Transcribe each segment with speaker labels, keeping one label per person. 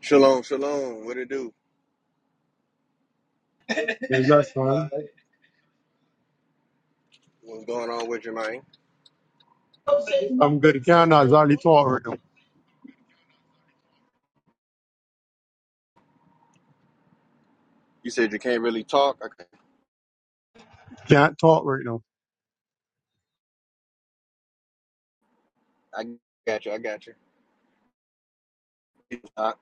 Speaker 1: Shalom, shalom. What it do?
Speaker 2: Yes, that's fine.
Speaker 1: What's going on with you, man?
Speaker 2: I'm good. Can't, I can't talk right now.
Speaker 1: You said you can't really talk. I,
Speaker 2: Can't talk right now.
Speaker 1: I got you. I got you. Uh,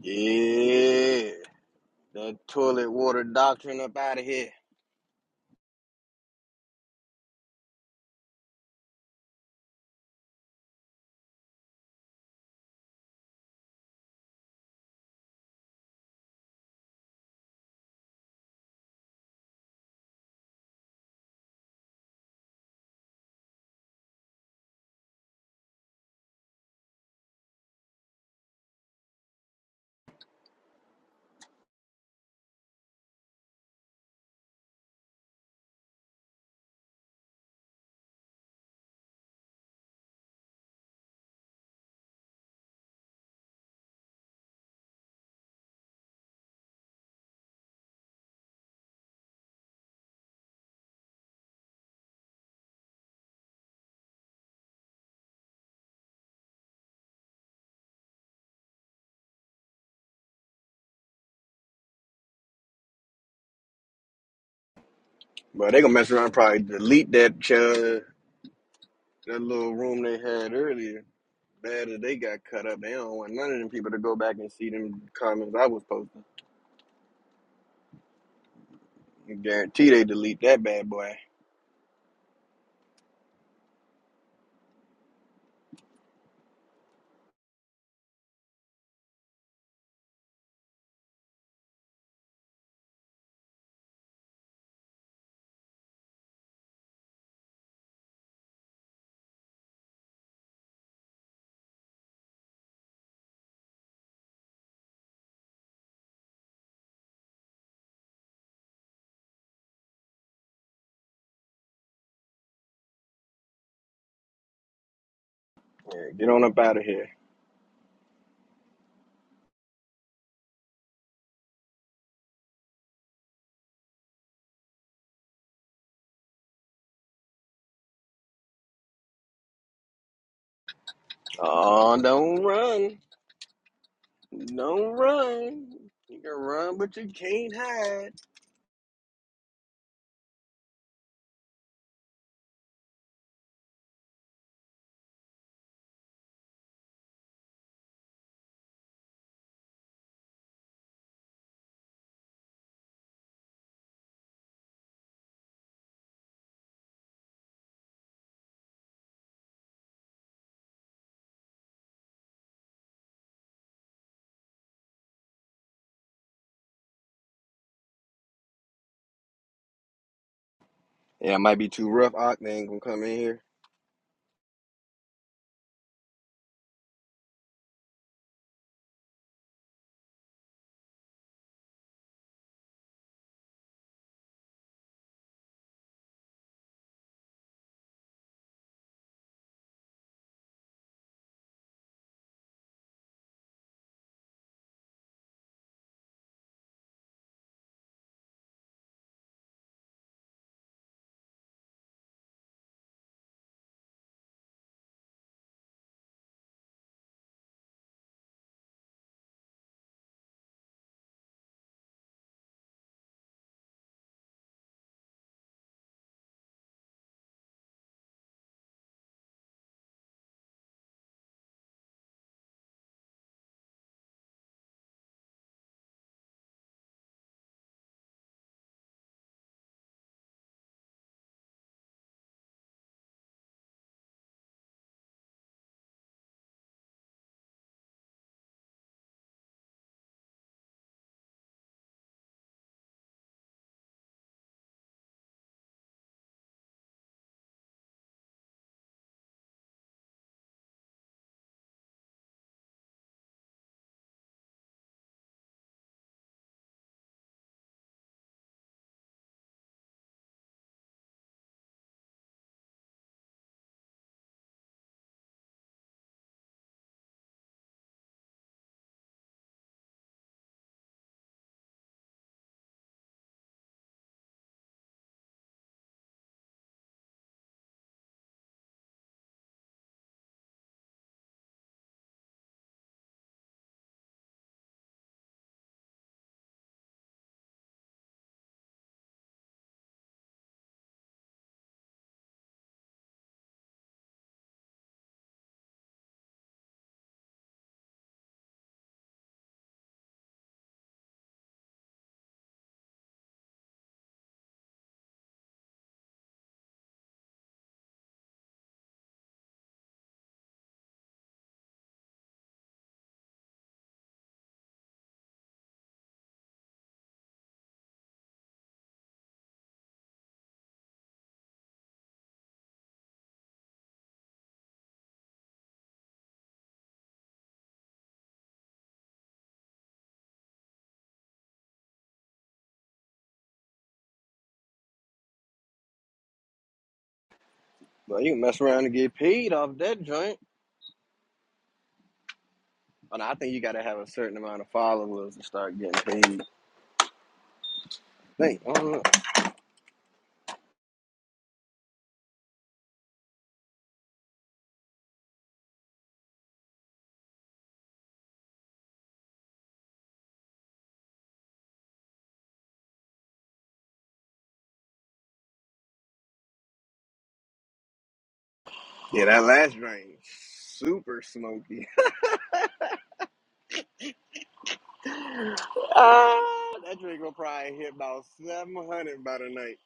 Speaker 1: yeah, that toilet water doctrine up out of here. But they gonna mess around, and probably delete that uh, that little room they had earlier. Bad that they got cut up. They don't want none of them people to go back and see them comments I was posting. I guarantee they delete that bad boy. Yeah, get on up out of here. Oh, don't run. Don't run. You can run, but you can't hide. Yeah, it might be too rough. Octane ain't gonna come in here, but you can mess around and get paid off that joint. And I think you gotta have a certain amount of followers to start getting paid. Think, I don't know. Yeah, that last drink, super smoky. ah, that drink will probably hit about seven hundred by the night.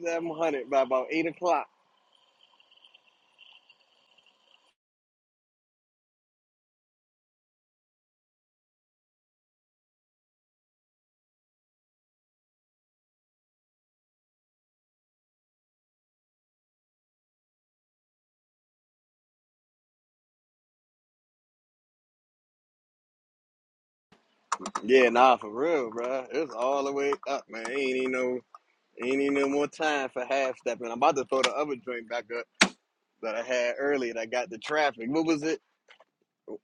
Speaker 1: Seven hundred by about eight o'clock. Yeah, nah, for real, bruh. It's all the way up, man. Ain't even no Ain't even no more time for half stepping. I'm about to throw the other joint back up that I had earlier that got the traffic. What was it?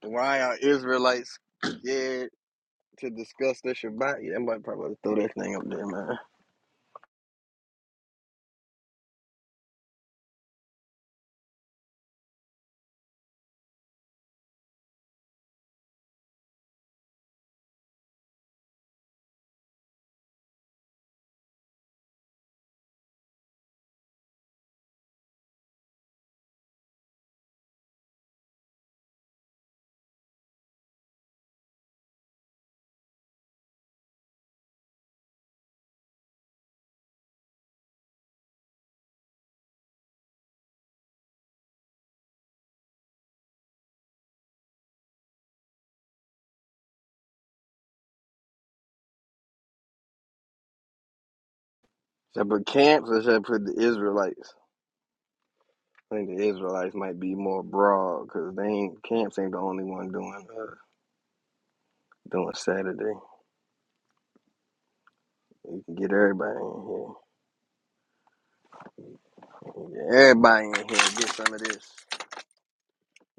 Speaker 1: Why are Israelites scared to discuss the Shabbat? Yeah, I might probably throw that thing up there, man. Should I put camps or should I put the Israelites? I think the Israelites might be more broad because they ain't camps ain't the only one doing uh, doing Saturday. You can get everybody in here. Get everybody in here get some of this.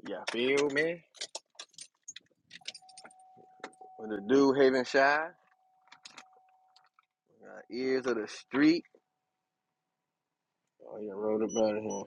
Speaker 1: Y'all feel me? With the dude Haven Shy, uh, ears of the street. Oh, you wrote about it here.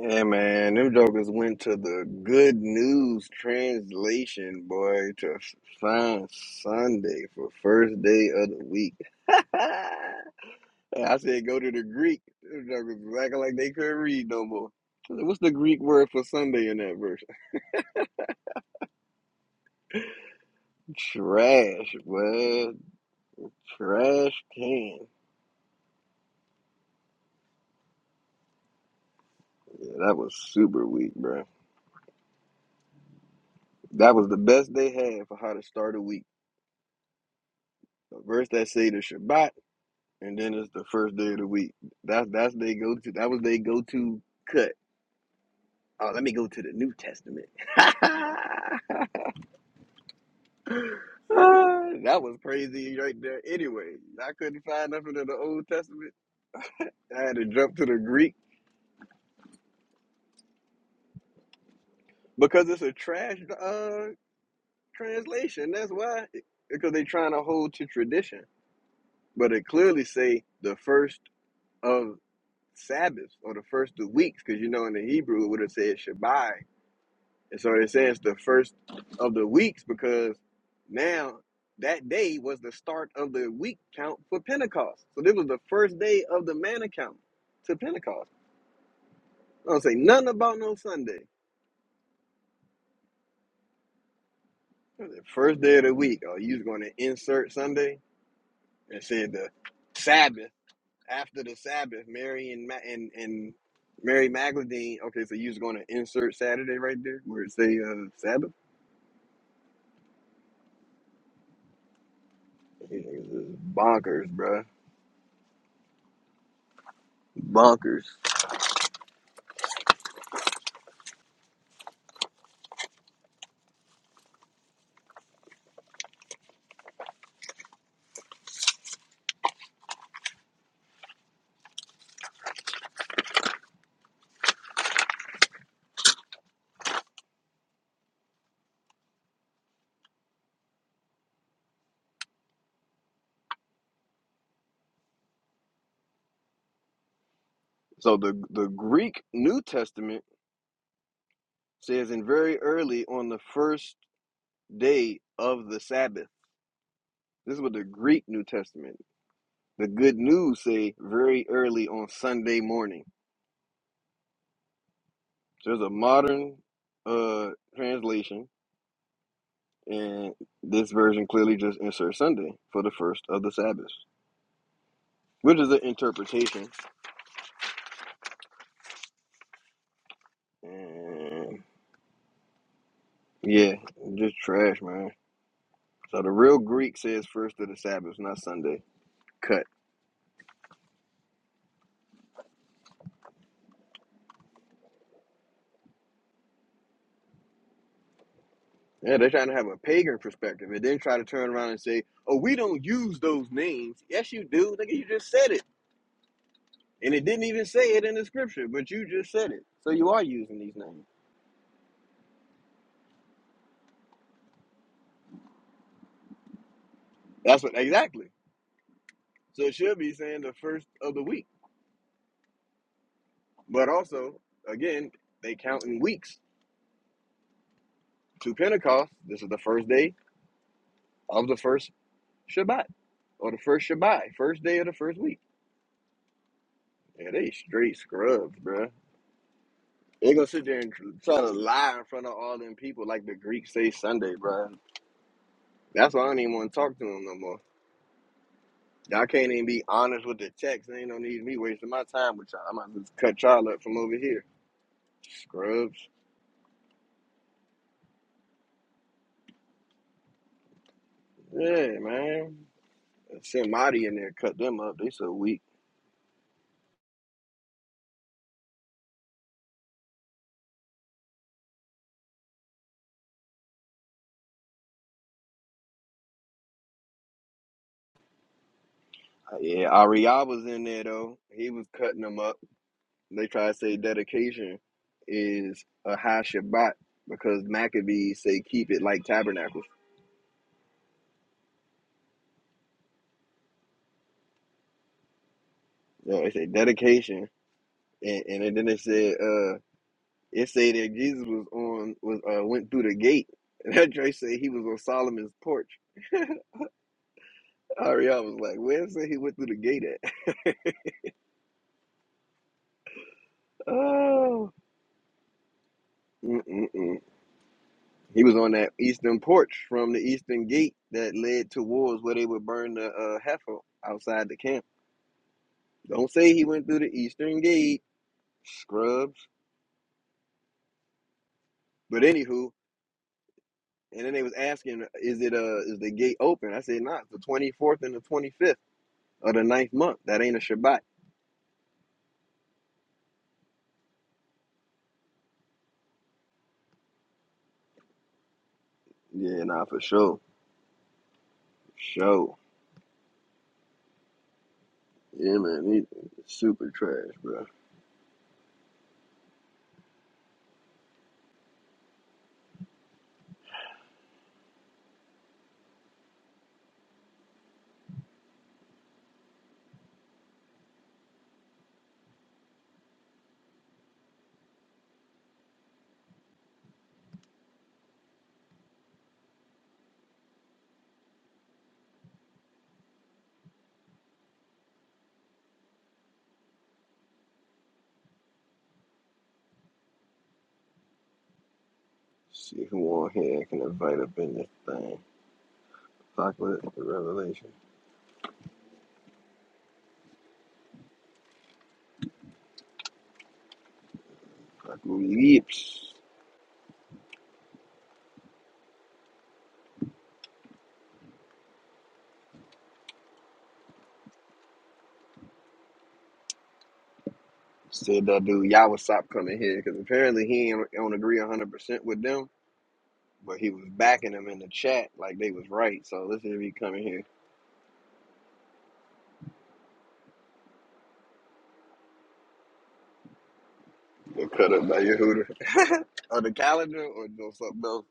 Speaker 1: Yeah, man, them jokers went to the good news translation, boy, to find Sunday for first day of the week. I said go to the Greek. Them jokers was acting like they couldn't read no more. I said, What's the Greek word for Sunday in that verse? Trash, boy. Trash can. Yeah, that was super weak, bro. That was the best they had for how to start a week. A verse that say the Shabbat and then it's the first day of the week. That's that's they go to. That was they go to cut. Oh, let me go to the New Testament. Ah, that was crazy right there. Anyway, I couldn't find nothing in the Old Testament. I had to jump to the Greek because it's a trash uh, translation. That's why, because they're trying to hold to tradition. But it clearly say the first of Sabbaths or the first of weeks, because you know in the Hebrew it would have said Shabbat And so it says the first of the weeks because now that day was the start of the week count for Pentecost. So this was the first day of the man account to Pentecost. I don't say nothing about no Sunday. The first day of the week. Oh, you was going to insert Sunday and said the Sabbath after the Sabbath, Mary and Ma- and and Mary Magdalene. Okay, so you was going to insert Saturday right there where it say uh, Sabbath. Yeah, it's bonkers, bruh. Bonkers. So the the Greek New Testament says, "And very early on the first day of the Sabbath." This is what the Greek New Testament. The Good News say, "Very early on Sunday morning." So there's a modern uh, translation, and this version clearly just inserts Sunday for the first of the Sabbath, which is an interpretation. And yeah, just trash, man. So the real Greek says first of the Sabbath, not Sunday. Cut. Yeah, they're trying to have a pagan perspective and then try to turn around and say, oh, we don't use those names. Yes, you do. Nigga, you just said it. And it didn't even say it in the scripture, but you just said it. So you are using these names. That's what, exactly. So it should be saying the first of the week. But also, again, they count in weeks. To Pentecost, this is the first day of the first Shabbat or the first Shabbat, first day of the first week. Yeah, they straight scrubs, bruh. They gonna sit there and try to lie in front of all them people like the Greeks say Sunday, bro. That's why I don't even want to talk to them no more. Y'all can't even be honest with the text. They ain't no need me wasting my time with y'all. I might just cut y'all up from over here. Scrubs. Yeah, man. Send Marty in there, cut them up. They so weak. Uh, Yeah, Ariab was in there though. He was cutting them up. They try to say dedication is a high Shabbat because Maccabees say keep it like tabernacles. Yeah, they say dedication and, and then it said uh it said that Jesus was on was uh went through the gate. And that Dre said he was on Solomon's porch. Ariel was like, Where it say he went through the gate at? Oh Mm-mm-mm. He was on that eastern porch from the eastern gate that led towards where they would burn the uh, heifer outside the camp. Don't say he went through the eastern gate, scrubs. But anywho, and then they was asking, "Is it uh is the gate open?" I said, "Nah, it's the twenty fourth and the twenty fifth of the ninth month. That ain't a Shabbat." Yeah, nah, for sure. For sure. Yeah, man, these niggas super trash, bro. See who on here can invite up in this thing. Fuck with it, the revelation. Fuck with lips. Said that dude Yawasop coming here because apparently he ain't, don't agree 100% with them, but he was backing them in the chat like they was right. So let's see if he coming here. Get cut up by your hooter. on the calendar or doing something else.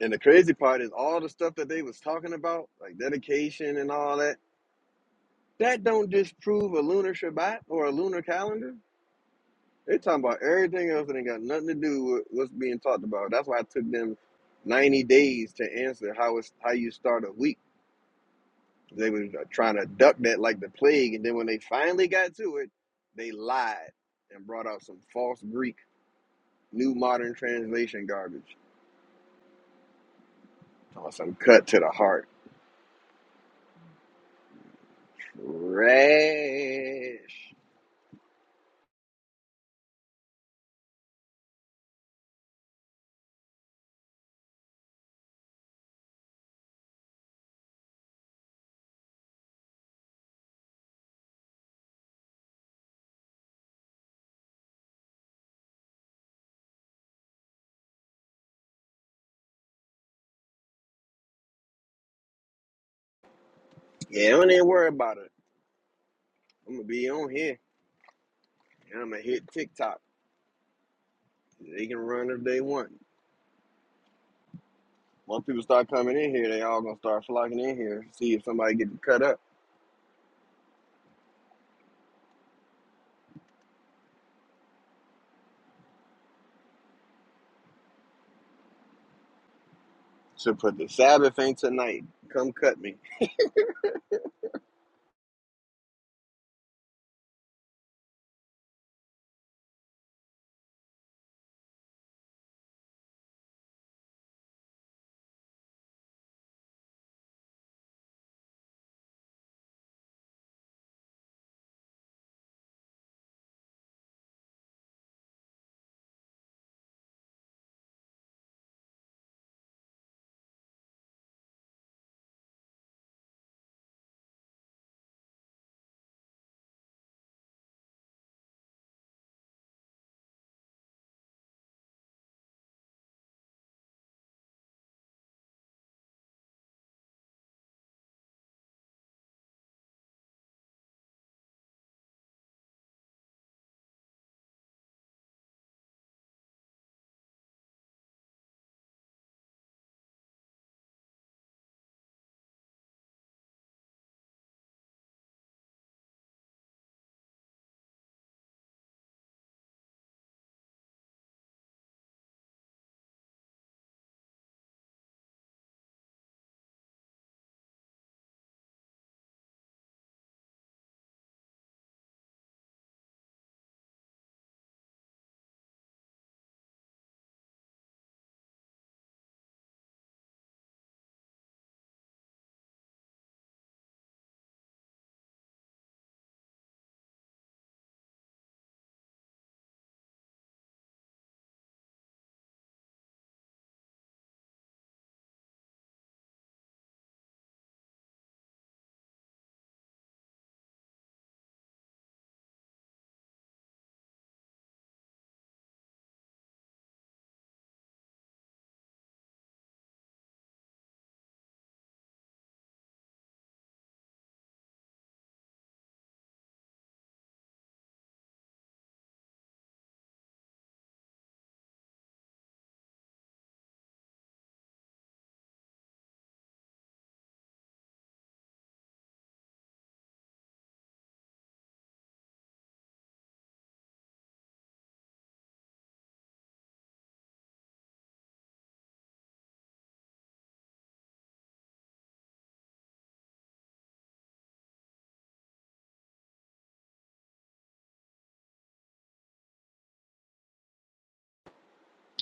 Speaker 1: And the crazy part is all the stuff that they was talking about, like dedication and all that. That don't disprove a lunar Shabbat or a lunar calendar. They're talking about everything else that ain't got nothing to do with what's being talked about. That's why it took them 90 days to answer how it's how you start a week. They were trying to duck that like the plague, and then when they finally got to it, they lied and brought out some false Greek new modern translation garbage. Oh, some cut to the heart. Trash. Yeah, don't even worry about it. I'm gonna be on here and I'm gonna hit TikTok. They can run if they want. Once people start coming in here, they all gonna start flocking in here. See if somebody get cut up. Should put the Sabbath ain't tonight. Come cut me.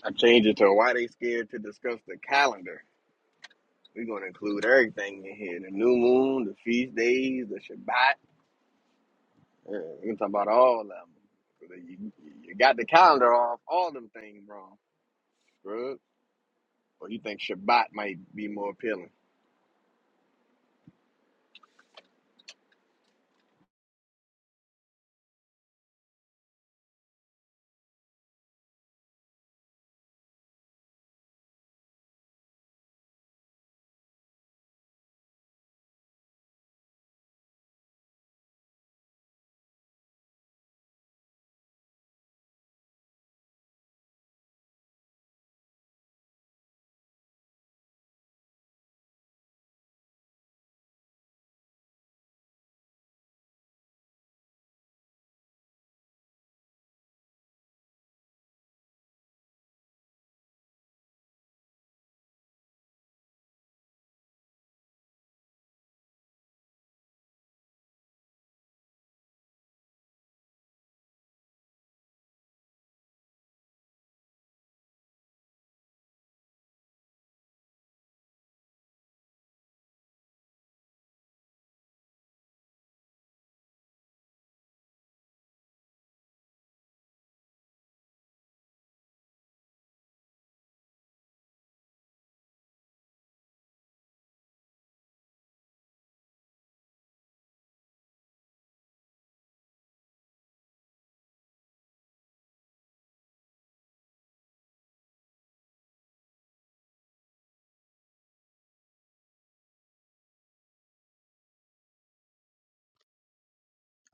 Speaker 1: I changed it to why they scared to discuss the calendar. We're gonna include everything in here: the new moon, the feast days, the Shabbat. Yeah, we can talk about all of them. You, you got the calendar off, all them things wrong, bro. Or you think Shabbat might be more appealing?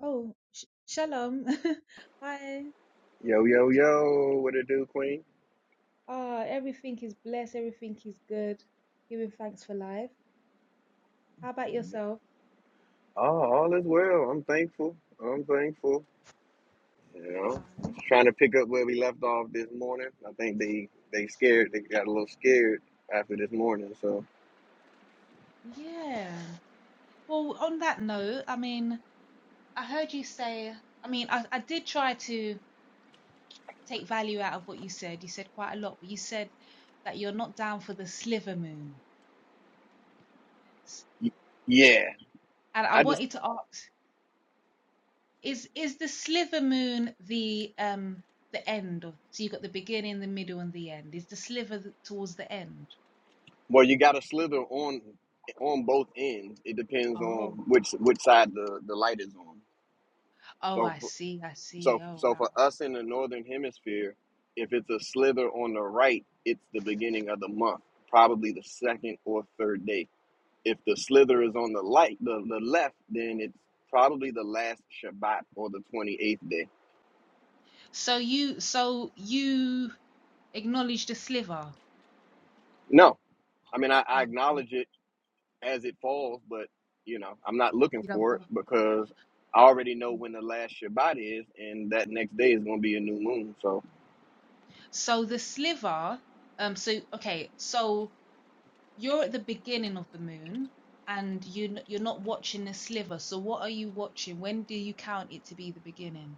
Speaker 3: Oh, sh shalom. Hi.
Speaker 1: Yo, yo, yo! What it do, Queen?
Speaker 3: Ah, everything is blessed. Everything is good. Giving thanks for life. How about yourself?
Speaker 1: Oh, all is well. I'm thankful. I'm thankful. You know, just trying to pick up where we left off this morning. I think they they scared. They got a little scared after this morning. So
Speaker 3: Yeah. Well, on that note, I mean, I heard you say, I mean, I, I did try to take value out of what you said. You said quite a lot, but you said that you're not down for the sliver moon. S-
Speaker 1: y- yeah,
Speaker 3: And I
Speaker 1: I just
Speaker 3: wanted to ask. Is is the sliver moon the um the end of? So you've got the beginning, the middle, and the end. Is the sliver th- towards the end?
Speaker 1: well, you got to slither on on both ends. It depends
Speaker 3: Oh,
Speaker 1: on which which side the the light is on.
Speaker 3: oh,
Speaker 1: So
Speaker 3: I
Speaker 1: f-
Speaker 3: see, I see.
Speaker 1: so
Speaker 3: Oh,
Speaker 1: so
Speaker 3: wow.
Speaker 1: for us in the northern hemisphere, if it's a slither on the right, it's the beginning of the month, probably the second or third day if the slither is on the light, the, the left, then it's probably the last Shabbat or the 28th day.
Speaker 3: So you, so you acknowledge the sliver.
Speaker 1: No, I mean, I, I
Speaker 3: Oh,
Speaker 1: acknowledge it as it falls, but you know, I'm not looking
Speaker 3: you don't
Speaker 1: for
Speaker 3: go.
Speaker 1: it because I already know when the last Shabbat is, and that next day is going to be a new moon. So,
Speaker 3: So the sliver, um, so okay, so you're at the beginning of the moon and you n- you're not watching the sliver. So what are you watching? When do you count it to be the beginning?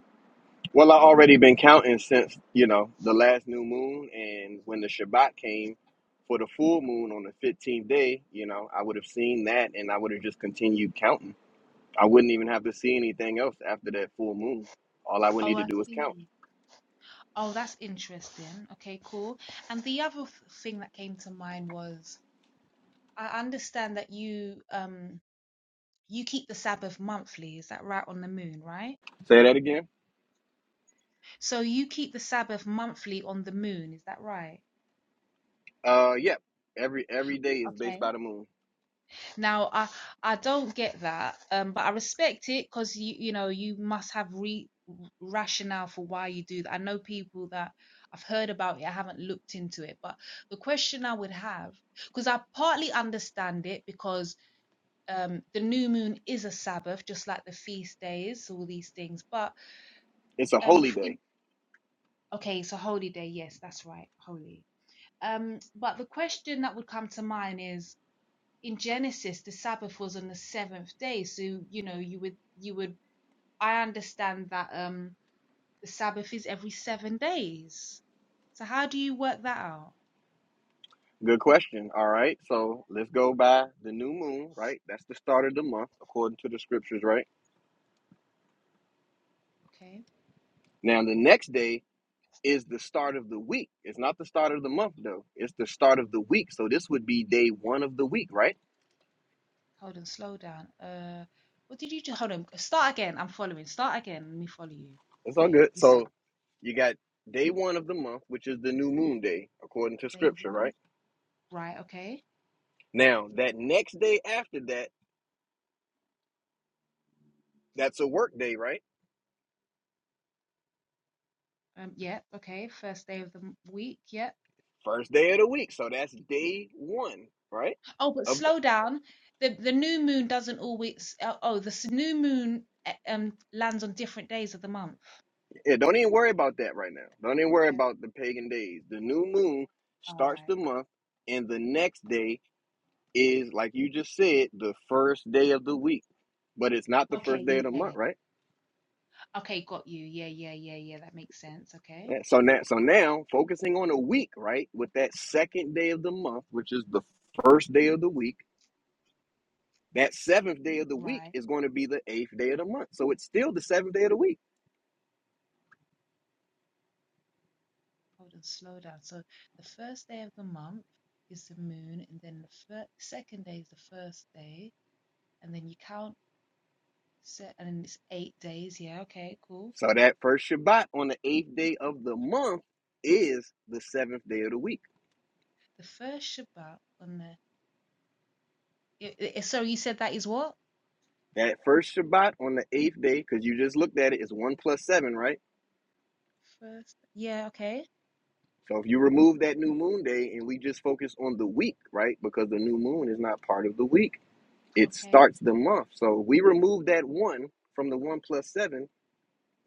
Speaker 1: well, I already been counting since you know the last new moon and when the Shabbat came for the full moon on the 15th day. You know, I would have seen that, and I would have just continued counting. I wouldn't even have to see anything else after that full moon. All I would
Speaker 3: Oh,
Speaker 1: need to
Speaker 3: I
Speaker 1: do is count.
Speaker 3: see. Oh, that's interesting. Okay, cool. And the other th- thing that came to mind was I understand that you um you keep the Sabbath monthly, is that right, on the moon, right?
Speaker 1: Say that again.
Speaker 3: So you keep the Sabbath monthly on the moon, is that right?
Speaker 1: Uh, yep. Every every day is based
Speaker 3: Okay.
Speaker 1: by the moon.
Speaker 3: Now I I don't get that, um, but I respect it because you you know you must have re rationale for why you do that. I know people that I've heard about it, I haven't looked into it, but the question I would have because I partly understand it because um, the new moon is a Sabbath, just like the feast days, all these things. But
Speaker 1: It's a
Speaker 3: um,
Speaker 1: holy day.
Speaker 3: in, okay, it's a holy day. Yes, that's right, holy. Um, but the question that would come to mind is in Genesis, the Sabbath was on the seventh day, so you know you would you would. I understand that um, the Sabbath is every seven days. So how do you work that out?
Speaker 1: Good question. All right. So let's go by the new moon. Right. That's the start of the month according to the scriptures. Right.
Speaker 3: Okay,
Speaker 1: Now the next day is the start of the week. It's not the start of the month though. It's the start of the week. So this would be day one of the week. Right.
Speaker 3: hold on, slow down. Uh, what did you just hold on? Start again. I'm following. Start again. Let me follow you.
Speaker 1: It's all
Speaker 3: Okay,
Speaker 1: good.
Speaker 3: you said
Speaker 1: So you got day one of the month, which is the new moon day according to
Speaker 3: day
Speaker 1: scripture.
Speaker 3: one.
Speaker 1: Right
Speaker 3: Right, okay.
Speaker 1: Now, that next day after that, that's a work day, right?
Speaker 3: Um, yeah, okay. First day of the m- week, yeah.
Speaker 1: First day of the week. So that's day one, right?
Speaker 3: Oh, but
Speaker 1: Of the,
Speaker 3: slow down. The the new moon doesn't always. Uh, oh, the s- new moon uh, um lands on different days of the month.
Speaker 1: yeah, don't even worry about that right now. Don't even worry
Speaker 3: Okay,
Speaker 1: about the pagan days. The new moon
Speaker 3: all
Speaker 1: starts
Speaker 3: right.
Speaker 1: the month, and the next day is, like you just said, the first day of the week. But it's not the
Speaker 3: Okay,
Speaker 1: first day of the month,
Speaker 3: yeah.
Speaker 1: right?
Speaker 3: Okay, got you. Yeah, yeah, yeah, yeah. That makes sense. Okay,
Speaker 1: Yeah, So now, so now, focusing on a week, right? With that second day of the month, which is the first day of the week That seventh day of the week
Speaker 3: right.
Speaker 1: is going to be the eighth day of the month. So it's still the seventh day of the week.
Speaker 3: Hold on, slow down. So the first day of the month is the moon, and then the fir- second day is the first day, and then you count set, and then it's eight days. Yeah, okay, cool.
Speaker 1: So that first Shabbat on the eighth day of the month is the seventh day of the week.
Speaker 3: The first Shabbat on the I- I- So you said that is what?
Speaker 1: That first Shabbat on the eighth day, because you just looked at it, is one plus seven, right?
Speaker 3: First. Yeah, okay.
Speaker 1: So if you remove that new moon day and we just focus on the week, right? Because the new moon is not part of the week. It
Speaker 3: Okay.
Speaker 1: starts the month. So we remove that one from the one plus seven.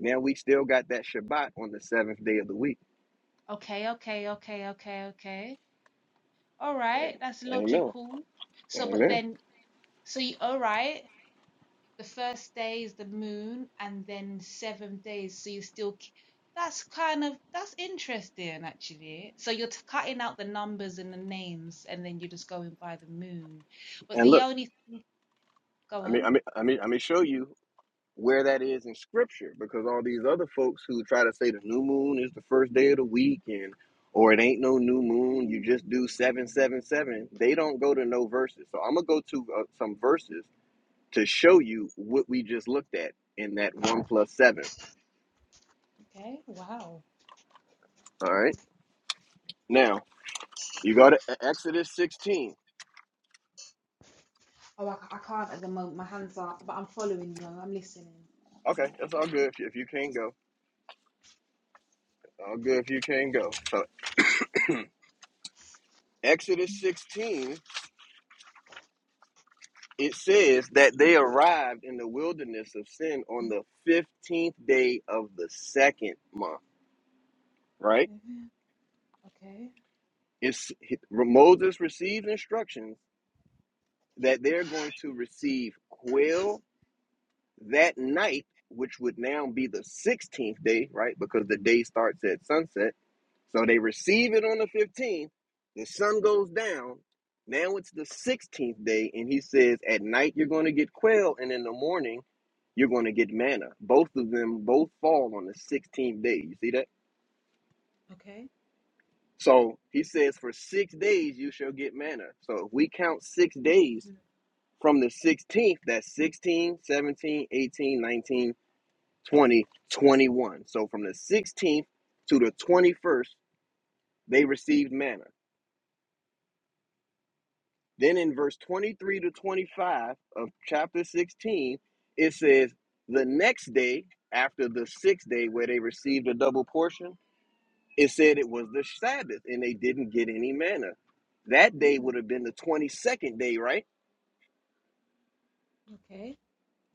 Speaker 1: Now we still got that Shabbat on the seventh day of the week.
Speaker 3: Okay, okay, okay, okay, okay. All right, that's
Speaker 1: Amen.
Speaker 3: logical. So, but
Speaker 1: Amen.
Speaker 3: then, so you, all right, the first day is the moon, and then seven days, so you still, k- that's kind of, that's interesting, actually. So you're t cutting out the numbers and the names, and then you're just going by the moon. But
Speaker 1: And
Speaker 3: the
Speaker 1: look,
Speaker 3: only, go
Speaker 1: I mean, I
Speaker 3: on.
Speaker 1: mean, I mean, I mean, show you where that is in Scripture, because all these other folks who try to say the new moon is the first day of the week, and or it ain't no new moon, you just
Speaker 3: Mm,
Speaker 1: do seven, seven, seven. They don't go to no verses. So I'm gonna go to uh, some verses to show you what we just looked at in that one plus seven.
Speaker 3: okay, wow.
Speaker 1: All right, now you go to E- Exodus 16.
Speaker 3: Oh, I, I can't at the moment. My hands are, but I'm following you. I'm listening.
Speaker 1: Okay, that's all good if you, if you can go. All good if you can not go. So Exodus 16 it says that they arrived in the wilderness of sin on the 15th day of the second month, right?
Speaker 3: Mhm. Okay.
Speaker 1: It's Moses receives instructions that they're going to receive quail That night, which would now be the 16th day, right? Because the day starts at sunset. So they receive it on the 15th. The sun goes down. Now it's the 16th day, and he says, At night you're going to get quail, and in the morning you're going to get manna. Both of them both fall on the 16th day. You see that?
Speaker 3: Okay.
Speaker 1: So he says, For six days you shall get manna. So if we count six days
Speaker 3: Mm.
Speaker 1: from the 16th, that's 16, 17, 18, 19. 2021. So from the 16th to the 21st, they received manna. Then in verse 23 to 25 of chapter 16, it says, The next day, after the sixth day where they received a double portion, it said it was the Sabbath and they didn't get any manna. That day
Speaker 3: Mm.
Speaker 1: would have been the 22nd day, right?
Speaker 3: Okay.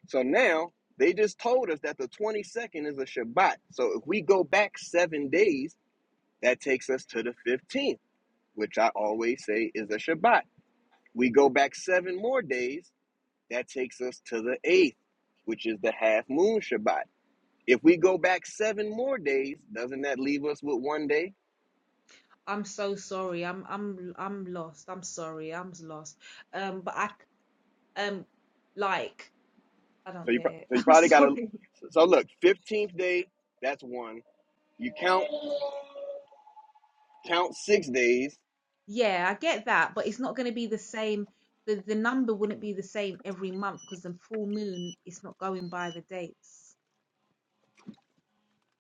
Speaker 1: So now they just told us that the 22nd is a Shabbat. So if we go back seven days, that takes us to the 15th. which I always say is a Shabbat. We go back seven more days, that takes us to the eighth, which is the half moon Shabbat. If we go back seven more days, doesn't that leave us with one day?
Speaker 3: I'm so sorry. I'm I'm I'm lost. I'm sorry. I'm lost. Um, but I c- um like I
Speaker 1: So
Speaker 3: don't
Speaker 1: you,
Speaker 3: get it.
Speaker 1: so you
Speaker 3: I'm
Speaker 1: probably got to.
Speaker 3: sorry.
Speaker 1: So look, fifteenth day, that's one. You count count six days.
Speaker 3: Yeah, I get that, but it's not going to be the same. The the number wouldn't be the same every month because the full moon is not going by the dates.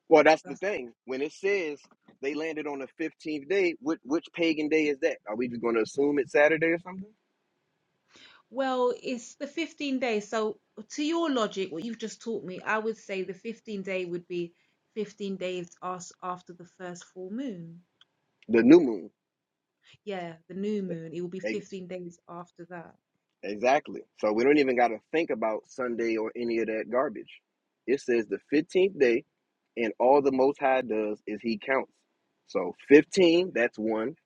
Speaker 1: Well, that's the thing. When it says they landed on the fifteenth day, which which pagan day is that? Are we just going to assume it's Saturday or something?
Speaker 3: Well, it's the 15 days. So, to your logic, what you've just taught me, I would say the 15 day would be 15 days as after the first full moon.
Speaker 1: The new moon.
Speaker 3: Yeah, the new moon. It will be 15 days after that.
Speaker 1: Exactly. So we don't even got to think about Sunday or any of that garbage. It says the 15th day, and all the Most High does is He counts. So 15, that's one.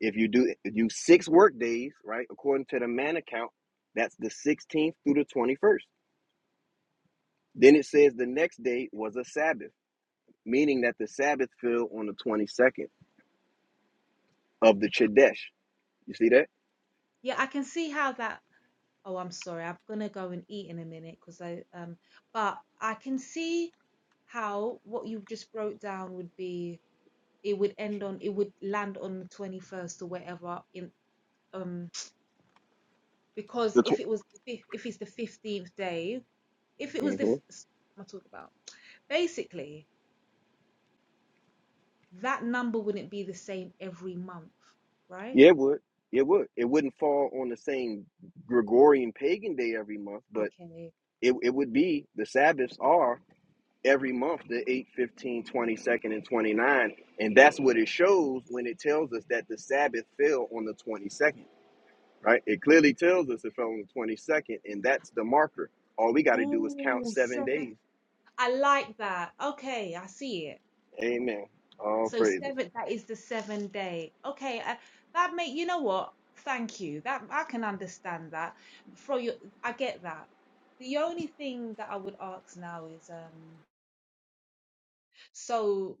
Speaker 1: If you do if you six work days, right, according to the man account, that's the 16th through the 21st. Then it says the next day was a Sabbath, meaning that the Sabbath fell on the 22nd of the Chodesh. You see that?
Speaker 3: Yeah, I can see how that. Oh, I'm sorry. I'm gonna go and eat in a minute because I um. But I can see how what you've just broke down would be. It would end on. It would land on the 21st or whatever in um because
Speaker 1: The
Speaker 3: if
Speaker 1: tw-
Speaker 3: it was the fif- if it's the 15th day If it was
Speaker 1: Mhm.
Speaker 3: this, I'll talk about. Basically, that number wouldn't be the same every month, right?
Speaker 1: Yeah, it would. It would. It wouldn't fall on the same Gregorian pagan day every month, but
Speaker 3: Okay.
Speaker 1: it, it would be the Sabbaths are every month, the eighth, fifteenth, 22nd, and twenty ninth, And that's what it shows when it tells us that the Sabbath fell on the 22nd, right? It clearly tells us it fell on the 22nd, and that's the marker. All we got to do is count
Speaker 3: Oh,
Speaker 1: seven
Speaker 3: seven.
Speaker 1: days.
Speaker 3: I like that. Okay, I see it.
Speaker 1: Amen. All
Speaker 3: So
Speaker 1: praises.
Speaker 3: seven, that is the seven day. Okay, I, that make you know what? Thank you. That I can understand that. From your, I get that. The only thing that I would ask now is, um, so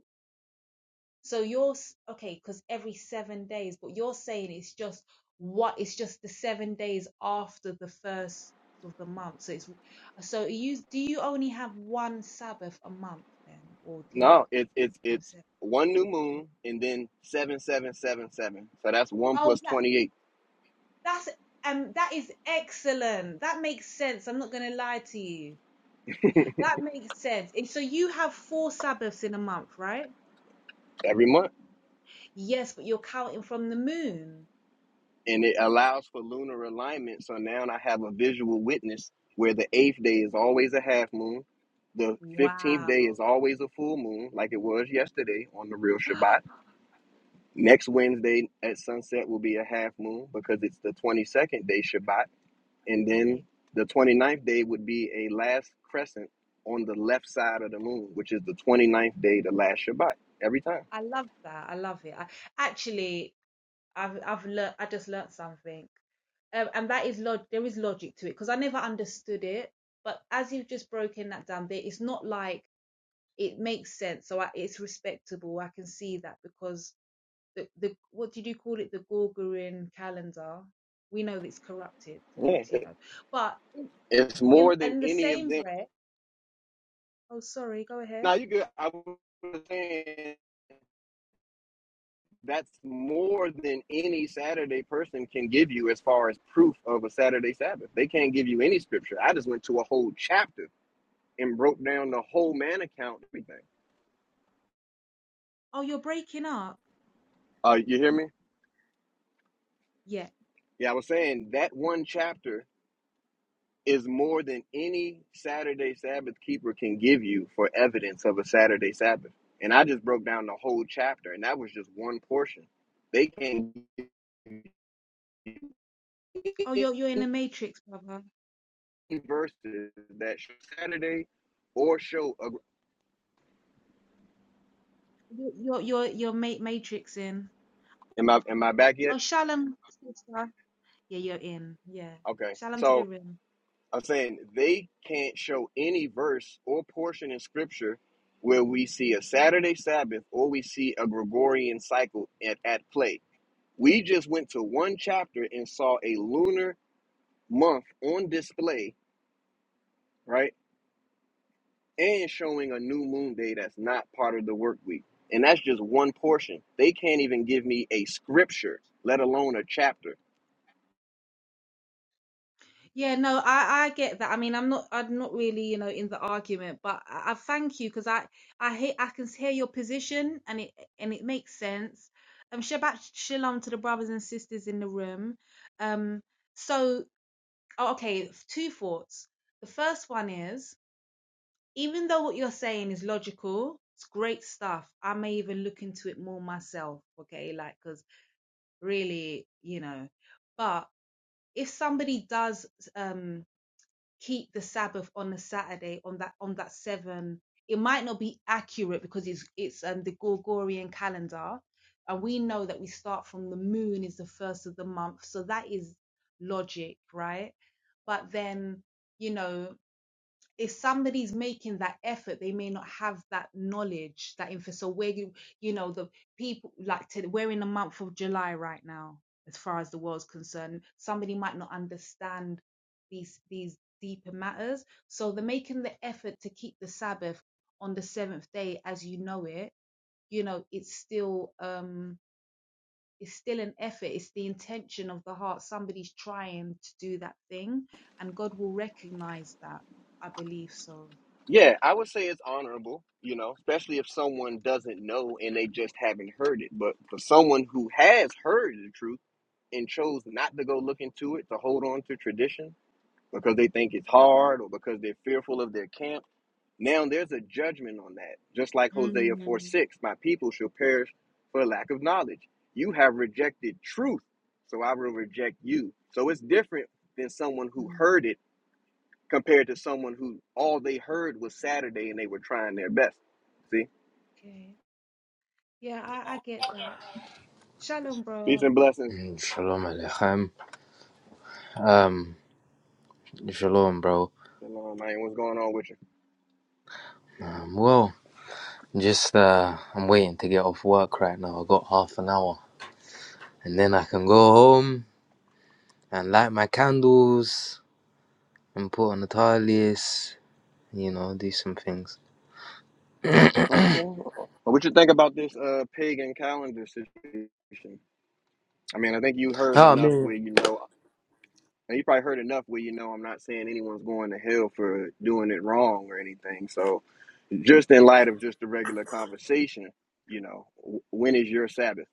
Speaker 3: So you're s- okay because every seven days, but you're saying it's just what it's just the seven days after the first of the month. So it's so you do you only have one Sabbath a month then, or do you
Speaker 1: No, it, it's
Speaker 3: have
Speaker 1: it's
Speaker 3: seven?
Speaker 1: one new
Speaker 3: or four?
Speaker 1: moon and then 7777. So that's 1
Speaker 3: Oh,
Speaker 1: plus
Speaker 3: that
Speaker 1: 28.
Speaker 3: that's um that is excellent. That makes sense. I'm not gonna lie to you. That makes sense. And So you have four Sabbaths in a month, right?
Speaker 1: every month.
Speaker 3: Yes, but you're counting from the moon.
Speaker 1: And it allows for lunar alignment. So now I have a visual witness where the eighth day is always a half moon. The 15th day is
Speaker 3: Wow.
Speaker 1: always a full moon, like it was yesterday on the real Shabbat. Next Wednesday at sunset will be a half moon because it's the 22nd day Shabbat. And
Speaker 3: Okay.
Speaker 1: then the twenty-ninth day would be a last crescent on the left side of the moon, which is the twenty-ninth day, the last Shabbat, every time.
Speaker 3: I love that. I love it. I actually, I've I've learnt. I just learnt something, um, and that is log. There is logic to it because I never understood it. But as you've just broken that down, there it's not like it makes sense. So I, it's respectable. I can see that because the the what did you call it? The Gorgorian calendar. We know it's corrupted.
Speaker 1: Yeah.
Speaker 3: It's, you know, but in,
Speaker 1: It's
Speaker 3: in
Speaker 1: more than
Speaker 3: in the
Speaker 1: any of
Speaker 3: same
Speaker 1: them.
Speaker 3: breath. Oh, sorry. Go ahead.
Speaker 1: Now you good. I was saying that's more than any Saturday person can give you as far as proof of a Saturday Sabbath. They can't give you any scripture. I just went to a whole chapter and broke down the whole man account, everything.
Speaker 3: Oh, you're breaking up.
Speaker 1: Uh, you hear me?
Speaker 3: Yeah.
Speaker 1: Yeah, I was saying that one chapter is more than any Saturday Sabbath keeper can give you for evidence of a Saturday Sabbath. And I just broke down the whole chapter, and that was just one portion. They can't give you
Speaker 3: Oh, you're you're in a matrix, brother.
Speaker 1: verses that show Saturday or show. A,
Speaker 3: You- You're you're you're ma- matrix in.
Speaker 1: am I am I back yet?
Speaker 3: Oh, shalom, sister. Yeah, you're in. Yeah,
Speaker 1: Okay,
Speaker 3: shalom to the
Speaker 1: so
Speaker 3: room.
Speaker 1: I'm saying they can't show any verse or portion in Scripture where we see a Saturday Sabbath or we see a Gregorian cycle at, at play. We just went to one chapter and saw a lunar month on display, right? And showing a new moon day that's not part of the work week. And that's just one portion. They can't even give me a scripture, let alone a chapter
Speaker 3: Yeah, no, I I get that. I mean, I'm not I'm not really you know in the argument, but I, I thank you because I I hear I can hear your position and it and it makes sense. Um, Shabbat shalom to the brothers and sisters in the room. Um, so oh, okay, two thoughts. The first one is. Even though what you're saying is logical, it's great stuff. I may even look into it more myself, okay? Like, because really, you know, but if somebody does um keep the Sabbath on the Saturday on that on that seven, it might not be accurate because it's it's um the Gregorian calendar. And we know that we start from the moon is the first of the month. So that is logic, right? But then, you know, if somebody's making that effort they may not have that knowledge that info so where you you know the people like to, we're in the month of july right now as far as the world's concerned somebody might not understand these these deeper matters so they're making the effort to keep the sabbath on the seventh day as you know it you know it's still um it's still an effort it's the intention of the heart somebody's trying to do that thing and god will recognize that i believe so
Speaker 1: Yeah, I would say it's honorable, you know, especially if someone doesn't know and they just haven't heard it. But for someone who has heard the truth and chose not to go look into it, to hold on to tradition because they think it's hard or because they're fearful of their camp, now there's a judgment on that. Just like Hosea 4
Speaker 3: Mm,
Speaker 1: 6, my people shall perish for lack of knowledge. You have rejected truth, so I will reject you. So it's different than someone who
Speaker 3: mm.
Speaker 1: heard it compared to someone who all they heard was Saturday and they were trying their best. See,
Speaker 3: Okay. Yeah, I, I get that. Shalom,
Speaker 1: peace
Speaker 3: bro.
Speaker 1: and blessings.
Speaker 4: Mm, Shalom Aleichem. Um, shalom, bro.
Speaker 1: Shalom, man. What's going on with you?
Speaker 4: Um, well, just uh, I'm waiting to get off work right now. I got half an hour, and then I can go home and light my candles and put on the talis. You know, do some things.
Speaker 1: Okay. What you think about this uh pagan calendar situation? I mean, I think you heard
Speaker 4: Oh, I
Speaker 1: enough
Speaker 4: mean,
Speaker 1: where you know, and you probably heard enough where you know I'm not saying anyone's going to hell for doing it wrong or anything. So, just in light of just the regular conversation, you know, when is your Sabbath?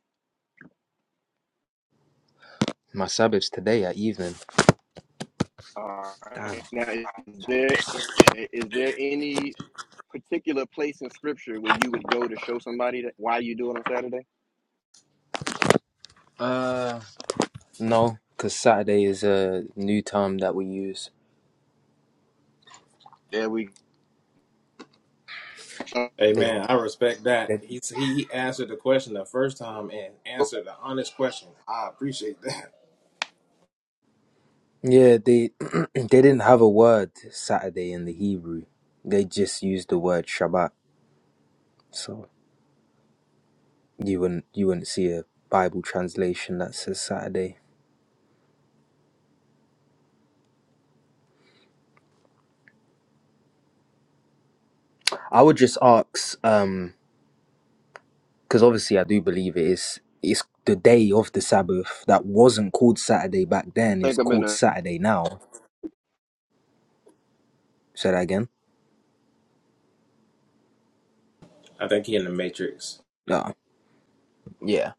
Speaker 4: my Sabbath's today at evening.
Speaker 1: All
Speaker 4: Damn.
Speaker 1: right. Now, is there is there any particular place in scripture where you would go to show somebody that why you do it on Saturday?
Speaker 4: Uh, no, because Saturday is a new term that we use.
Speaker 1: Yeah, we
Speaker 5: Hey
Speaker 4: They,
Speaker 5: man, I respect that.
Speaker 4: they
Speaker 5: He he answered the question the first time and answered the honest question. I appreciate that.
Speaker 4: Yeah, they they didn't have a word Saturday in the Hebrew. They just used the word Shabbat. So you wouldn't you wouldn't see a Bible translation that says Saturday. I would just ask, um, because obviously I do believe it is it's the day of the Sabbath that wasn't called Saturday back then is
Speaker 1: Think a
Speaker 4: called
Speaker 1: minute.
Speaker 4: Saturday now. Say that again.
Speaker 5: I think he in the matrix.
Speaker 4: No. Yeah.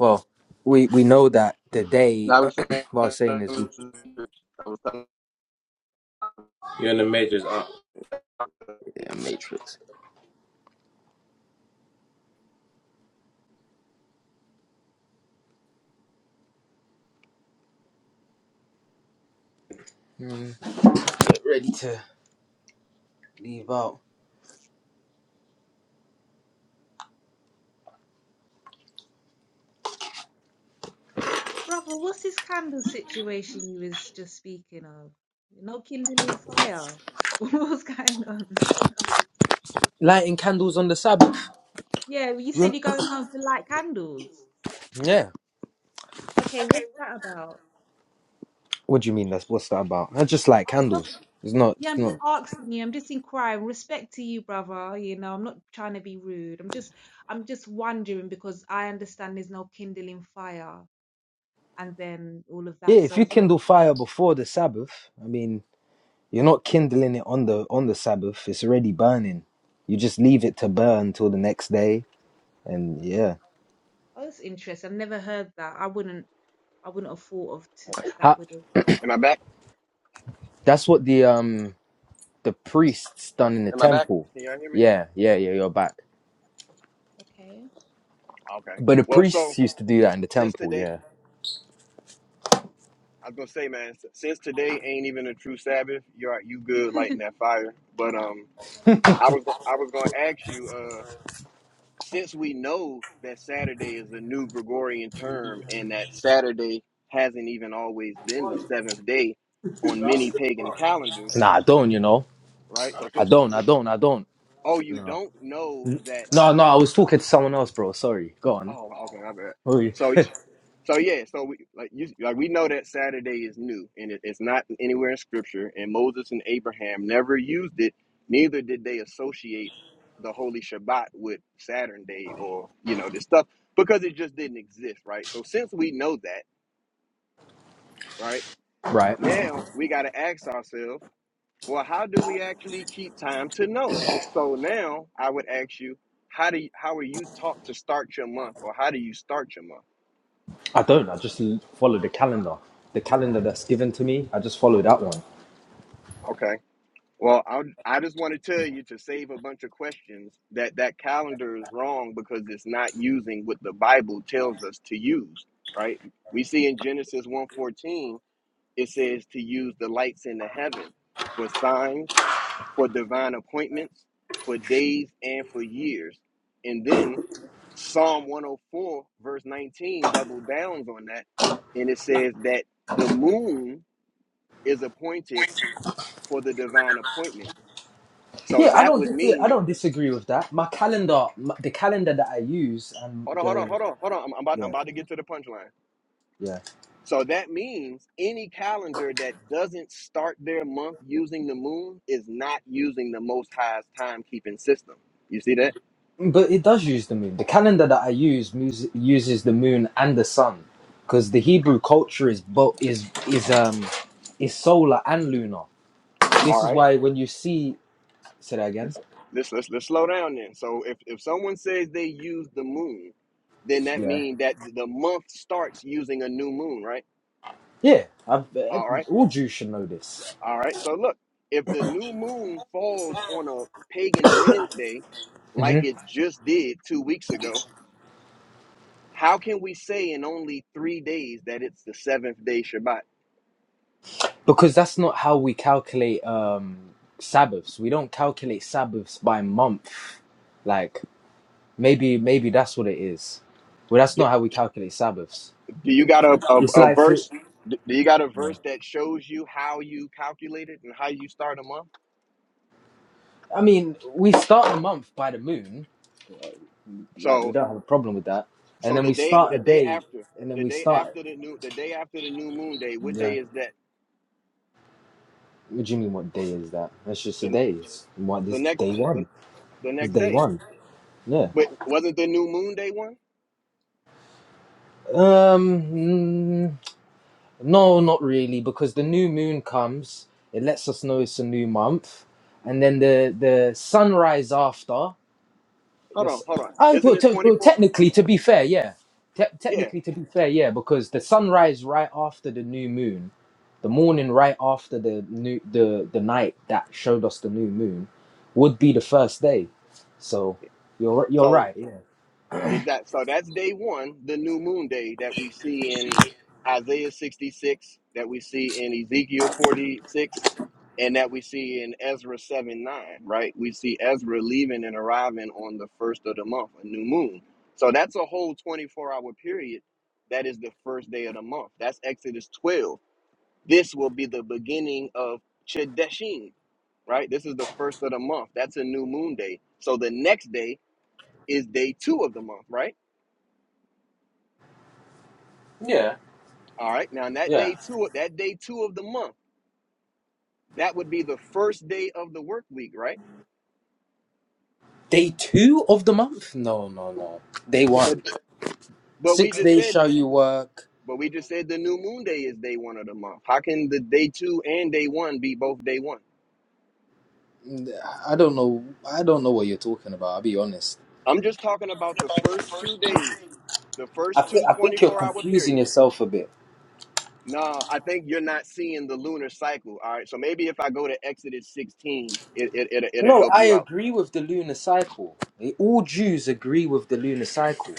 Speaker 4: Well, we we know that the day.
Speaker 1: I was
Speaker 4: what
Speaker 1: saying,
Speaker 4: I
Speaker 1: I
Speaker 4: was saying is we
Speaker 1: was, talking,
Speaker 5: You're in the matrix. Uh,
Speaker 4: yeah, Matrix. Mm, ready to leave out.
Speaker 3: Brother, what's this candle situation you was just speaking of? No kindling fire. What's going on?
Speaker 4: Lighting candles on the Sabbath.
Speaker 3: Yeah, well, you said you're going home to light candles.
Speaker 4: Yeah.
Speaker 3: Okay, what's that about?
Speaker 4: What do you mean? That's what's that about? I just light
Speaker 3: I'm not,
Speaker 4: candles. It's not.
Speaker 3: yeah,
Speaker 4: It's
Speaker 3: I'm just
Speaker 4: not.
Speaker 3: asking you. I'm just inquiring. Respect to you, brother. You know, I'm not trying to be rude. I'm just, I'm just wondering because I understand there's no kindling fire and then all of
Speaker 4: Yeah,
Speaker 3: that.
Speaker 4: if
Speaker 3: So,
Speaker 4: you
Speaker 3: what?
Speaker 4: kindle fire before the Sabbath, I mean, you're not kindling it on the on the Sabbath. It's already burning. You just leave it to burn till the next day, and yeah,
Speaker 3: Oh, that's interesting. I've never heard that. I wouldn't I wouldn't have thought of to, that
Speaker 4: How,
Speaker 3: with a
Speaker 1: am I back?
Speaker 4: that's what the um the priests done in the
Speaker 1: Am I back?
Speaker 4: temple.
Speaker 1: Can y'all hear me?
Speaker 4: Yeah, yeah, yeah. You're back.
Speaker 3: okay.
Speaker 1: Okay.
Speaker 4: But the
Speaker 1: Well, so
Speaker 4: priests used to do that in the
Speaker 1: since
Speaker 4: temple.
Speaker 1: today,
Speaker 4: Yeah.
Speaker 1: I was gonna say, man, since today ain't even a true Sabbath, you're you good lighting that fire. But um, I was I was gonna ask you. uh. since we know that Saturday is a new Gregorian term and that Saturday hasn't even always been the seventh day on many pagan calendars,
Speaker 4: Nah, I don't. You know,
Speaker 1: right? So
Speaker 4: I
Speaker 1: since
Speaker 4: don't. I don't. I don't.
Speaker 1: oh you
Speaker 4: No.
Speaker 1: don't know that
Speaker 4: No, no. I was talking to someone else, bro. Sorry. Go on.
Speaker 1: oh okay, I
Speaker 4: Oh, you-
Speaker 1: bet. So yeah, so we like you like we know that Saturday is new and it, it's not anywhere in scripture and Moses and Abraham never used it, neither did they associate the holy Shabbat with Saturn day or you know this stuff because it just didn't exist, right? So since we know that, right,
Speaker 4: right.
Speaker 1: now we gotta ask ourselves, well, how do we actually keep time to know? So now I would ask you, how do you, how are you taught to start your month or how do you start your month?
Speaker 4: I don't. I just l- follow the calendar. The calendar that's given to me, I just follow that one.
Speaker 1: Okay Well, I I just want to tell you to save a bunch of questions that that calendar is wrong because it's not using what the Bible tells us to use, right? We see in Genesis one fourteen it says to use the lights in the heaven for signs, for divine appointments, for days and for years. And then Psalm 104 verse 19 double downs on that and it says that the moon is appointed for the divine appointments so
Speaker 4: Yeah, I
Speaker 1: that
Speaker 4: don't.
Speaker 1: would
Speaker 4: Dis- I
Speaker 1: mean,
Speaker 4: don't disagree with that. My calendar, my, the calendar that I use, and
Speaker 1: hold on, hold on,
Speaker 4: the
Speaker 1: hold on, hold on. I'm, I'm, about, I'm
Speaker 4: yeah,
Speaker 1: about to get to the punchline.
Speaker 4: yeah.
Speaker 1: So that means any calendar that doesn't start their month using the moon is not using the Most High's timekeeping system. You see that?
Speaker 4: But it does use the moon. The calendar that I use mus- uses the moon and the sun, because the Hebrew culture is both is is um is solar and lunar.
Speaker 1: All
Speaker 4: This is
Speaker 1: right.
Speaker 4: why when you see, say that again.
Speaker 1: Let's let's let's, let's slow down then. So if if someone says they use the moon, then that
Speaker 4: Yeah.
Speaker 1: means that the month starts using a new moon, right?
Speaker 4: Yeah. I've, eh,
Speaker 1: All right.
Speaker 4: all Jews should know this.
Speaker 1: All right. So look, if the new moon falls on a pagan Wednesday, like it just did two weeks ago, how can we say in only three days that it's the seventh day Shabbat?
Speaker 4: Because that's not how we calculate um Sabbaths. We don't calculate Sabbaths by month. Like maybe maybe that's what it is. Well, that's
Speaker 1: D-
Speaker 4: not how we calculate Sabbaths.
Speaker 1: Do you got a, a,
Speaker 4: It's
Speaker 1: a
Speaker 4: like for,
Speaker 1: verse? D- Do you got a verse that shows you how you calculate it and how you start a month?
Speaker 4: I mean, we start a month by the moon. Like we
Speaker 1: So,
Speaker 4: don't have a problem with that. And
Speaker 1: so
Speaker 4: then
Speaker 1: the
Speaker 4: we
Speaker 1: day
Speaker 4: start
Speaker 1: the
Speaker 4: a
Speaker 1: day
Speaker 4: day,
Speaker 1: after
Speaker 4: and then
Speaker 1: the
Speaker 4: we
Speaker 1: day
Speaker 4: start.
Speaker 1: after the new the day after the new moon day, what
Speaker 4: Yeah.
Speaker 1: day is that?
Speaker 4: What do you mean? What day is that? That's just a
Speaker 1: The
Speaker 4: day. It's what
Speaker 1: the
Speaker 4: this
Speaker 1: next
Speaker 4: day
Speaker 1: the,
Speaker 4: one.
Speaker 1: the
Speaker 4: It's
Speaker 1: next
Speaker 4: day
Speaker 1: day.
Speaker 4: one. Yeah.
Speaker 1: Wait, wasn't the new moon day one?
Speaker 4: Um. mm, No, not really, because the new moon comes, it lets us know it's a new month, and then the the sunrise after.
Speaker 1: Hold on,
Speaker 4: This,
Speaker 1: hold on.
Speaker 4: I
Speaker 1: Isn't
Speaker 4: well,
Speaker 1: it
Speaker 4: te- well,
Speaker 1: 24?
Speaker 4: technically, to be fair, yeah, te-
Speaker 1: Yeah.
Speaker 4: technically to be fair, yeah, because the sunrise right after the new moon, the morning right after the new the the night that showed us the new moon, would be the first day. So, you're you're
Speaker 1: So
Speaker 4: right, yeah,
Speaker 1: exact. So that's day one, the new moon day that we see in Isaiah 66, that we see in Ezekiel 46, and that we see in Ezra 7 9, right? We see Ezra leaving and arriving on the first of the month, a new moon. So that's a whole 24 hour period. That is the first day of the month. That's Exodus 12. This will be the beginning of Chedeshin. right? This is the first of the month. That's a new moon day. So the next day is day two of the month, right?
Speaker 4: yeah,
Speaker 1: All right. Now, on that
Speaker 4: yeah.
Speaker 1: day two, that day two of the month, that would be the first day of the work week, right?
Speaker 4: Day two of the month? No, no, no. Day
Speaker 1: The- the-
Speaker 4: one.
Speaker 1: but we
Speaker 4: Six
Speaker 1: just
Speaker 4: days
Speaker 1: said,
Speaker 4: shall you work.
Speaker 1: but we just said the new moon day is day one of the month. How can the day two and day one be both day one?
Speaker 4: I don't know. I don't know what you're talking about. I'll be honest.
Speaker 1: I'm just talking about the first two days, the
Speaker 4: I,
Speaker 1: first
Speaker 4: th-
Speaker 1: two
Speaker 4: I think you're
Speaker 1: 24 hour
Speaker 4: confusing
Speaker 1: periods.
Speaker 4: yourself a bit.
Speaker 1: No, I think you're not seeing the lunar cycle. All right. So maybe if I go to Exodus 16, it, it, it'll, it'll
Speaker 4: No,
Speaker 1: help
Speaker 4: I
Speaker 1: you out.
Speaker 4: agree with the lunar cycle. Eh, All Jews agree with the lunar cycle.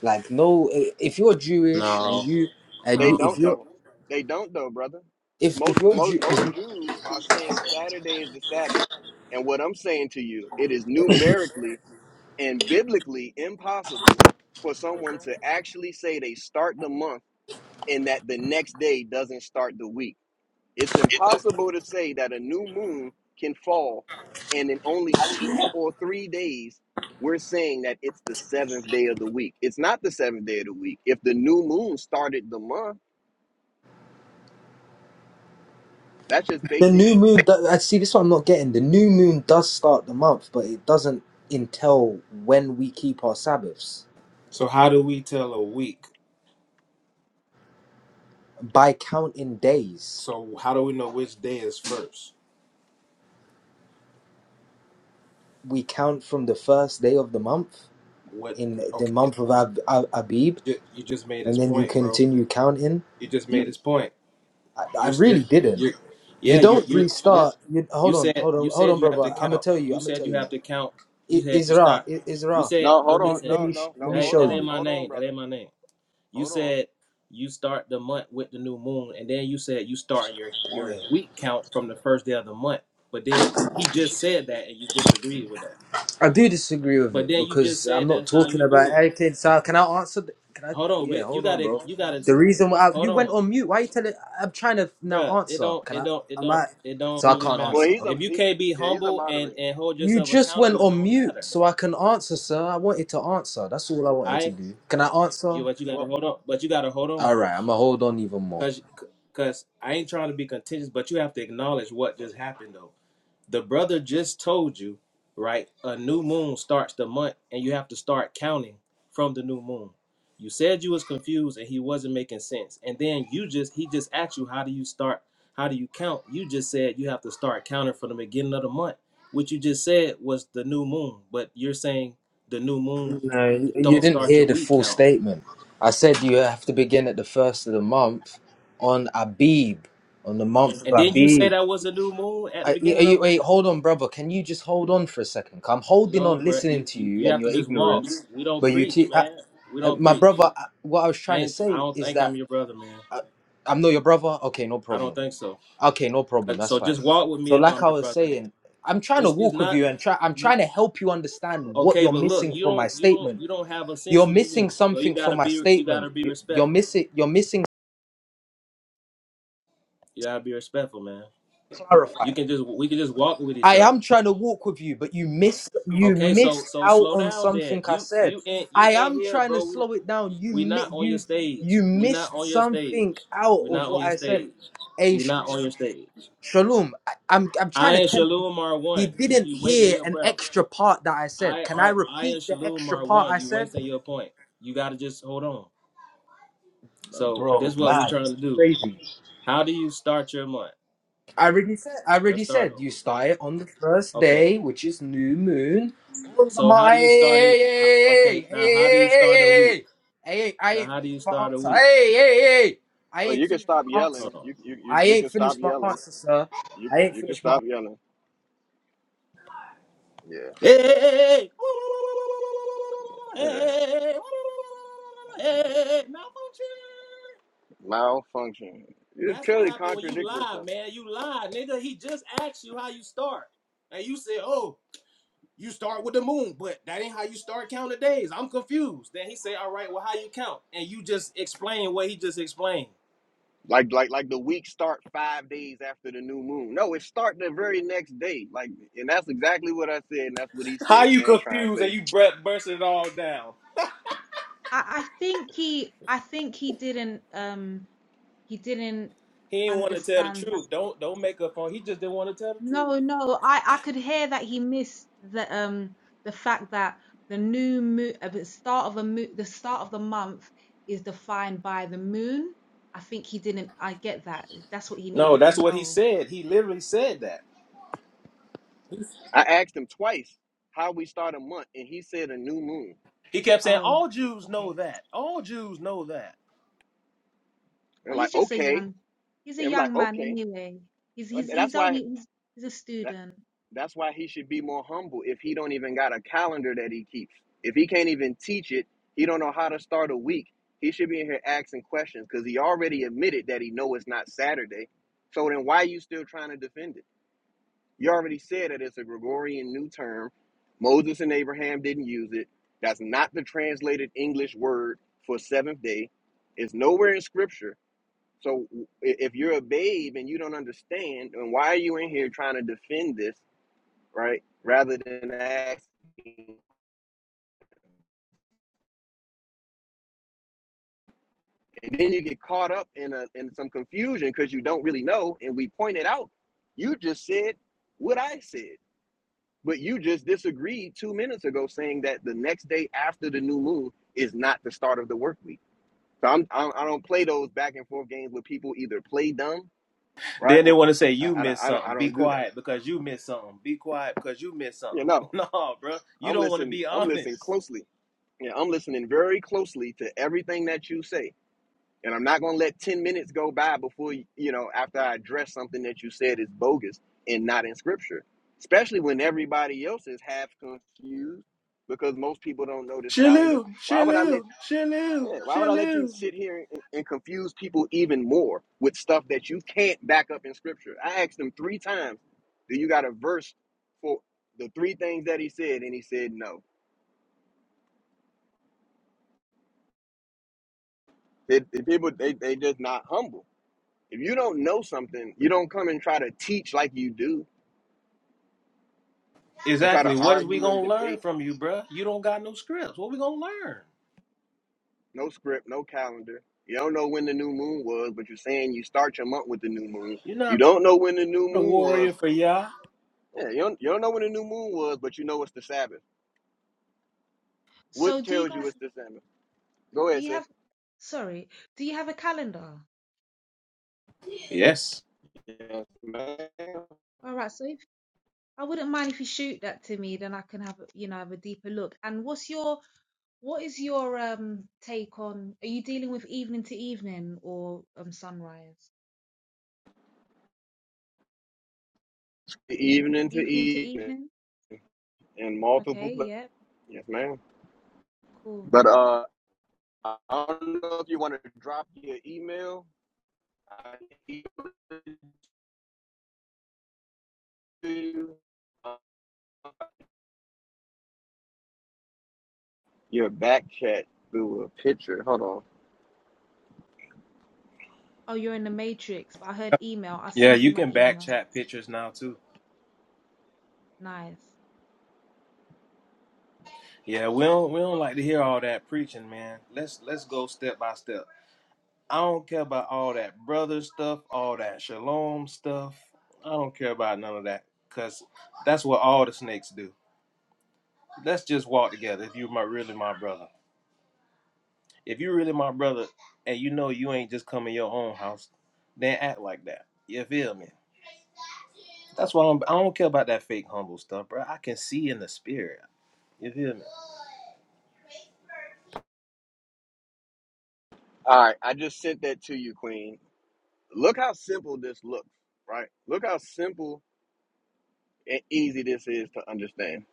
Speaker 4: Like, no, eh, if you're Jewish and
Speaker 5: no,
Speaker 4: you and
Speaker 1: They
Speaker 4: you, if
Speaker 5: no.
Speaker 1: don't
Speaker 4: you're
Speaker 1: though. They don't though, brother.
Speaker 4: if
Speaker 1: Most
Speaker 4: if you're
Speaker 1: most
Speaker 4: Jew,
Speaker 1: most Jews are saying Saturday is the Sabbath, and what I'm saying to you, it is numerically and biblically impossible for someone to actually say they start the month and that the next day doesn't start the week. It's impossible to say that a new moon can fall and in only two or three days we're saying that it's the seventh day of the week. It's not the seventh day of the week. If the new moon started the month That's just
Speaker 4: the
Speaker 1: basic.
Speaker 4: new moon. do- I see. This one I'm not getting. The new moon does start the month, but it doesn't until when we keep our Sabbaths
Speaker 5: So how do we tell a week?
Speaker 4: by counting days.
Speaker 5: So how do we know which day is first?
Speaker 4: We count from the first day of the month.
Speaker 5: What?
Speaker 4: in the
Speaker 5: Okay, you
Speaker 4: month of Ab- Ab- Abib,
Speaker 5: ju- you just made
Speaker 4: and
Speaker 5: his
Speaker 4: then you
Speaker 5: point, bro.
Speaker 4: continue counting.
Speaker 5: You just made
Speaker 1: You
Speaker 5: his point.
Speaker 4: I, I
Speaker 5: You're you're
Speaker 4: really didn't.
Speaker 5: you're
Speaker 4: You
Speaker 5: yeah, you're
Speaker 4: don't
Speaker 5: you're lit.
Speaker 4: restart. You
Speaker 5: You
Speaker 4: hold on,
Speaker 5: said
Speaker 4: hold
Speaker 5: you
Speaker 4: on, hold on,
Speaker 5: said you have to
Speaker 4: brother. I'm gonna
Speaker 5: count.
Speaker 4: tell you.
Speaker 5: You
Speaker 4: I'm gonna
Speaker 5: said
Speaker 4: tell
Speaker 5: you
Speaker 4: you.
Speaker 5: have to count. You
Speaker 4: I,
Speaker 5: said you
Speaker 4: Isra,
Speaker 5: stop.
Speaker 4: I,
Speaker 5: You
Speaker 4: Isra.
Speaker 5: said
Speaker 1: No, hold
Speaker 4: Let
Speaker 1: on.
Speaker 4: me
Speaker 5: listen.
Speaker 4: let
Speaker 1: No,
Speaker 4: me sh-
Speaker 1: no,
Speaker 4: let
Speaker 1: no.
Speaker 5: That
Speaker 4: me
Speaker 1: Hold
Speaker 4: show
Speaker 5: that
Speaker 1: on.
Speaker 5: ain't
Speaker 4: you.
Speaker 5: my
Speaker 1: Hold on,
Speaker 5: name. That
Speaker 1: brother.
Speaker 5: ain't my name. You
Speaker 1: Hold on.
Speaker 5: said you start the month with the new moon, and then you said you start your your
Speaker 4: Boy,
Speaker 5: week count from the first day of the month. But then he just said that, and you disagreed with that.
Speaker 4: I do disagree with
Speaker 5: But
Speaker 4: it
Speaker 5: then you just
Speaker 4: because I'm
Speaker 5: said
Speaker 4: not
Speaker 5: that's how
Speaker 4: talking
Speaker 5: you
Speaker 4: about
Speaker 5: do it.
Speaker 4: Eric So Can I answer? The, can I?
Speaker 5: Hold on,
Speaker 4: Yeah,
Speaker 5: Vic, you
Speaker 4: hold on,
Speaker 5: gotta
Speaker 4: bro.
Speaker 5: you gotta
Speaker 4: The reason why
Speaker 5: hold
Speaker 4: you went
Speaker 5: on.
Speaker 4: on mute. Why you telling? I'm trying to now
Speaker 5: Bruh, it
Speaker 4: answer.
Speaker 5: don't
Speaker 4: Can
Speaker 5: it
Speaker 4: I?
Speaker 5: don't it
Speaker 4: Am
Speaker 5: don't
Speaker 4: I?
Speaker 5: it don't
Speaker 4: So I
Speaker 5: really
Speaker 4: can't
Speaker 5: matter.
Speaker 1: Well,
Speaker 4: answer.
Speaker 1: he's
Speaker 4: All
Speaker 1: a
Speaker 4: right.
Speaker 5: If you
Speaker 1: he,
Speaker 5: can't be
Speaker 1: yeah, he's a
Speaker 5: humble and
Speaker 1: moderator.
Speaker 5: and hold
Speaker 4: You
Speaker 5: yourself
Speaker 4: just went
Speaker 5: accountable, it
Speaker 4: on
Speaker 5: don't
Speaker 4: mute
Speaker 5: matter.
Speaker 4: so I can answer, sir. I wanted to answer. That's all I wanted to
Speaker 5: I
Speaker 4: do. Can I
Speaker 5: you
Speaker 4: answer?
Speaker 5: but you gotta
Speaker 1: Well,
Speaker 5: hold on, but you gotta hold on
Speaker 4: All right, I'm
Speaker 5: first,
Speaker 4: going to hold on even more.
Speaker 5: cause cause I ain't trying to be contentious, but you have to acknowledge what just happened though. The brother just told you, right? A new moon starts the month and you have to start counting from the new moon. You said you was confused and he wasn't making sense. And then you just he just asked you how do you start how do you count? You just said you have to start counting from the beginning of the month. What you just said was the new moon, but you're saying the new moon
Speaker 4: No, you you
Speaker 5: don't
Speaker 4: didn't
Speaker 5: start
Speaker 4: hear
Speaker 5: your
Speaker 4: the
Speaker 5: week
Speaker 4: full
Speaker 5: count.
Speaker 4: statement. I said you have to begin at the first of the month on Abib, on the month of
Speaker 5: And then you say
Speaker 4: Abib.
Speaker 5: that was a new moon at the
Speaker 4: I, are
Speaker 5: beginning
Speaker 4: you,
Speaker 5: of a
Speaker 4: wait,
Speaker 5: month.
Speaker 4: hold on, brother. Can you just hold on for a second? 'Cause I'm holding
Speaker 5: No,
Speaker 4: on,
Speaker 5: bro,
Speaker 4: listening
Speaker 5: you,
Speaker 4: to
Speaker 5: you
Speaker 4: you
Speaker 5: you
Speaker 4: and
Speaker 5: have to
Speaker 4: your
Speaker 5: just walk.
Speaker 4: ignorance,
Speaker 5: We don't
Speaker 4: but you
Speaker 5: preach,
Speaker 4: keep. I,
Speaker 5: man. We
Speaker 4: I-
Speaker 5: don't
Speaker 4: my
Speaker 5: preach.
Speaker 4: brother, I, what I was
Speaker 5: I
Speaker 4: trying to
Speaker 5: ain't, I
Speaker 4: say
Speaker 5: don't
Speaker 4: is
Speaker 5: think I'm
Speaker 4: that
Speaker 5: your brother, man.
Speaker 4: I'm not your brother. Okay, no
Speaker 5: I
Speaker 4: problem.
Speaker 5: don't think so.
Speaker 4: Okay, no
Speaker 5: Uh,
Speaker 4: problem. That's
Speaker 5: So
Speaker 4: fine.
Speaker 5: just walk with me
Speaker 4: So,
Speaker 5: if
Speaker 4: like
Speaker 5: I'm
Speaker 4: I
Speaker 5: your
Speaker 4: was
Speaker 5: brother, man.
Speaker 4: saying, I'm trying to
Speaker 5: It's it's
Speaker 4: walk with
Speaker 5: not
Speaker 4: you and try. I'm
Speaker 5: you,
Speaker 4: trying to help you understand what
Speaker 5: okay,
Speaker 4: you're
Speaker 5: but look,
Speaker 4: missing
Speaker 5: you
Speaker 4: from my
Speaker 5: don't you don't
Speaker 4: statement.
Speaker 5: you don't have a sense
Speaker 4: You're
Speaker 5: of
Speaker 4: missing
Speaker 5: being. So you
Speaker 4: something
Speaker 5: gotta
Speaker 4: from my
Speaker 5: be you
Speaker 4: statement.
Speaker 5: gotta be
Speaker 4: You- You're
Speaker 5: respectful.
Speaker 4: missing. You're missing.
Speaker 5: You gotta be respectful, man. You
Speaker 4: Clarify.
Speaker 5: can just we can just walk with each
Speaker 4: I
Speaker 5: other.
Speaker 4: am trying to walk with you, but you missed. You
Speaker 5: Okay, so
Speaker 4: missed
Speaker 5: so
Speaker 4: out
Speaker 5: slow
Speaker 4: on
Speaker 5: down, then.
Speaker 4: something I
Speaker 5: You
Speaker 4: said.
Speaker 5: you in you
Speaker 4: I
Speaker 5: in
Speaker 4: am
Speaker 5: here,
Speaker 4: trying to
Speaker 5: bro. We
Speaker 4: slow it down. You
Speaker 5: we not
Speaker 4: mi-
Speaker 5: on your
Speaker 4: You
Speaker 5: stage.
Speaker 4: you
Speaker 5: We not
Speaker 4: missed
Speaker 5: on your
Speaker 4: something
Speaker 5: stage.
Speaker 4: out
Speaker 5: We not
Speaker 4: of
Speaker 5: on
Speaker 4: what
Speaker 5: your
Speaker 4: I said.
Speaker 5: stage. We not on your stage.
Speaker 4: Shalom, I, I'm I'm trying
Speaker 5: I
Speaker 4: to
Speaker 5: and
Speaker 4: tell you,
Speaker 5: Shalom are
Speaker 4: he
Speaker 5: one. You
Speaker 4: didn't
Speaker 5: you wasting
Speaker 4: hear
Speaker 5: your
Speaker 4: an
Speaker 5: breath.
Speaker 4: extra part that I said.
Speaker 5: I
Speaker 4: Can I
Speaker 5: are I
Speaker 4: repeat
Speaker 5: and
Speaker 4: the
Speaker 5: Shalom
Speaker 4: extra
Speaker 5: are
Speaker 4: part
Speaker 5: one.
Speaker 4: I
Speaker 5: You
Speaker 4: said?
Speaker 5: wasting your point. You gotta just hold on. So this
Speaker 4: Bro,
Speaker 5: is what we're
Speaker 4: man,
Speaker 5: trying
Speaker 4: it's
Speaker 5: to do.
Speaker 4: crazy.
Speaker 5: How do you start your month?
Speaker 4: I already said. I
Speaker 5: Let's
Speaker 4: already
Speaker 5: start
Speaker 4: said
Speaker 5: over.
Speaker 4: you start it on the first
Speaker 5: Okay.
Speaker 4: day, which is new moon. On the
Speaker 5: So how
Speaker 4: my,
Speaker 5: do you start it? ho- Okay.
Speaker 4: hey, hey,
Speaker 5: Now how do you start a week?
Speaker 4: hey, hey, hey,
Speaker 5: Now
Speaker 4: hey, hey, hey, hey, hey, I ain't
Speaker 5: how do you
Speaker 4: finished my
Speaker 5: start a
Speaker 4: answer.
Speaker 5: week?
Speaker 4: Hey, hey, hey, I
Speaker 1: oh,
Speaker 4: ain't
Speaker 1: you can
Speaker 4: finished
Speaker 1: stop
Speaker 4: my
Speaker 5: Hold
Speaker 4: answer.
Speaker 1: yelling.
Speaker 5: on.
Speaker 1: You you you,
Speaker 4: I
Speaker 1: you
Speaker 4: ain't
Speaker 1: can stop
Speaker 4: finished my
Speaker 1: yelling.
Speaker 4: answer, sir.
Speaker 1: You
Speaker 4: I ain't
Speaker 1: you can
Speaker 4: finished my
Speaker 1: stop yelling. Yeah.
Speaker 5: Hey, hey, hey, hey. Hey,
Speaker 1: yeah.
Speaker 5: hey, hey. hey, hey, hey. Hey, hey, hey, hey, hey. malfunction.
Speaker 1: Malfunction. You
Speaker 5: That's what
Speaker 1: clearly
Speaker 5: happened when you
Speaker 1: contradict
Speaker 5: lie,
Speaker 1: yourself.
Speaker 5: man. You lie, nigga. He just asked you how you start, and you said, "Oh." You start with the moon, but that ain't how you start counting days. I'm confused. Then he say, all right, well, how you count? And you just explain what he just explained.
Speaker 1: Like like like the week start five days after the new moon. No, it start the very next day. Like, and that's exactly what I said, and that's what he
Speaker 5: How
Speaker 1: said. And
Speaker 5: you
Speaker 1: I ain't trying to
Speaker 5: confused and
Speaker 1: say.
Speaker 5: you bur- bursting it all down.
Speaker 3: I, I think he I think he didn't um he didn't
Speaker 5: He didn't want to tell the
Speaker 3: understand that.
Speaker 5: truth. Don't don't make up on. He just didn't want to tell the truth.
Speaker 3: No, no, I I could hear that he missed the um the fact that the new moon uh, the start of a mo- the start of the month is defined by the moon. I think he didn't I get that. That's what he
Speaker 5: No,
Speaker 3: needed to
Speaker 5: that's what he
Speaker 3: know.
Speaker 5: said. He literally said that.
Speaker 1: I asked him twice how we start a month, and he said a new moon.
Speaker 5: He kept saying,
Speaker 3: Oh,
Speaker 5: all Jews know
Speaker 3: okay.
Speaker 5: that. All Jews know that.
Speaker 3: Oh,
Speaker 1: And
Speaker 3: he's
Speaker 1: like,
Speaker 3: just a
Speaker 1: okay.
Speaker 3: young, he's a
Speaker 1: And we're like,
Speaker 3: young man
Speaker 1: okay,
Speaker 3: anyway. He's
Speaker 1: And
Speaker 3: he's
Speaker 1: that's
Speaker 3: he's
Speaker 1: why
Speaker 3: only he's, he's a
Speaker 1: that,
Speaker 3: student.
Speaker 1: that's why he should be more humble. If he don't even got a calendar that he keeps, if he can't even teach it, he don't know how to start a week. He should be in here asking questions because he already admitted that he know it's not Saturday. So then why are you still trying to defend it? You already said that it's a Gregorian new term. Moses and Abraham didn't use it. That's not the translated English word for seventh day. It's nowhere in Scripture. So i- if you're a babe and you don't understand, and why are you in here trying to defend this, right? Rather than asking, and then you get caught up in a in some confusion because you don't really know. And we pointed out, you just said what I said, but you just disagreed two minutes ago, saying that the next day after the new moon is not the start of the work week. So I'm, I'm I don't play those back and forth games where people either play dumb, right,
Speaker 5: Then they
Speaker 1: or
Speaker 5: want to say,
Speaker 1: I,
Speaker 5: you
Speaker 1: I, don't-
Speaker 5: missed
Speaker 1: I don't I
Speaker 5: something. Be
Speaker 1: don't do that.
Speaker 5: quiet because you missed something. Be quiet because you missed
Speaker 1: You
Speaker 5: something.
Speaker 1: know.
Speaker 5: No, bro. You
Speaker 1: I'm
Speaker 5: don't want to
Speaker 1: listening.
Speaker 5: be
Speaker 1: I'm listening
Speaker 5: honest.
Speaker 1: closely. Yeah, I'm listening very closely to everything that you say, and I'm not gonna let ten minutes go by before you, you know after I address something that you said is bogus and not in scripture, especially when everybody else is half confused because most people don't know this calendar.
Speaker 5: Shalu,
Speaker 1: Why would I let
Speaker 5: shalu, shalu,
Speaker 1: yeah, Why would I let you
Speaker 5: shalu.
Speaker 1: sit here and, and confuse people even more with stuff that you can't back up in scripture? I asked him three times, "Do you got a verse for the three things that he said?" And he said no. They, the people they they just not humble. If you don't know something, you don't come and try to teach like you do and try to
Speaker 5: Exactly. What is we
Speaker 1: argue and
Speaker 5: gonna learn
Speaker 1: debate.
Speaker 5: from you, bruh? You don't got no scripts. What we gonna learn?
Speaker 1: No script, no calendar. You don't know when the new moon was, but you're saying you start your month with the new moon.
Speaker 5: You're
Speaker 1: You
Speaker 5: not
Speaker 1: don't know when the new
Speaker 5: a
Speaker 1: moon was.
Speaker 5: warrior for y'all?
Speaker 1: Yeah, you don't, you don't know when the new moon was, but you know it's the Sabbath.
Speaker 3: So
Speaker 1: What
Speaker 3: do you
Speaker 1: tells you
Speaker 3: guys
Speaker 1: it's the Sabbath? Go
Speaker 3: do
Speaker 1: ahead,
Speaker 3: you
Speaker 1: sis.
Speaker 3: have sorry, do you have a calendar?
Speaker 5: Yes.
Speaker 1: Yes, ma'am.
Speaker 3: All right, so if I wouldn't mind if you shoot that to me, then I can have a you know have a deeper look. And what's your what is your um take on are you dealing with evening to evening or um sunrise?
Speaker 1: Evening to
Speaker 3: Evening to
Speaker 1: evening
Speaker 3: evening?
Speaker 1: in multiple
Speaker 3: Okay,
Speaker 1: places.
Speaker 3: yeah,
Speaker 1: Yes, ma'am.
Speaker 3: cool.
Speaker 1: But uh, I I don't know if you want to drop your email Your back chat through a picture. Hold on.
Speaker 3: Oh, you're in the matrix, but I heard email. I'll
Speaker 5: Yeah,
Speaker 3: send you
Speaker 5: you
Speaker 3: my
Speaker 5: can back
Speaker 3: email.
Speaker 5: chat pictures now too.
Speaker 3: Nice.
Speaker 5: Yeah, we don't we don't like to hear all that preaching, man. Let's let's go step by step. I don't care about all that brother stuff, all that shalom stuff. I don't care about none of that. Cause that's what all the snakes do. Let's just walk together if you're my really my brother. If you really my brother and you know you ain't just coming your own house, then act like that. You feel me? That's why I don't, I don't care about that fake humble stuff, bro. I can see in the spirit. You feel me?
Speaker 1: All right, I just sent that to you, Queen. Look how simple this looks, right? Look how simple and easy this is to understand.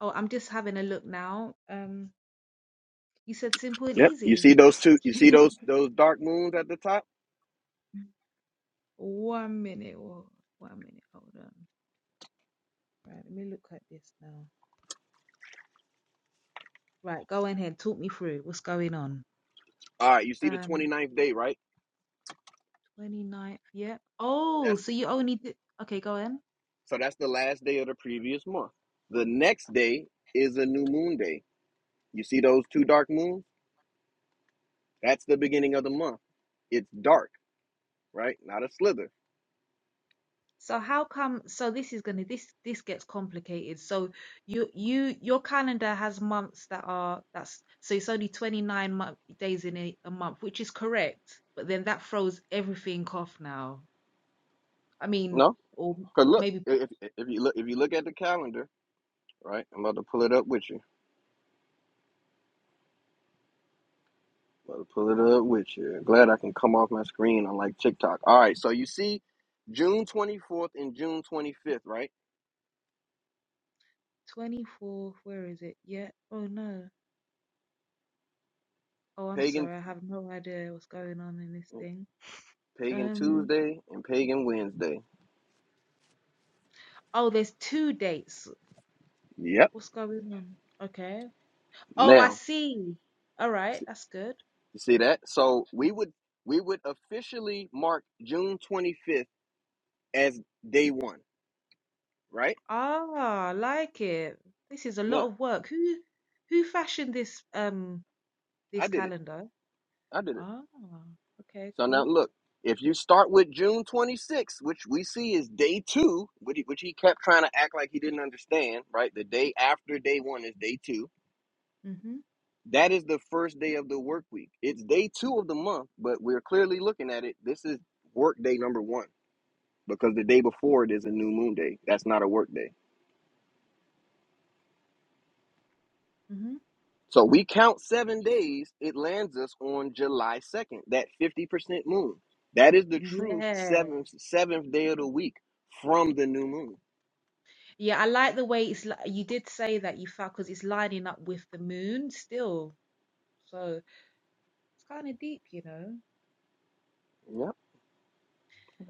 Speaker 3: Oh, I'm just having a look now. Um, you said simple and
Speaker 1: Yep. You
Speaker 3: easy.
Speaker 1: see those two? You see those those dark moons at the top?
Speaker 3: One minute, or one minute. Hold on. Right, let me look at this now. Right, go on ahead. Talk me through what's going on.
Speaker 1: All right. You see the twenty
Speaker 3: Um,
Speaker 1: ninth day, right?
Speaker 3: 29th. Yeah. Oh,
Speaker 1: That's
Speaker 3: so you only did. Okay, go on.
Speaker 1: so. That's the last day of the previous month. The next day is a new moon day. You see those two dark moons? That's the beginning of the month. It's dark, right? Not a slither.
Speaker 3: So how come? So this is gonna this this gets complicated. So you you your calendar has months that are that's so it's only 29 month, days in a, a month, which is correct. But then that throws everything off now. I mean,
Speaker 1: No,
Speaker 3: or
Speaker 1: cause look,
Speaker 3: maybe put
Speaker 1: if if if you look if you look at the calendar, right? I'm about to pull it up with you. about to pull it up with you. Glad I can come off my screen on like TikTok. All right, so you see, June 24th and June 25th, right?
Speaker 3: 24. Where is it? Yeah. Oh no. Oh, I'm
Speaker 1: Pagan,
Speaker 3: sorry. I have no idea what's going on in this thing.
Speaker 1: Pagan
Speaker 3: Um.
Speaker 1: Tuesday and Pagan Wednesday.
Speaker 3: Oh, there's two dates.
Speaker 1: Yep.
Speaker 3: What's going on? Okay. Oh, I
Speaker 1: Now,
Speaker 3: see. All right,
Speaker 1: see-
Speaker 3: that's good.
Speaker 1: you see that? So we would we would officially mark June 25th as day one, right?
Speaker 3: Ah, I like it. This is a
Speaker 1: Now,
Speaker 3: lot of work. Who, who fashioned this um
Speaker 1: I
Speaker 3: this
Speaker 1: did it.
Speaker 3: calendar?
Speaker 1: I did it.
Speaker 3: Ah, okay,
Speaker 1: So now
Speaker 3: cool.
Speaker 1: look, if you start with June 26th, which we see is day two, which he, which he kept trying to act like he didn't understand, right? The day after day one is day two.
Speaker 3: Mhm.
Speaker 1: That is the first day of the work week. It's day two of the month, but we're clearly looking at it. This is work day number one because the day before it is a new moon day. That's not a work day.
Speaker 3: Mhm.
Speaker 1: So we count seven days, it lands us on July 2nd, that 50% moon. That is the true
Speaker 3: Yeah.
Speaker 1: seventh, seventh day of the week from the new moon.
Speaker 3: Yeah, I like the way it's. li- You did say that you felt because it's lining up with the moon still, so it's kind of deep, you know.
Speaker 1: Yeah.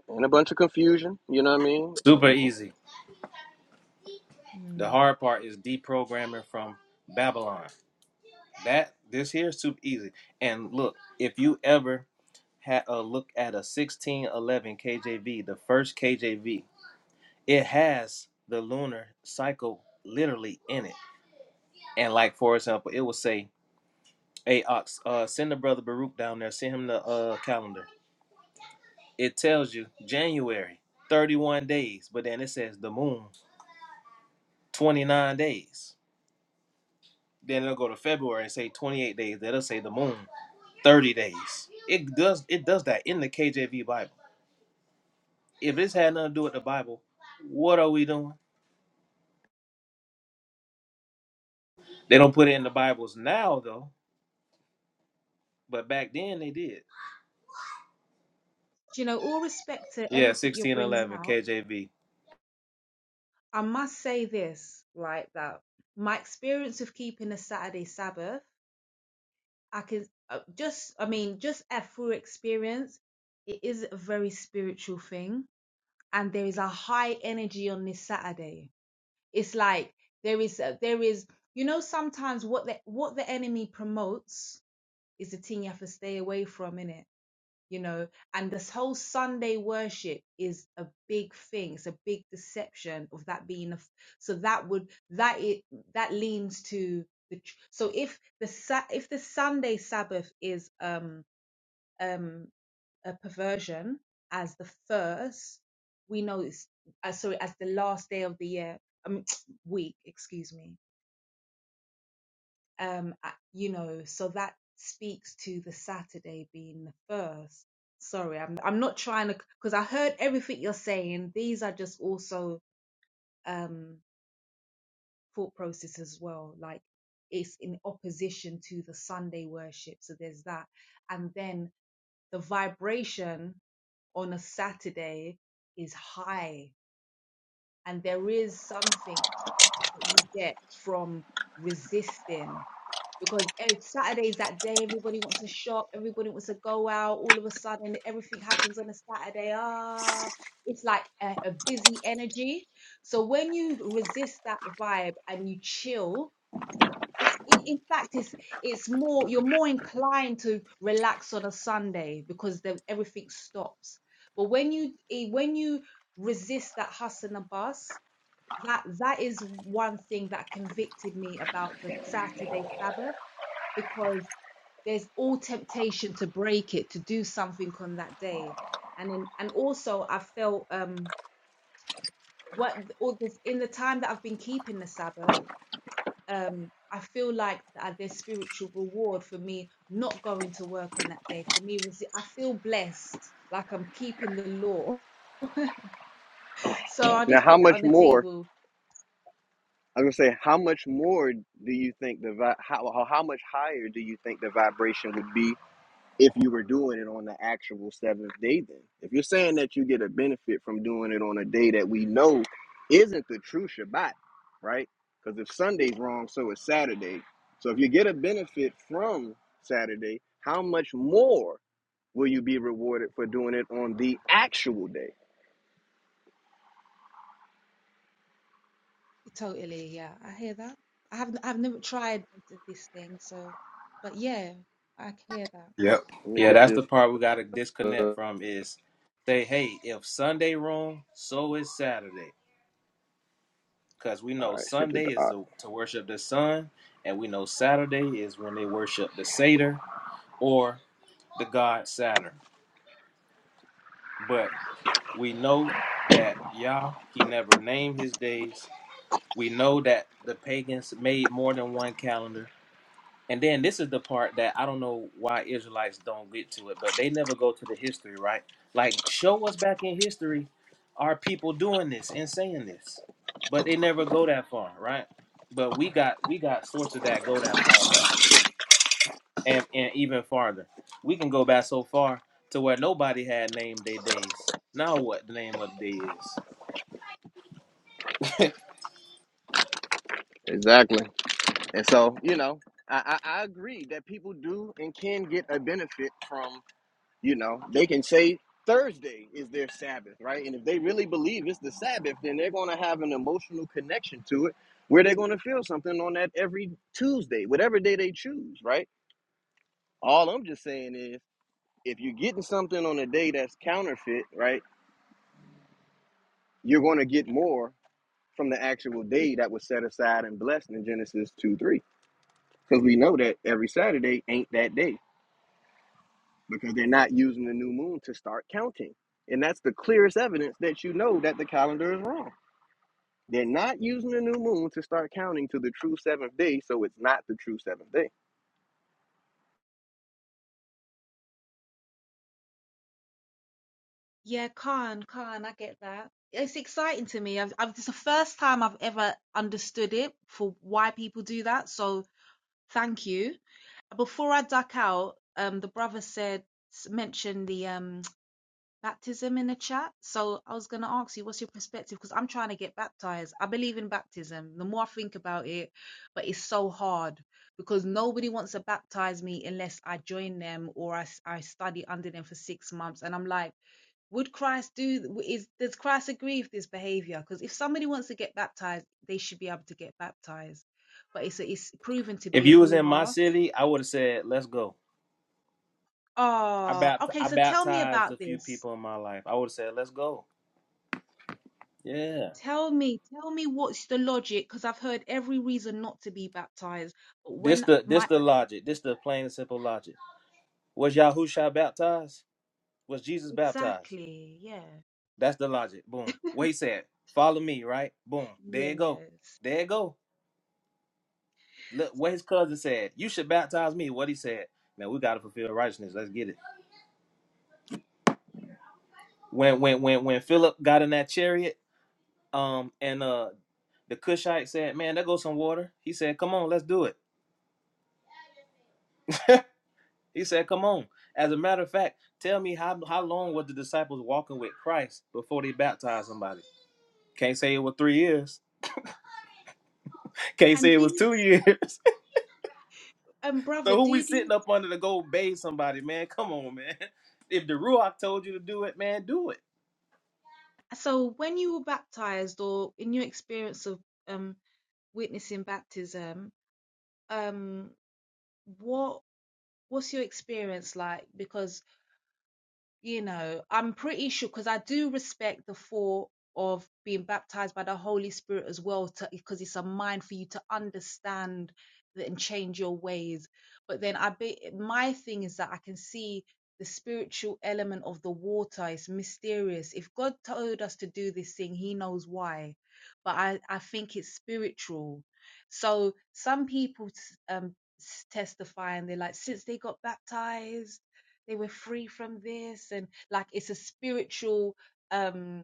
Speaker 1: and a bunch of confusion. You know what I mean?
Speaker 5: Super easy. The
Speaker 3: Mm.
Speaker 5: hard part is deprogramming from Babylon. That this here is super easy. And look, if you ever had a look at a 1611 KJV, the first KJV, it has the lunar cycle literally in it. And like for example, it will say Hey Ox, uh, send the brother Baruch down there. Send him the uh calendar. It tells you January, 31 days, but then it says the moon, 29 days. Then it'll go to February and say 28 days. Then it'll say the moon, 30 days. It does it does that in the KJV Bible. If this had nothing to do with the Bible, what are we doing? They don't put it in the Bibles now though, but back then they did.
Speaker 3: Do you know? All respect to
Speaker 5: Yeah,
Speaker 3: everything you're bringing
Speaker 5: 1611
Speaker 3: out.
Speaker 5: KJV.
Speaker 3: I must say this, right? That my experience of keeping a Saturday Sabbath, I can uh, just, I mean, just a through experience, it is a very spiritual thing, and there is a high energy on this Saturday It's like there is a, there is you know sometimes what the what the enemy promotes is the thing you have to stay away from in it. You know, and this whole Sunday worship is a big thing. It's a big deception of that being a. f- So that would that it that leans to the. tr- So if the Sa- if the Sunday Sabbath is um um, a perversion as the first. We know it's uh, sorry as the last day of the year um, week. Excuse me. Um, uh, you know, so that speaks to the Saturday being the first. Sorry, I'm I'm not trying to because I heard everything you're saying. These are just also um, thought process as well. Like it's in opposition to the Sunday worship. So there's that, and then the vibration. on a Saturday is high. And there is something that you get from resisting because eh, Saturday is that day everybody wants to shop, everybody wants to go out. All of a sudden, everything happens on a Saturday. Ah, it's like a, a busy energy. So when you resist that vibe and you chill, it's in, in fact it's it's more you're more inclined to relax on a Sunday because then everything stops. But when you eh, when you resist that hustle and bus, that that is one thing that convicted me about the Saturday Sabbath because there's all temptation to break it to do something on that day, and in and also I felt um what all this in the time that I've been keeping the Sabbath um, I feel like that there's spiritual reward for me not going to work on that day. For me, was I feel blessed, like I'm keeping the law. So I'll
Speaker 1: Now,
Speaker 3: just
Speaker 1: how
Speaker 3: put that
Speaker 1: much
Speaker 3: on the
Speaker 1: more?
Speaker 3: table.
Speaker 1: I was gonna say, how much more do you think the vi- how how how much higher do you think the vibration would be if you were doing it on the actual seventh day? Then, if you're saying that you get a benefit from doing it on a day that we know isn't the true Shabbat, right? Because if Sunday's wrong, so is Saturday. So if you get a benefit from Saturday, how much more will you be rewarded for doing it on the actual day?
Speaker 3: Totally, yeah, I hear that. I haven't, I've never tried th- this thing, so, but yeah, I can hear that.
Speaker 5: Yep.
Speaker 1: Let me
Speaker 5: Yeah,
Speaker 1: get
Speaker 5: that's the
Speaker 1: this.
Speaker 5: part we gotta
Speaker 1: uh,
Speaker 5: disconnect from is say, hey, if Sunday wrong, so is Saturday. Cause we
Speaker 1: All
Speaker 5: know
Speaker 1: right, sent to
Speaker 5: Sunday is
Speaker 1: Ox.
Speaker 5: the, to worship the sun, and we know Saturday is when they worship the Satyr or the god Saturn. But we know that Yah, he never named his days. We know that the pagans made more than one calendar And then this is the part that I don't know why Israelites don't get to it, but they never go to the history, right? Like, show us back in history, are people doing this and saying this? But they never go that far, right? But we got we got sources that go that far back, and and even farther. We can go back so far to where nobody had named their days. Now what the name of the day is?
Speaker 1: Exactly. And so, you know, I, I, I agree that people do and can get a benefit from, you know, they can say Thursday is their Sabbath, right? And if they really believe it's the Sabbath, then they're going to have an emotional connection to it where they're going to feel something on that every Tuesday, whatever day they choose, right? All I'm just saying is if you're getting something on a day that's counterfeit, right, you're going to get more from the actual day that was set aside and blessed in Genesis 2 3. Because we know that every Saturday ain't that day because they're not using the new moon to start counting. And that's the clearest evidence that you know that the calendar is wrong. They're not using the new moon to start counting to the true seventh day, so it's not the true seventh day.
Speaker 3: Yeah, Khan, Khan, I get that. It's exciting to me. I've, I've, it's the first time I've ever understood it for why people do that. So Thank you. Before I duck out, um, the brother said mentioned the um baptism in the chat. So I was gonna ask you, what's your perspective? Because I'm trying to get baptized. I believe in baptism. The more I think about it, but it's so hard because nobody wants to baptize me unless I join them or I, s- I study under them for six months. And I'm like, would Christ do? Is does Christ agree with this behavior? Because if somebody wants to get baptized, they should be able to get baptized. But it's a, it's proven to
Speaker 5: If
Speaker 3: be a
Speaker 5: you was
Speaker 3: hoo
Speaker 5: in my
Speaker 3: ha
Speaker 5: city, I would have said, "Let's go." I
Speaker 3: Oh,
Speaker 5: bapt-
Speaker 3: okay.
Speaker 5: I
Speaker 3: So tell me
Speaker 5: baptized a
Speaker 3: about
Speaker 5: few
Speaker 3: this.
Speaker 5: people in my life. I would have said, "Let's go." Yeah.
Speaker 3: Tell me, tell me what's the logic? Because I've heard every reason not to be baptized. But
Speaker 5: This
Speaker 3: when
Speaker 5: the this
Speaker 3: my
Speaker 5: the logic. This the plain and simple logic. Was Yahusha baptized? Was Jesus baptized?
Speaker 3: exactly, yeah,
Speaker 5: That's the logic. Boom. What he said, follow me, right? Boom. There you go.
Speaker 3: yes.
Speaker 5: There you go. Look what his cousin said. You should baptize me. What he said. Man, we gotta fulfill righteousness. Let's get it. When when when when Philip got in that chariot, um, and uh the Cushite said, Man, there goes some water. He said, Come on, let's do it. He said, Come on. As a matter of fact, tell me how how long were the disciples walking with Christ before they baptized somebody? Can't say it was three years. Can't say
Speaker 3: And
Speaker 5: it
Speaker 3: do
Speaker 5: was
Speaker 3: you-
Speaker 5: two years.
Speaker 3: and brother,
Speaker 5: so who we
Speaker 3: did
Speaker 5: sitting
Speaker 3: you?
Speaker 5: up under to go bathe somebody, man? Come on, man. If the Ruach told you to do it, man, do it.
Speaker 3: So when you were baptized, or in your experience of um witnessing baptism, um, what what's your experience like? Because you know, I'm pretty sure because I do respect the thought of being baptized by the Holy Spirit as well, because it's a mind for you to understand that and change your ways. But then I be my thing is that I can see the spiritual element of the water is mysterious. If God told us to do this thing, He knows why. But I, I think it's spiritual. So some people um, testify and they're like, since they got baptized they were free from this and like it's a spiritual um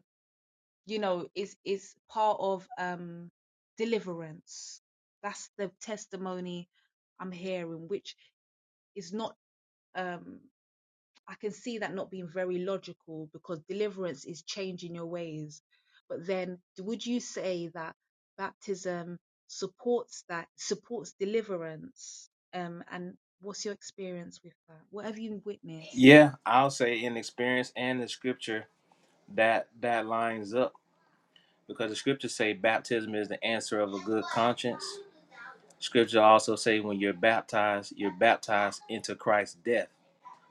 Speaker 3: you know is is part of um deliverance that's the testimony i'm hearing which is not um i can see that not being very logical because deliverance is changing your ways but then would you say that baptism supports that supports deliverance um and what's your experience with that what have you witnessed
Speaker 5: Yeah, I'll say in experience and the scripture that that lines up because the scriptures say baptism is the answer of a good conscience. Scripture also say when you're baptized, you're baptized into Christ's death.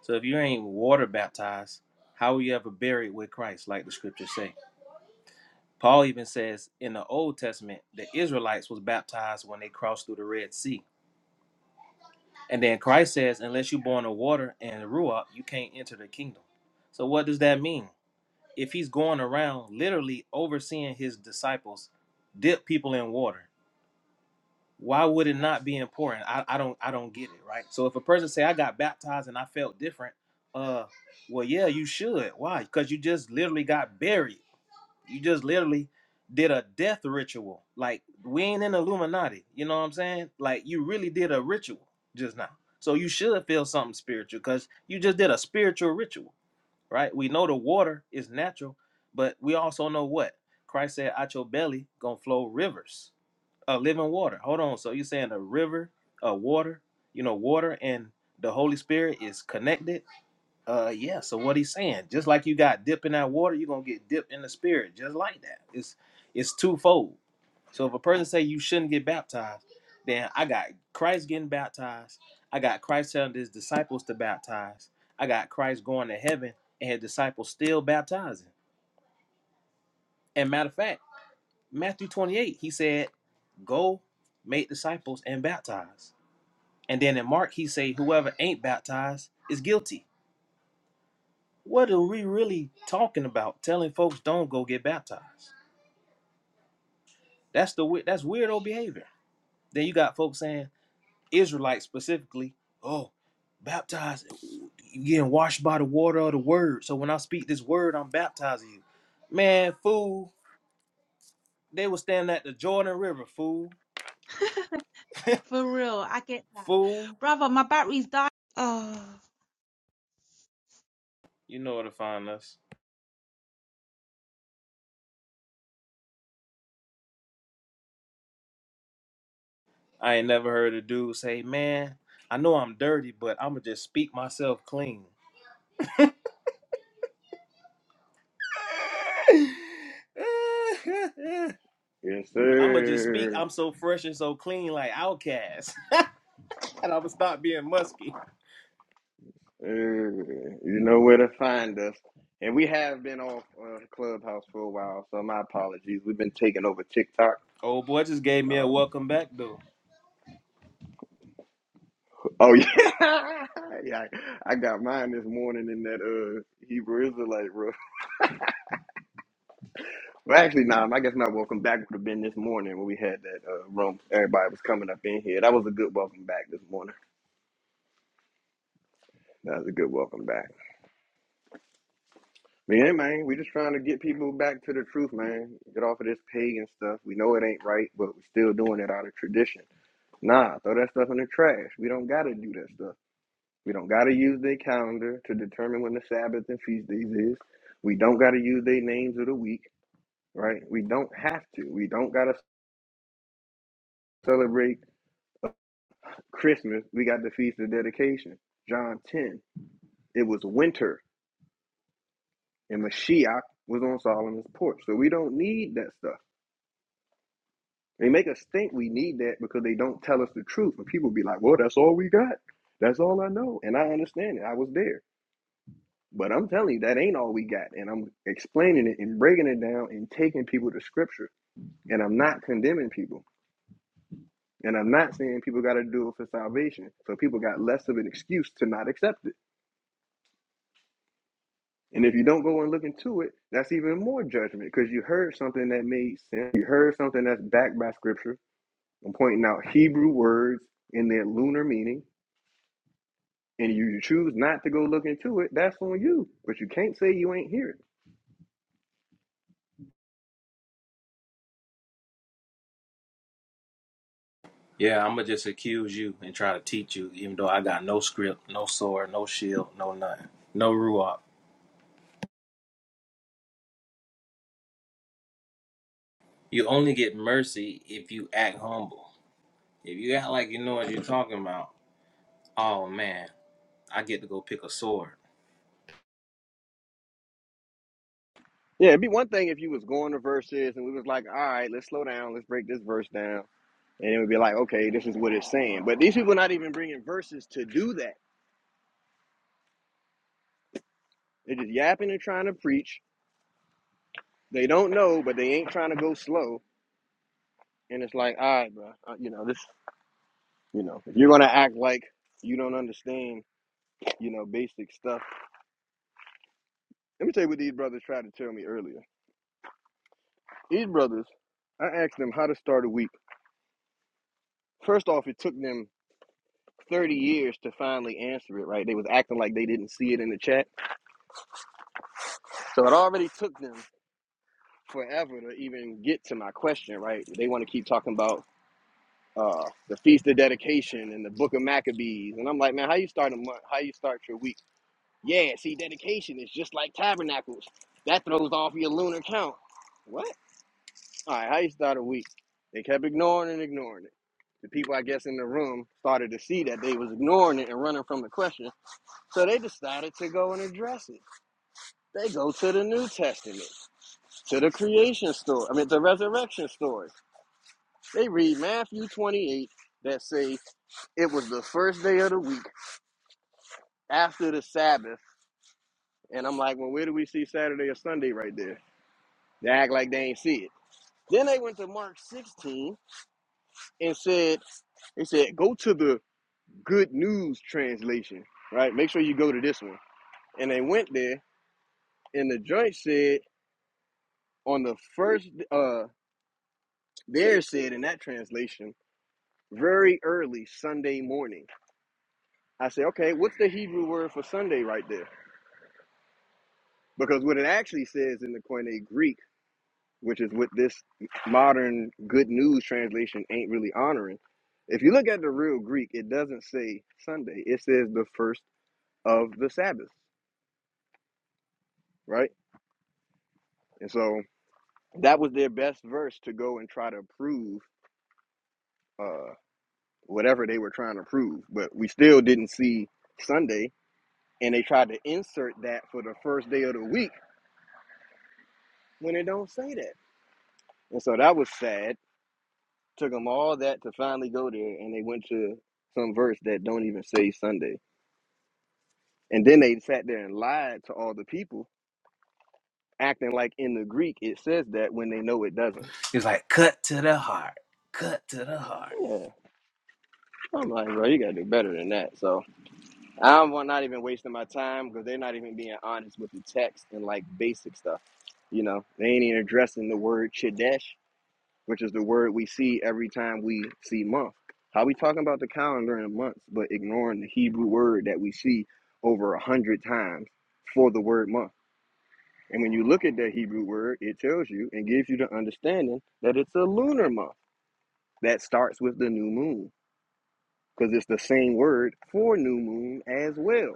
Speaker 5: So if you ain't water baptized, how will you ever buried with Christ, like the scriptures say? Paul even says in the Old Testament, the Israelites was baptized when they crossed through the Red Sea. And then Christ says, unless you're born of water and Ruach, you can't enter the kingdom. So what does that mean? If he's going around literally overseeing his disciples dip people in water, why would it not be important? I, I don't I don't get it, right? So if a person say I got baptized and I felt different, uh well yeah, you should. Why? Because you just literally got buried. You just literally did a death ritual. Like we ain't in Illuminati. You know what I'm saying? Like you really did a ritual just now. So you should feel something spiritual because you just did a spiritual ritual, right? We know the water is natural, but we also know what Christ said: "Out your belly gonna flow rivers, uh, living water." Hold on. So you saying a river, a water, you know, water and the Holy Spirit is connected? Uh, yeah. So what he's saying, just like you got dipped in that water, you're gonna get dipped in the spirit, just like that. It's it's twofold. So if a person say you shouldn't get baptized, then I got Christ getting baptized. I got Christ telling his disciples to baptize. I got Christ going to heaven and his disciples still baptizing. And matter of fact, Matthew 28, he said, "Go, make disciples and baptize." And then in Mark, he say, "Whoever ain't baptized is guilty." What are we really talking about? Telling folks don't go get baptized. That's the we- that's weirdo behavior. Then you got folks saying Israelites specifically, oh, baptized, you getting washed by the water of the word. So when I speak this word, I'm baptizing you. Man, fool, they was standing at the Jordan River, fool,
Speaker 3: For real, I get that.
Speaker 5: fool.
Speaker 3: Brother, my battery's dying. Oh.
Speaker 5: You know where to find us. I ain't never heard a dude say, man, I know I'm dirty, but I'ma just speak myself clean.
Speaker 1: Yes,
Speaker 5: I'ma just speak.
Speaker 1: sir.
Speaker 5: I'm so fresh and so clean, like Outcast, and I'ma stop being musky.
Speaker 1: Uh, you know where to find us. And we have been off uh, Clubhouse for a while, so my apologies. We've been taking over TikTok.
Speaker 5: Old boy just gave me a
Speaker 1: Um,
Speaker 5: welcome back though.
Speaker 1: oh yeah, yeah. I got mine this morning in that uh Hebrew Israelite, bro. Well, actually, nah, I guess my welcome back would have been this morning when we had that uh, room. Everybody was coming up in here. That was a good welcome back this morning. That was a good welcome back. But yeah, man, we just trying to get people back to the truth, man. Get off of this pagan stuff. We know it ain't right, but we still doing it out of tradition. Nah, throw that stuff in the trash. We don't got to do that stuff. We don't got to use their calendar to determine when the Sabbath and feast days is. We don't got to use their names of the week, right? We don't have to. We don't got to celebrate Christmas, we got the Feast of Dedication. John 10, it was winter and Mashiach was on Solomon's porch. So we don't need that stuff. They make us think we need that because they don't tell us the truth. And people be like, well, that's all we got. That's all I know. And I understand it. I was there. But I'm telling you, that ain't all we got. And I'm explaining it and breaking it down and taking people to scripture. And I'm not condemning people. And I'm not saying people got to do it for salvation. So people got less of an excuse to not accept it. And if you don't go and look into it, that's even more judgment because you heard something that made sense. You heard something that's backed by scripture. I'm pointing out Hebrew words in their lunar meaning, and you choose not to go look into it. That's on you, but you can't say you ain't hear it.
Speaker 5: Yeah, I'ma just accuse you and try to teach you, even though I got no script, no sword, no shield, no nothing, no ruach. You only get mercy if you act humble. If you act like you know what you're talking about, oh man, I get to go pick a sword.
Speaker 1: Yeah, it'd be one thing if you was going to verses and we was like, all right, let's slow down, let's break this verse down, and it would be like, okay, this is what it's saying. But these people not even bringing verses to do that. They're just yapping and trying to preach. They don't know, but they ain't trying to go slow And it's like, all right, bro, uh, you know this. You know, if you're gonna act like you don't understand, you know, basic stuff. Let me tell you what these brothers tried to tell me earlier. These brothers, I asked them how to start a week. First off, it took them 30 years to finally answer it. Right? They was acting like they didn't see it in the chat. So it already took them forever to even get to my question. Right? They want to keep talking about. Uh, the feast of dedication and the book of maccabees and i'm like man how you start a month how you start your week Yeah, see, dedication is just like tabernacles. That throws off your lunar count. What? All right, how you start a week? They kept ignoring and ignoring it. The people, I guess, in the room started to see that they was ignoring it and running from the question, so they decided to go and address it. They go to the New Testament, to the creation story. I mean, the resurrection story. They read Matthew 28 that say it was the first day of the week after the Sabbath, and I'm like, well, where do we see Saturday or Sunday right there? They act like they ain't see it. Then they went to Mark 16 and said, they said, go to the good news translation, right? Make sure you go to this one. And they went there, and the joint said on the first uh there said in that translation, very early Sunday morning. I said, okay, what's the Hebrew word for Sunday right there? Because what it actually says in the Koine Greek, which is what this modern good news translation ain't really honoring. If you look at the real Greek, it doesn't say Sunday. It says the first of the Sabbath, right? And so that was their best verse to go and try to prove uh, whatever they were trying to prove. But we still didn't see Sunday, and they tried to insert that for the first day of the week when it don't say that. And so that was sad. Took them all that to finally go there, and they went to some verse that don't even say Sunday. And then they sat there and lied to all the people, acting like in the Greek it says that when they know it doesn't.
Speaker 5: It's like cut to the heart, cut to the heart.
Speaker 1: Yeah, I'm like, bro, you gotta do better than that. So I'm wa- not even wasting my time because they're not even being honest with the text and like basic stuff. You know, they ain't even addressing the word chodesh, which is the word we see every time we see month. How we talking about the calendar and months, but ignoring the Hebrew word that we see over a hundred times for the word month. And when you look at that Hebrew word, it tells you and gives you the understanding that it's a lunar month that starts with the new moon because it's the same word for new moon as well.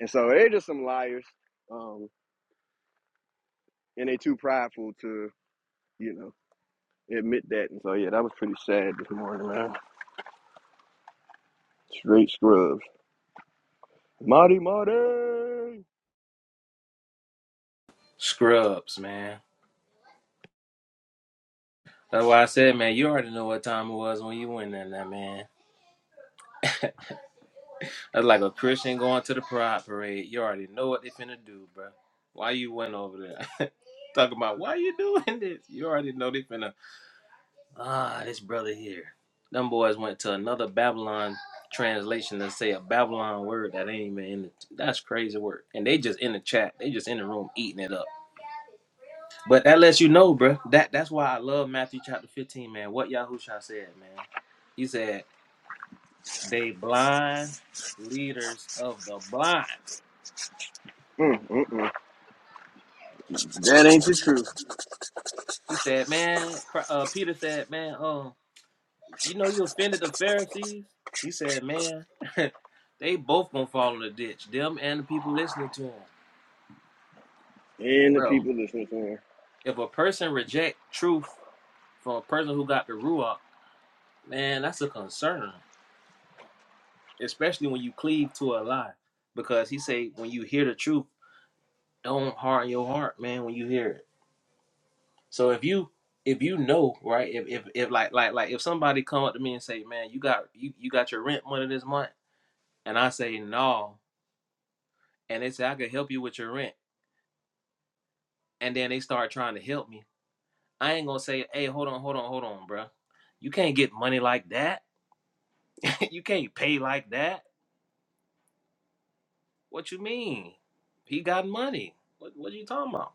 Speaker 1: And so they're just some liars, um, and they too prideful to, you know, admit that. And so yeah, that was pretty sad this morning, man. Straight scrubs. Marty Marty. Mm,
Speaker 5: Scrubs, man. That's why I said, man, you already know what time it was when you went in there, man. That's like a Christian going to the pride parade. You already know what they finna do, bro. Why you went over there? Talking about why you doing this? You already know they finna. Ah, this brother here. Them boys went to another Babylon translation to say a Babylon word that ain't even in the. That's crazy work. And they just in the chat. They just in the room eating it up. But that lets you know, bro. That that's why I love Matthew chapter fifteen, man. What Yahusha said, man. He said they blind leaders of the blind.
Speaker 1: mm, mm. That ain't the truth.
Speaker 5: He said, "Man," uh, Peter said, "Man, um, you know you offended the Pharisees." He said, "Man, they both gonna fall in the ditch, them and the people listening to them,
Speaker 1: And the
Speaker 5: bro.
Speaker 1: people listening to him.
Speaker 5: If a person reject truth from a person who got the ruach, man, that's a concern, especially when you cleave to a lie, because he say when you hear the truth, don't harden your heart, man, when you hear it. So if you if you know right if, if if like like like if somebody come up to me and say man you got you, you got your rent money this month And I say, no. And they say, I can help you with your rent. And then they start trying to help me. I ain't gonna say, hey, hold on, hold on, hold on, bro, You can't get money like that. you can't pay like that. What you mean? He got money. What what are you talking about?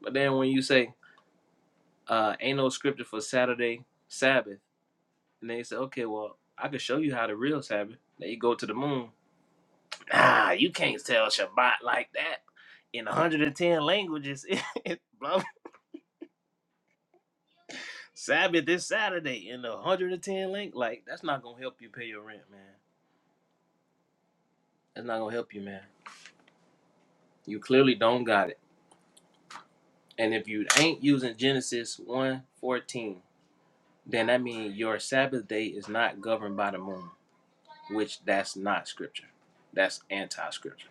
Speaker 5: But then when you say, uh, ain't no scripture for Saturday, Sabbath, and they say, okay, well, I can show you how the real Sabbath. Then you go to the moon. Nah, you can't tell Shabbat like that in 110 languages. blah, Sabbath this Saturday in the 110 link. Like, that's not gonna help you pay your rent, man. That's not gonna help you, man. You clearly don't got it. And if you ain't using Genesis one fourteen, then that means your Sabbath day is not governed by the moon, which that's not scripture. That's anti-scripture.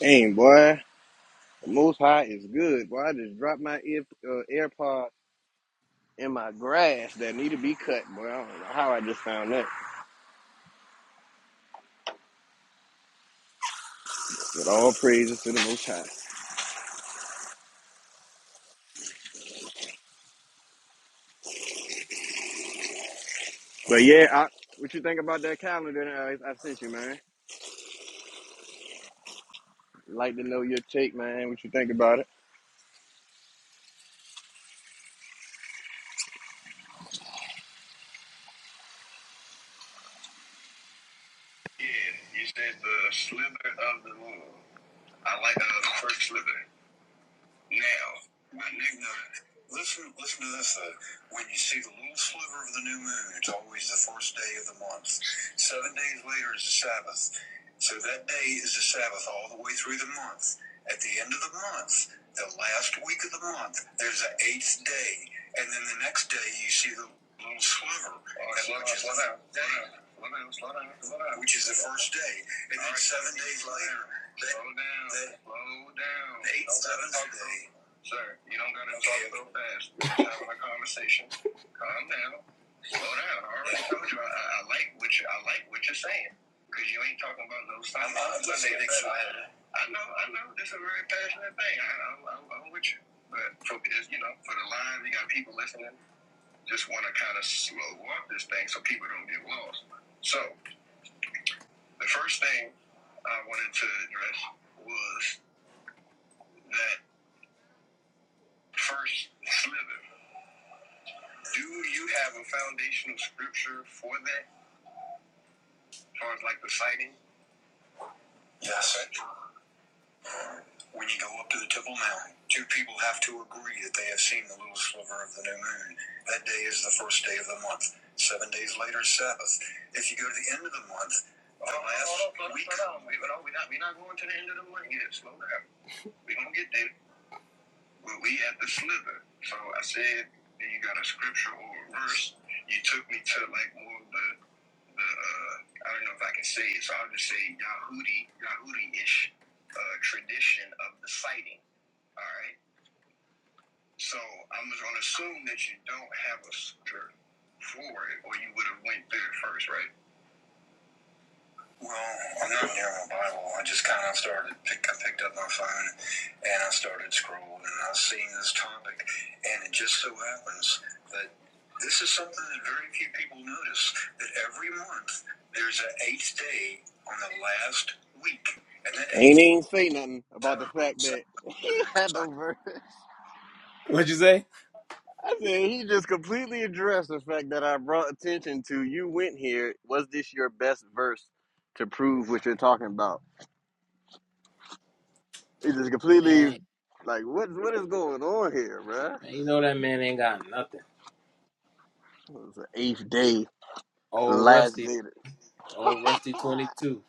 Speaker 1: Dang, boy. The Most High is good, boy. I just dropped my ear, uh, AirPod in my grass that need to be cut, boy. I don't know how I just found that. But all praises to the Most High. But yeah, I, what you think about that calendar that I, I sent you, man? Like to know your take, man. What you think about it?
Speaker 5: Yeah, you said the slither of the moon. I like the first slither. Now, my next Listen, listen to this though. When you see the little sliver of the new moon, it's always the first day of the month. Seven days later is the Sabbath. So that day is the Sabbath all the way through the month. At the end of the month, the last week of the month, there's the eighth day. And then the next day, you see the little sliver, All right, slow which is the which is the first day. And then right. seven days later, Slow down. Slow down. Eight seven today. Sir, you don't gotta talk so fast. We're just having a conversation. Calm down. Slow down. I already told you I, I like what you I like what you're saying. Cause you ain't talking about no Sunday. I'm Sunday excited. I know, I know. This is a very passionate thing. I, I, I, I'm with you. But for you know, for the live, you got people listening. Just want to kind of slow up this thing so people don't get lost. So the first thing I wanted to address was that First, Slither, do you have a foundational scripture for that, as far as like the sighting? Yes. When you go up to the Temple Mount, two people have to agree that they have seen the little sliver of the new moon. That day is the first day of the month. Seven days later is Sabbath. If you go to the end of the month, the Hold last hold on, week. Slow down. We, no, we're, not, we're not going to the end of the month yet. Slow down. We're going to get there. We, we at the sliver. So I said, you got a scripture or a verse. You took me to like more of the uh, I don't know if I can say it, so I'll just say Yahudi, Yahudi-ish uh, tradition of the sighting. All right. So I'm gonna assume that you don't have a scripture for it, or you would have went through it first, right? Well, I'm not near my Bible. I just kind of started. Pick, I picked up my phone and I started scrolling, and I was seeing this topic, and it just so happens. that. This is something that very few people notice that every month there's an eighth day on the last week, and that
Speaker 1: Ain't
Speaker 5: eighth
Speaker 1: even say nothing about the fact that he had no verse.
Speaker 5: What'd you say?
Speaker 1: I said he just completely addressed the fact that I brought attention to. You went here. Was this your best verse to prove what you're talking about? It's just completely
Speaker 5: Man,
Speaker 1: like what what is going on here, bruh?
Speaker 5: man, you know that man ain't got nothing.
Speaker 1: It was the eighth day,
Speaker 5: Old
Speaker 1: last
Speaker 5: Rusty,
Speaker 1: day.
Speaker 5: old Rusty twenty two.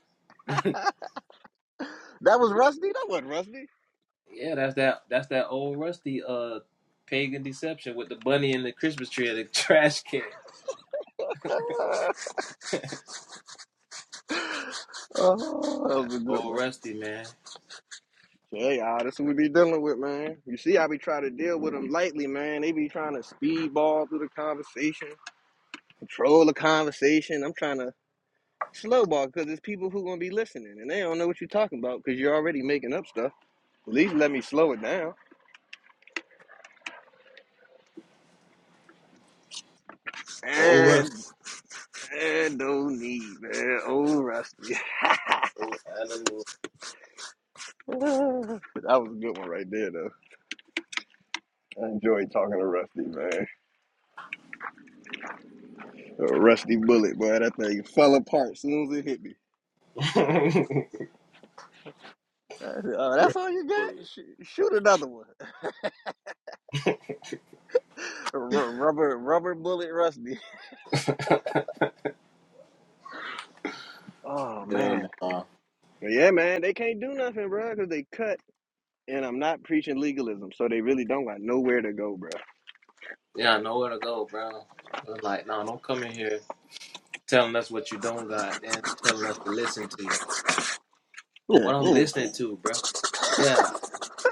Speaker 1: that was rusty. That wasn't rusty.
Speaker 5: Yeah, that's that. That's that old Rusty. Uh, pagan deception with the bunny and the Christmas tree and the trash can.
Speaker 1: Oh, that was a good
Speaker 5: Old
Speaker 1: one.
Speaker 5: Rusty, man.
Speaker 1: Yeah, y'all, that's what we be dealing with, man. You see, I be trying to deal with them lightly, man. They be trying to speedball through the conversation, control the conversation. I'm trying to slowball because there's people who gonna be listening and they don't know what you're talking about because you're already making up stuff. At least let me slow it down.
Speaker 5: Old
Speaker 1: And
Speaker 5: Rusty.
Speaker 1: and no need, man. Oh, Rusty.
Speaker 5: Old
Speaker 1: that was a good one right there, though. I enjoyed talking to Rusty, man. Uh, Rusty Bullet, boy, that thing fell apart as soon as it hit me.
Speaker 5: Adam.
Speaker 1: Uh, that's
Speaker 5: Rusty.
Speaker 1: all you got? Sh- shoot another one. R- rubber, rubber bullet, rusty. Oh
Speaker 5: Yeah,
Speaker 1: man,
Speaker 5: nah.
Speaker 1: but yeah, man, they can't do nothing, bro, because they cut. And I'm not preaching legalism, so they really don't got nowhere to go, bro.
Speaker 5: Yeah, nowhere to go, bro. We're like, no, don't come in here telling us what you don't got and telling us to listen to you.
Speaker 1: Yeah,
Speaker 5: What I'm listening to, bro. Yeah,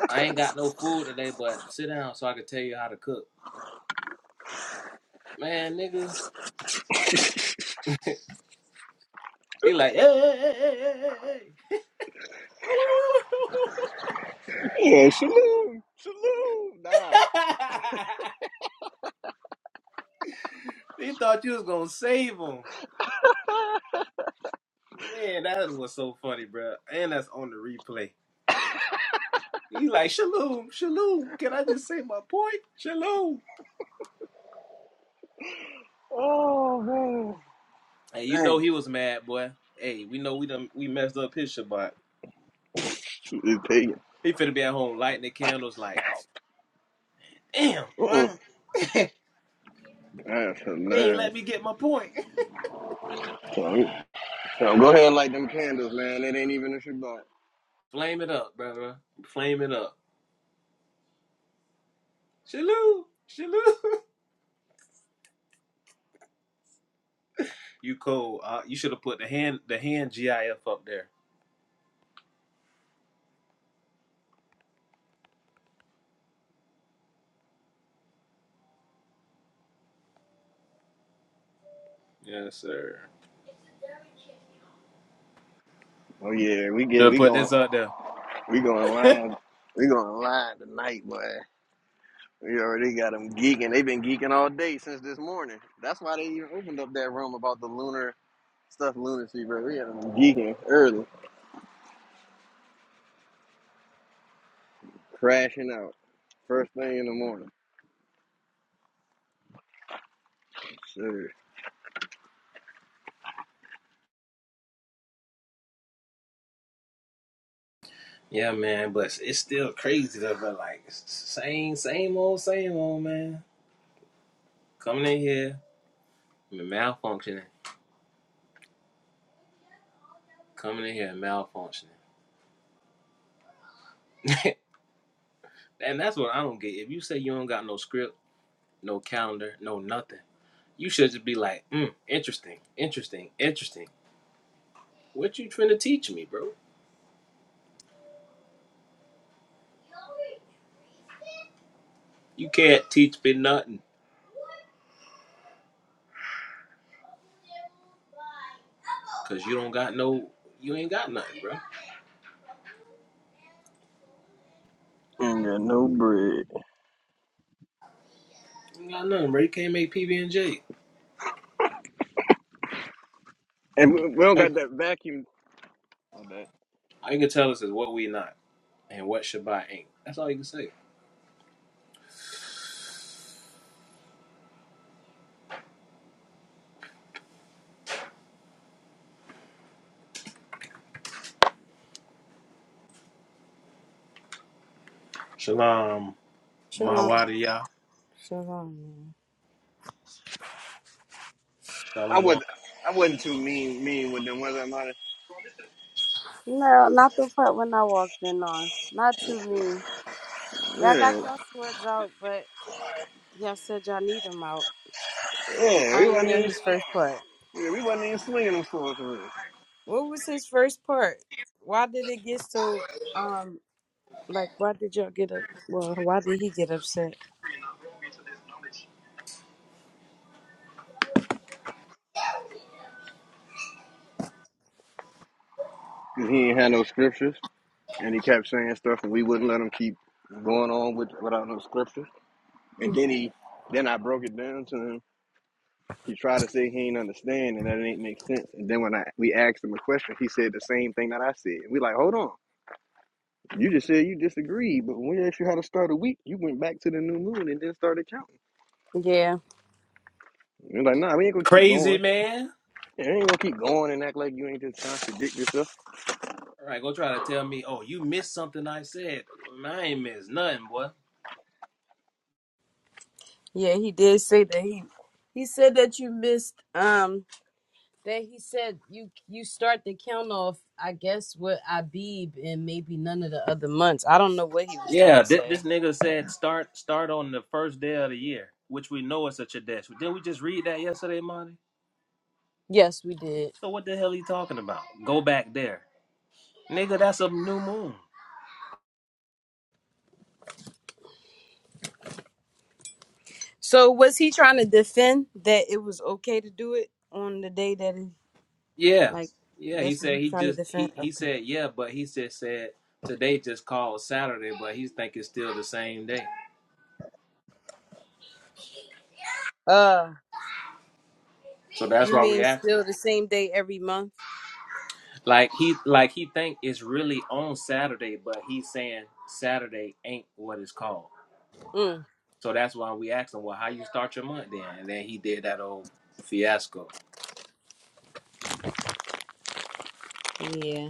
Speaker 5: I ain't got no food today, but sit down so I can tell you how to cook. Man, nigga, he like, hey, hey, hey, hey, hey, hey. hey.
Speaker 1: yeah, yeah. Shalom, shalom. Nah.
Speaker 5: he thought you was gonna save him. Man, that was so funny, bro. And that's on the replay. He like, shalom, shalom. Can I just say my point? Shalom.
Speaker 1: oh man,
Speaker 5: Hey, you know
Speaker 1: dang,
Speaker 5: he was mad, boy. Hey, we know we done we messed up his Shabbat.
Speaker 1: it's pagan.
Speaker 5: He finna be at home lighting the candles like, damn, boy.
Speaker 1: Uh-uh.
Speaker 5: they
Speaker 1: That's
Speaker 5: ain't let
Speaker 1: hilarious.
Speaker 5: me get my point.
Speaker 1: So, so go ahead and light them candles, man. It ain't even a Shabbat.
Speaker 5: Flame it up, brother. Flame it up. Shaloo, shaloo. You cold. Uh, you should have put the hand the hand GIF up there. Yes, sir.
Speaker 1: Oh yeah, we
Speaker 5: Should
Speaker 1: get
Speaker 5: have
Speaker 1: we
Speaker 5: put
Speaker 1: going
Speaker 5: this up there.
Speaker 1: We going live. We going live tonight, boy. We already got them geeking. They've been geeking all day since this morning. That's why they even opened up that room about the lunar stuff, lunacy, bro. We had them geeking early, crashing out first thing in the morning. Sure.
Speaker 5: Yeah, man, but it's still crazy though. But like, it's same, same old, same old, man. Coming in here, malfunctioning. Coming in here, malfunctioning. And that's what I don't get. If you say you don't got no script, no calendar, no nothing, you should just be like, mm, interesting, interesting, interesting. What you trying to teach me, bro? You can't teach me nothing because you don't got no, you ain't got nothing, bro. You
Speaker 1: Ain't got no bread,
Speaker 5: ain't got nothing, bro. You can't make PB and J.
Speaker 1: and we we don't got
Speaker 5: Like,
Speaker 1: that vacuum. My bad.
Speaker 5: all you can tell us is what we not and what Shabbat ain't. That's all you can say. Shalom,
Speaker 6: Shalom.
Speaker 5: Mawadiya,
Speaker 6: Shalom. man.
Speaker 1: I
Speaker 5: Shalom.
Speaker 1: was I wasn't too mean mean with them, was I, Marty?
Speaker 6: No, not the part when I walked in on. Not too mean. Y'all got
Speaker 1: Yeah,
Speaker 6: y'all swords out, but y'all said y'all need them out.
Speaker 1: yeah.
Speaker 6: I
Speaker 1: We
Speaker 6: didn't
Speaker 1: wasn't
Speaker 6: hear
Speaker 1: even
Speaker 6: his first part.
Speaker 1: yeah, we wasn't even swinging them swords for real.
Speaker 6: What was his first part? Why did it get so um like why did y'all get up well why did he get upset?
Speaker 1: 'Cause he ain't had no scriptures. and he kept saying stuff, and we wouldn't let him keep going on with without no scripture. And then he, then I broke it down to him. He tried to say he ain't understand and that it ain't make sense. And then when I we asked him a question, he said the same thing that I said. We like, hold on, you just said you disagreed, but when we asked you how to start a week, you went back to the new moon and then started counting.
Speaker 6: Yeah.
Speaker 1: We're like, nah, we ain't gonna keep
Speaker 5: Crazy
Speaker 1: going.
Speaker 5: man.
Speaker 1: Yeah, we ain't gonna keep going and act like you ain't just trying to contradict yourself.
Speaker 5: All right, go try to tell me, oh, you missed something I said. Well, I ain't missed nothing, boy.
Speaker 6: Yeah, he did say that he he said that you missed um. Then he said you you start the count off, I guess, with Abib and maybe none of the other months. I don't know what he was trying
Speaker 5: Yeah,
Speaker 6: to
Speaker 5: thi-
Speaker 6: say.
Speaker 5: this nigga said start start on the first day of the year, which we know is a Chadesh. Didn't we just read that yesterday, Monty?
Speaker 6: Yes, we did.
Speaker 5: So what the hell he talking about? Go back there, nigga. That's a new moon.
Speaker 6: So was he trying to defend that it was okay to do it on the day that it
Speaker 5: Yeah,
Speaker 6: like
Speaker 5: yeah. He
Speaker 6: that's what
Speaker 5: said
Speaker 6: he's
Speaker 5: he
Speaker 6: trying to
Speaker 5: just
Speaker 6: defend?
Speaker 5: he he
Speaker 6: Okay.
Speaker 5: said yeah, but he just said today just called Saturday, but he think it's still the same day.
Speaker 6: Uh
Speaker 5: So that's
Speaker 6: you
Speaker 5: why we
Speaker 6: mean
Speaker 5: asked him.
Speaker 6: still the same day every month?
Speaker 5: Like he like he think it's really on Saturday, but he's saying Saturday ain't what it's called.
Speaker 6: Mm.
Speaker 5: So that's why we asked him, well, how you start your month then? And then he did that old fiasco.
Speaker 6: Yeah. Maybe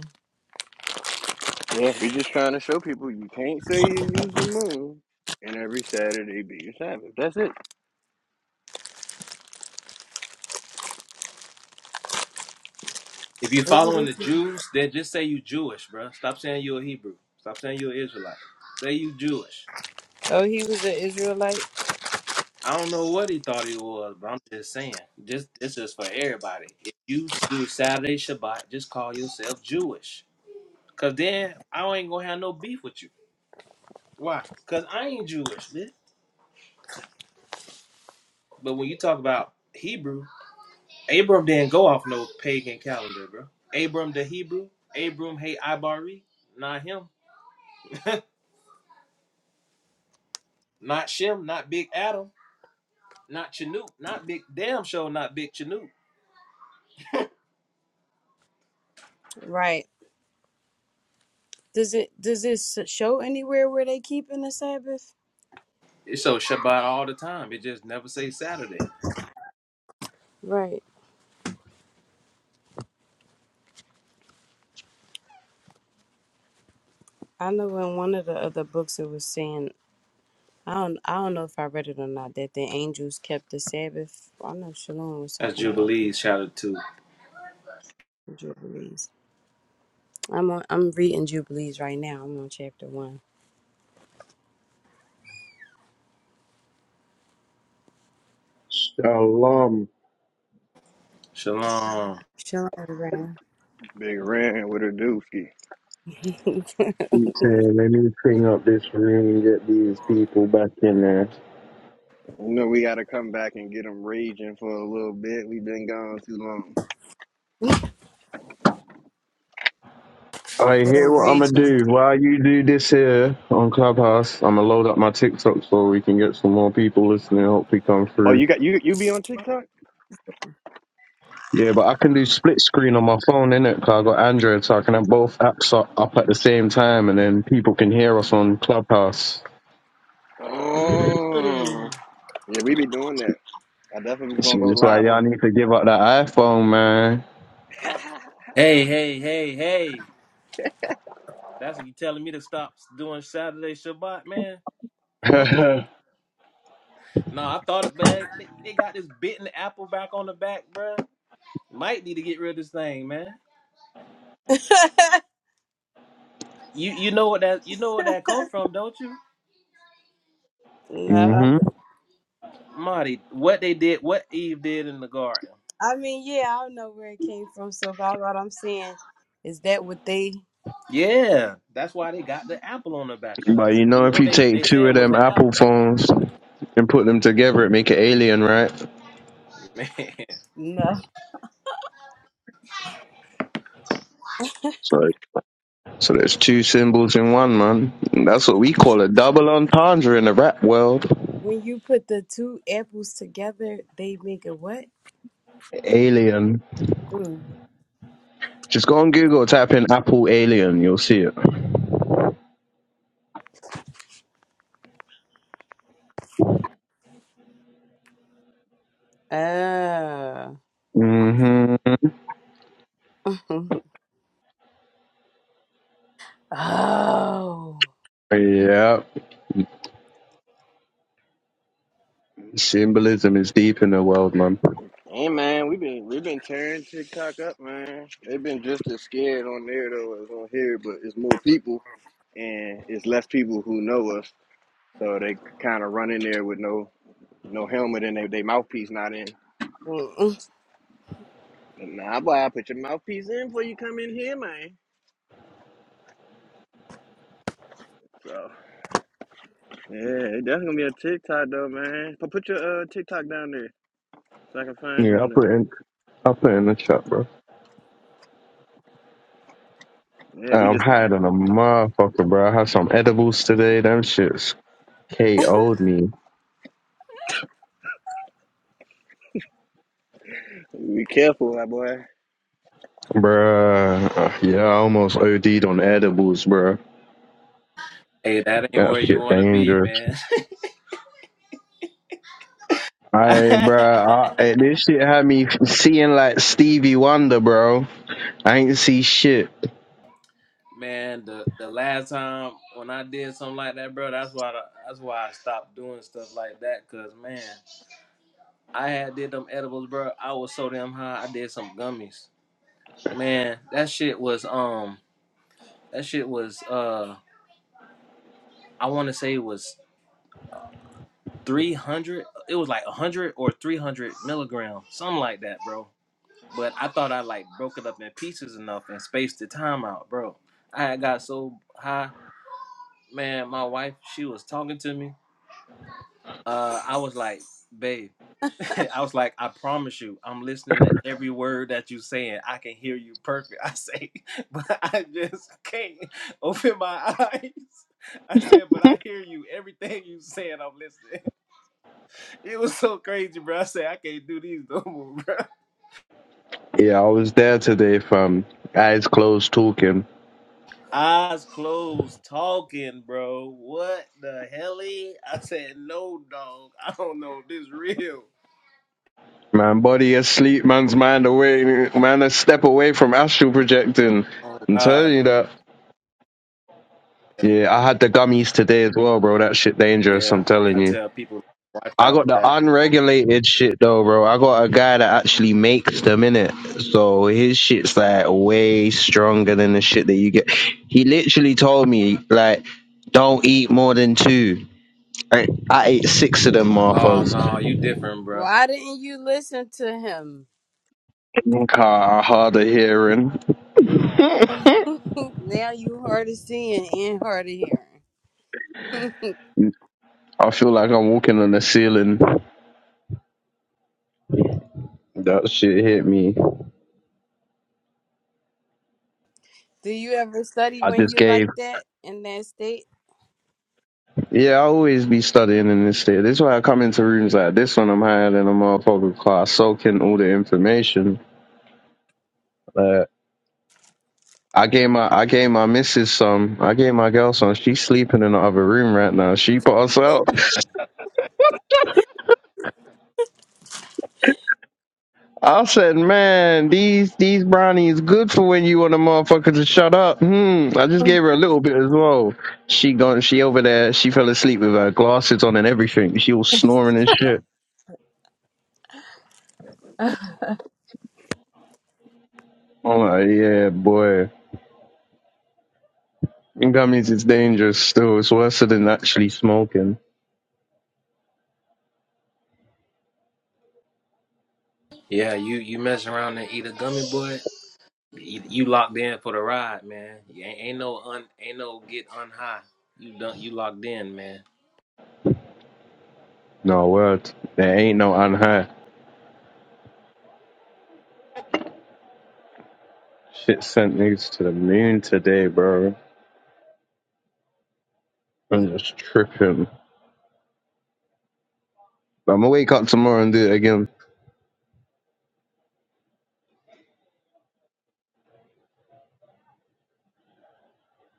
Speaker 1: Yeah, we just trying to show people you can't say you use the moon and every Saturday be your Sabbath. That's it.
Speaker 5: If you're following the
Speaker 6: this is-
Speaker 5: Jews, then just say you Jewish, bro. Stop saying you're a Hebrew. Stop saying you're an Israelite. Say you Jewish.
Speaker 6: Oh, he was an Israelite?
Speaker 5: I don't know what he thought he was, but I'm just saying, just this is for everybody. If you do Saturday Shabbat, just call yourself Jewish, cause then I ain't gonna have no beef with you. Why? Cause I ain't Jewish, man. But when you talk about Hebrew, Abram didn't go off no pagan calendar, bro. Abram the Hebrew, Abram hey Ibari, not him, not Shem, not Big Adam, not Chanute, not Big Damn Show, not Big Chanute.
Speaker 6: Right. Does it does this show anywhere where they keeping the Sabbath?
Speaker 5: It's so Shabbat all the time. It just never say Saturday.
Speaker 6: Right. I know in one of the other books it was saying I don't I don't know if I read it or not that the angels kept the Sabbath. I know Shalom was
Speaker 5: That's
Speaker 6: talking about the
Speaker 5: Jubilees shouted to
Speaker 6: Jubilees. I'm on, I'm reading Jubilees right now. I'm on chapter one.
Speaker 7: Shalom.
Speaker 5: Shalom.
Speaker 6: Shalom, Ram.
Speaker 1: Big Red with a dookie.
Speaker 6: Get
Speaker 7: Keep saying, let me clean up this room and get these people back in there.
Speaker 1: You know we got to come back and get them raging for a little bit. We've been gone too long.
Speaker 7: All right, here
Speaker 6: 'em
Speaker 7: what I'm gonna
Speaker 6: raging.
Speaker 7: do. While you do this here on Clubhouse, I'm gonna load up my TikTok so we can get some more people listening. Hopefully, come
Speaker 1: Oh,
Speaker 7: through.
Speaker 1: you got you you be on
Speaker 6: What
Speaker 1: TikTok?
Speaker 6: was the
Speaker 7: Yeah, but I can do split screen on my phone, innit? Cause I got Android, so I can have both apps up, up at the same time, and then people can hear us on Clubhouse.
Speaker 6: Mm.
Speaker 1: Oh, yeah, we be doing that. I definitely was gonna go
Speaker 7: It's like
Speaker 1: live on.
Speaker 7: y'all need to give up that iPhone, man.
Speaker 5: Hey, hey, hey, hey. That's what you telling me to stop doing Saturday Shabbat, man. No, I thought it, man. They, they got this bitten apple back on the back, bro. Might need to get rid of this thing, man. You you know what that you know what that come from, don't you,
Speaker 6: no, I,
Speaker 7: hmm
Speaker 6: don't-
Speaker 5: Marty? What they did, what Eve did in the garden.
Speaker 6: I mean yeah, I don't know where it came from. So by what I'm saying is that what they
Speaker 5: Yeah, that's why they got the apple on the back of
Speaker 7: But
Speaker 5: it.
Speaker 7: you
Speaker 5: You
Speaker 7: know, if
Speaker 5: know
Speaker 7: you
Speaker 5: they
Speaker 7: take
Speaker 5: they said
Speaker 7: two
Speaker 5: it
Speaker 7: of
Speaker 5: was
Speaker 7: them
Speaker 5: an
Speaker 7: Apple
Speaker 5: apple.
Speaker 7: phones and put them together, it make an alien, right?
Speaker 5: Man,
Speaker 6: no.
Speaker 7: So, so there's two symbols in one, man. And that's what we call a double entendre in the rap world.
Speaker 6: When you put the two apples together, they make a what?
Speaker 7: Alien. Just go on Google, type in Apple Alien, you'll see it.
Speaker 6: Oh.
Speaker 7: hmm
Speaker 6: oh.
Speaker 7: Yeah. Symbolism is deep in the world, man.
Speaker 1: Hey man, we been we been tearing TikTok up, man. They've been just as scared on there though as on here, but it's more people and it's less people who know us, so they kind of run in there with no no helmet and they they mouthboy, they mouthpiece not in.
Speaker 6: Mm-mm.
Speaker 1: Nah, boy, I put your mouthpiece in before you come in here, man. So yeah, it definitely gonna be a TikTok though, man. Put put your uh, TikTok down there so I can find
Speaker 7: Yeah,
Speaker 1: you
Speaker 7: I'll
Speaker 1: on
Speaker 7: put it in, I'll put it in the chat, bro.
Speaker 1: there. Yeah, we
Speaker 7: I'm
Speaker 1: just
Speaker 7: high than a motherfucker, bro. I had some edibles today. Them shits KO'd me.
Speaker 1: be careful, my boy.
Speaker 7: Bruh, uh, yeah, I almost OD'd on edibles, bruh.
Speaker 5: hey, that ain't
Speaker 7: That
Speaker 5: where you
Speaker 7: shit
Speaker 5: want to be,
Speaker 7: dangerous.
Speaker 5: man.
Speaker 7: Hey, bruh, I, eh, this shit had me seeing like Stevie Wonder, bro. I ain't see shit.
Speaker 5: man, the the last time when I did something like that, bro, that's why the, that's why I stopped doing stuff like that. Cause man, I had did them edibles, bro. I was so damn high. I did some gummies. Man, that shit was um. That shit was uh I wanna say it was three hundred it was like one hundred or three hundred milligrams, something like that, bro. But I thought I like broke it up in pieces enough and spaced the time out, bro. I had got so high, man, my wife, she was talking to me uh, I was like, babe, I was like, I promise you, I'm listening to every word that you're saying. I can hear you perfect. I say, but I just can't open my eyes. I said, but I hear you. Everything you saying, I'm listening. It was so crazy, bro. I said, I can't do these no more, bro.
Speaker 7: Yeah, I was there today, fam. Eyes closed, talking.
Speaker 5: Eyes closed, talking, bro. What the hell? E? I said, no, dog. I don't know. This real.
Speaker 7: Man, body asleep, man's mind away. Man, a step away from astral projecting.
Speaker 5: Oh,
Speaker 7: I'm telling
Speaker 5: God.
Speaker 7: you that. Yeah, I had the gummies today as well, bro. That shit dangerous. I'm
Speaker 5: Yeah.
Speaker 7: telling
Speaker 5: I
Speaker 7: you.
Speaker 5: tell people, watch
Speaker 7: I
Speaker 5: out
Speaker 7: got
Speaker 5: for
Speaker 7: the
Speaker 5: that.
Speaker 7: unregulated shit though, bro. I got a guy that actually makes them in it, so his shit's like way stronger than the shit that you get. He literally told me like, don't eat more than two. I, I ate six of them,
Speaker 5: Oh
Speaker 7: Martha's.
Speaker 5: no, you different, bro.
Speaker 6: Why didn't you listen to him?
Speaker 7: Car harder hearing.
Speaker 6: now you hard of seeing and hard of hearing.
Speaker 7: I feel like I'm walking on the ceiling. That shit hit me.
Speaker 6: Do you ever study
Speaker 7: I
Speaker 6: when
Speaker 7: just
Speaker 6: you like
Speaker 7: gave.
Speaker 6: that in that state?
Speaker 7: Yeah, I always be studying in this state. This is why I come into rooms like this when I'm higher than a motherfucker class, soaking all the information. I gave my I gave my missus some. I gave my girl some. She's sleeping in the other room right now. She passed out. I said, man, these these brownies good for when you want a motherfucker to shut up. Hmm. I just gave her a little bit as well. She gone. She over there. She fell asleep with her glasses on and everything. She was snoring and shit. I'm like, yeah, boy. Gummies is dangerous. Still, it's worse than actually smoking.
Speaker 5: Yeah, you you mess around and eat a gummy boy. You, you locked in for the ride, man. You ain't, ain't no un ain't no get unhigh. You done you locked in, man.
Speaker 7: No word. There ain't no on her. Shit sent niggas to the moon today, bro. I'm just tripping. I'm gonna wake up tomorrow and do it again.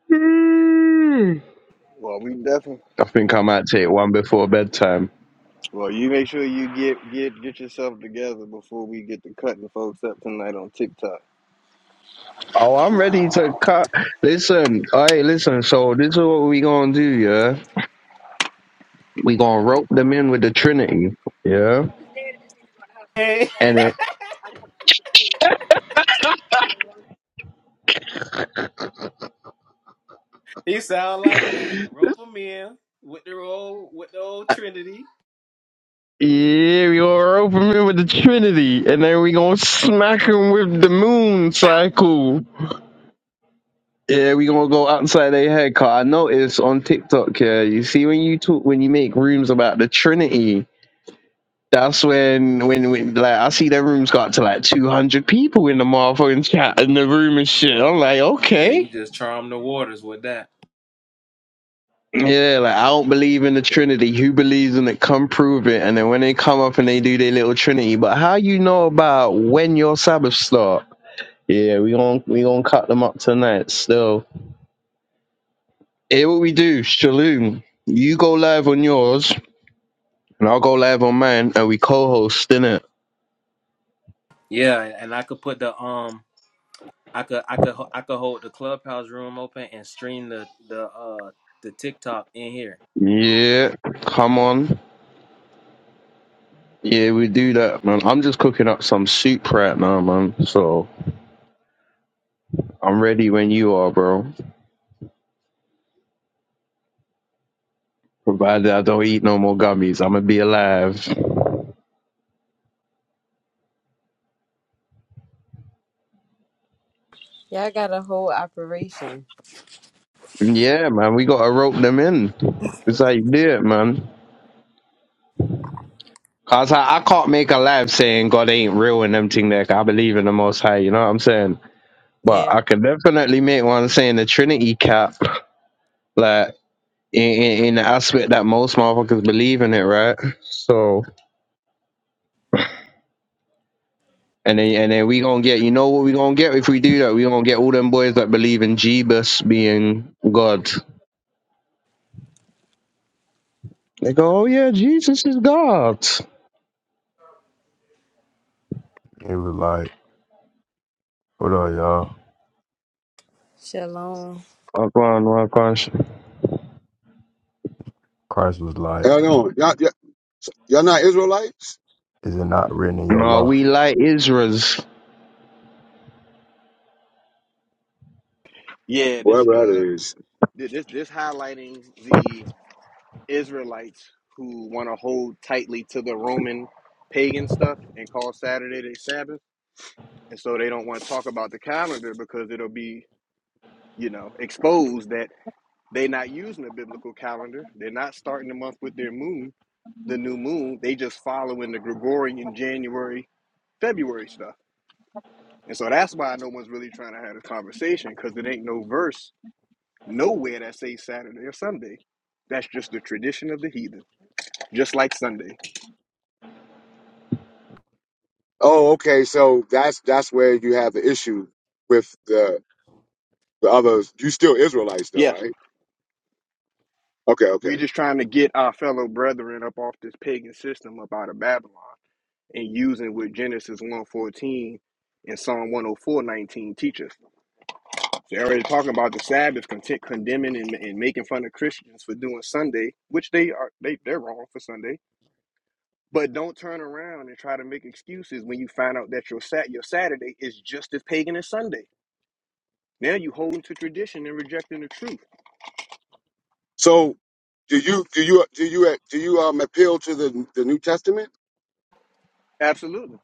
Speaker 7: Mm.
Speaker 1: Well, we definitely.
Speaker 7: I think I might take one before bedtime.
Speaker 1: Well, you make sure you get get get yourself together before we get to cutting folks up tonight on TikTok.
Speaker 7: Oh, I'm ready to cut. Listen, hey, listen. So this is what we gonna do, yeah? We gonna rope them in with the Trinity, yeah?
Speaker 5: Hey,
Speaker 7: And it,
Speaker 5: he sound like me. Rope him in with the old with the old Trinity.
Speaker 7: yeah, we gonna rope them in with the Trinity, and then we gonna smack them with the Moon
Speaker 5: Bow.
Speaker 7: Cycle. Yeah, we gonna go outside their head. Cause I noticed on TikTok, yeah, you see when you talk, when you make rooms about the Trinity, That's when, when, when, like, I see that room's got to like 200 people in the motherfucking chat in the room and shit. I'm like,
Speaker 5: Yeah, you
Speaker 7: okay.
Speaker 5: just charm the waters with that.
Speaker 7: Yeah, like, I don't believe in the Trinity. Who believes in it? Come prove it. And then when they come up and they do their little Trinity, but how you know about when your Sabbath start? Yeah, we gon' we gonna cut them up tonight. Still, here what we do, Shalom. You go live on yours, and I'll go live on mine, and we co-host in it.
Speaker 5: Yeah, and I could put the um, I could I could I could hold the clubhouse room open and stream the the uh the TikTok in here.
Speaker 7: Yeah, come on. Yeah, we do that, man. I'm just cooking up some soup right now, man. So I'm ready when you are, bro. Provided I don't eat no more gummies, I'm gonna be alive.
Speaker 6: Yeah, I got a whole operation.
Speaker 7: Yeah, man, we gotta rope them in. It's how you do it, man. Cause I, I can't make a life saying God ain't real and them thing there. 'cause I believe in the Most High, you know what I'm saying? But
Speaker 6: Yeah.
Speaker 7: I can definitely make one saying the Trinity cap, like in, in, in the aspect that most motherfuckers believe in it, right? So And then, and then we gonna get, you know what we gonna get if we do that? We gonna get all them boys that believe in Jeebus being God. They go, oh yeah, Jesus is God.
Speaker 8: It was like, what up, y'all?
Speaker 6: Shalom.
Speaker 7: Oh, go on, oh, go on.
Speaker 8: Christ was like,
Speaker 9: Hell no, Y'all, y'all y'all not Israelites?
Speaker 8: is it not written in your
Speaker 7: No,
Speaker 8: law?
Speaker 7: we like Israel's.
Speaker 1: Yeah, this
Speaker 9: Whatever
Speaker 1: uh
Speaker 9: that is.
Speaker 1: thi- this this highlighting the Israelites who want to hold tightly to the Roman pagan stuff and call Saturday their Sabbath, and so they don't want to talk about the calendar because it'll be you know exposed that They're not using a biblical calendar. They're not starting the month with their moon, the new moon. They just following the Gregorian January, February stuff. And so that's why no one's really trying to have a conversation because it ain't no verse nowhere that says Saturday or Sunday. That's just the tradition of the heathen, just like Sunday.
Speaker 9: Oh, okay. So that's that's where you have the issue with the the others. You still Israelites though,
Speaker 1: Yes,
Speaker 9: right? Okay, okay.
Speaker 1: we just trying to get our fellow brethren up off this pagan system up out of Babylon and using what Genesis 114 and Psalm 104:19 teaches. They're already talking about the Sabbath, content condemning and, and making fun of Christians for doing Sunday, which they are they they're wrong for Sunday. But don't turn around and try to make excuses when you find out that your sat your Saturday is just as pagan as Sunday. Now you holding to tradition and rejecting the truth.
Speaker 9: So do you do you do you do you um appeal to the the New Testament?
Speaker 1: Absolutely.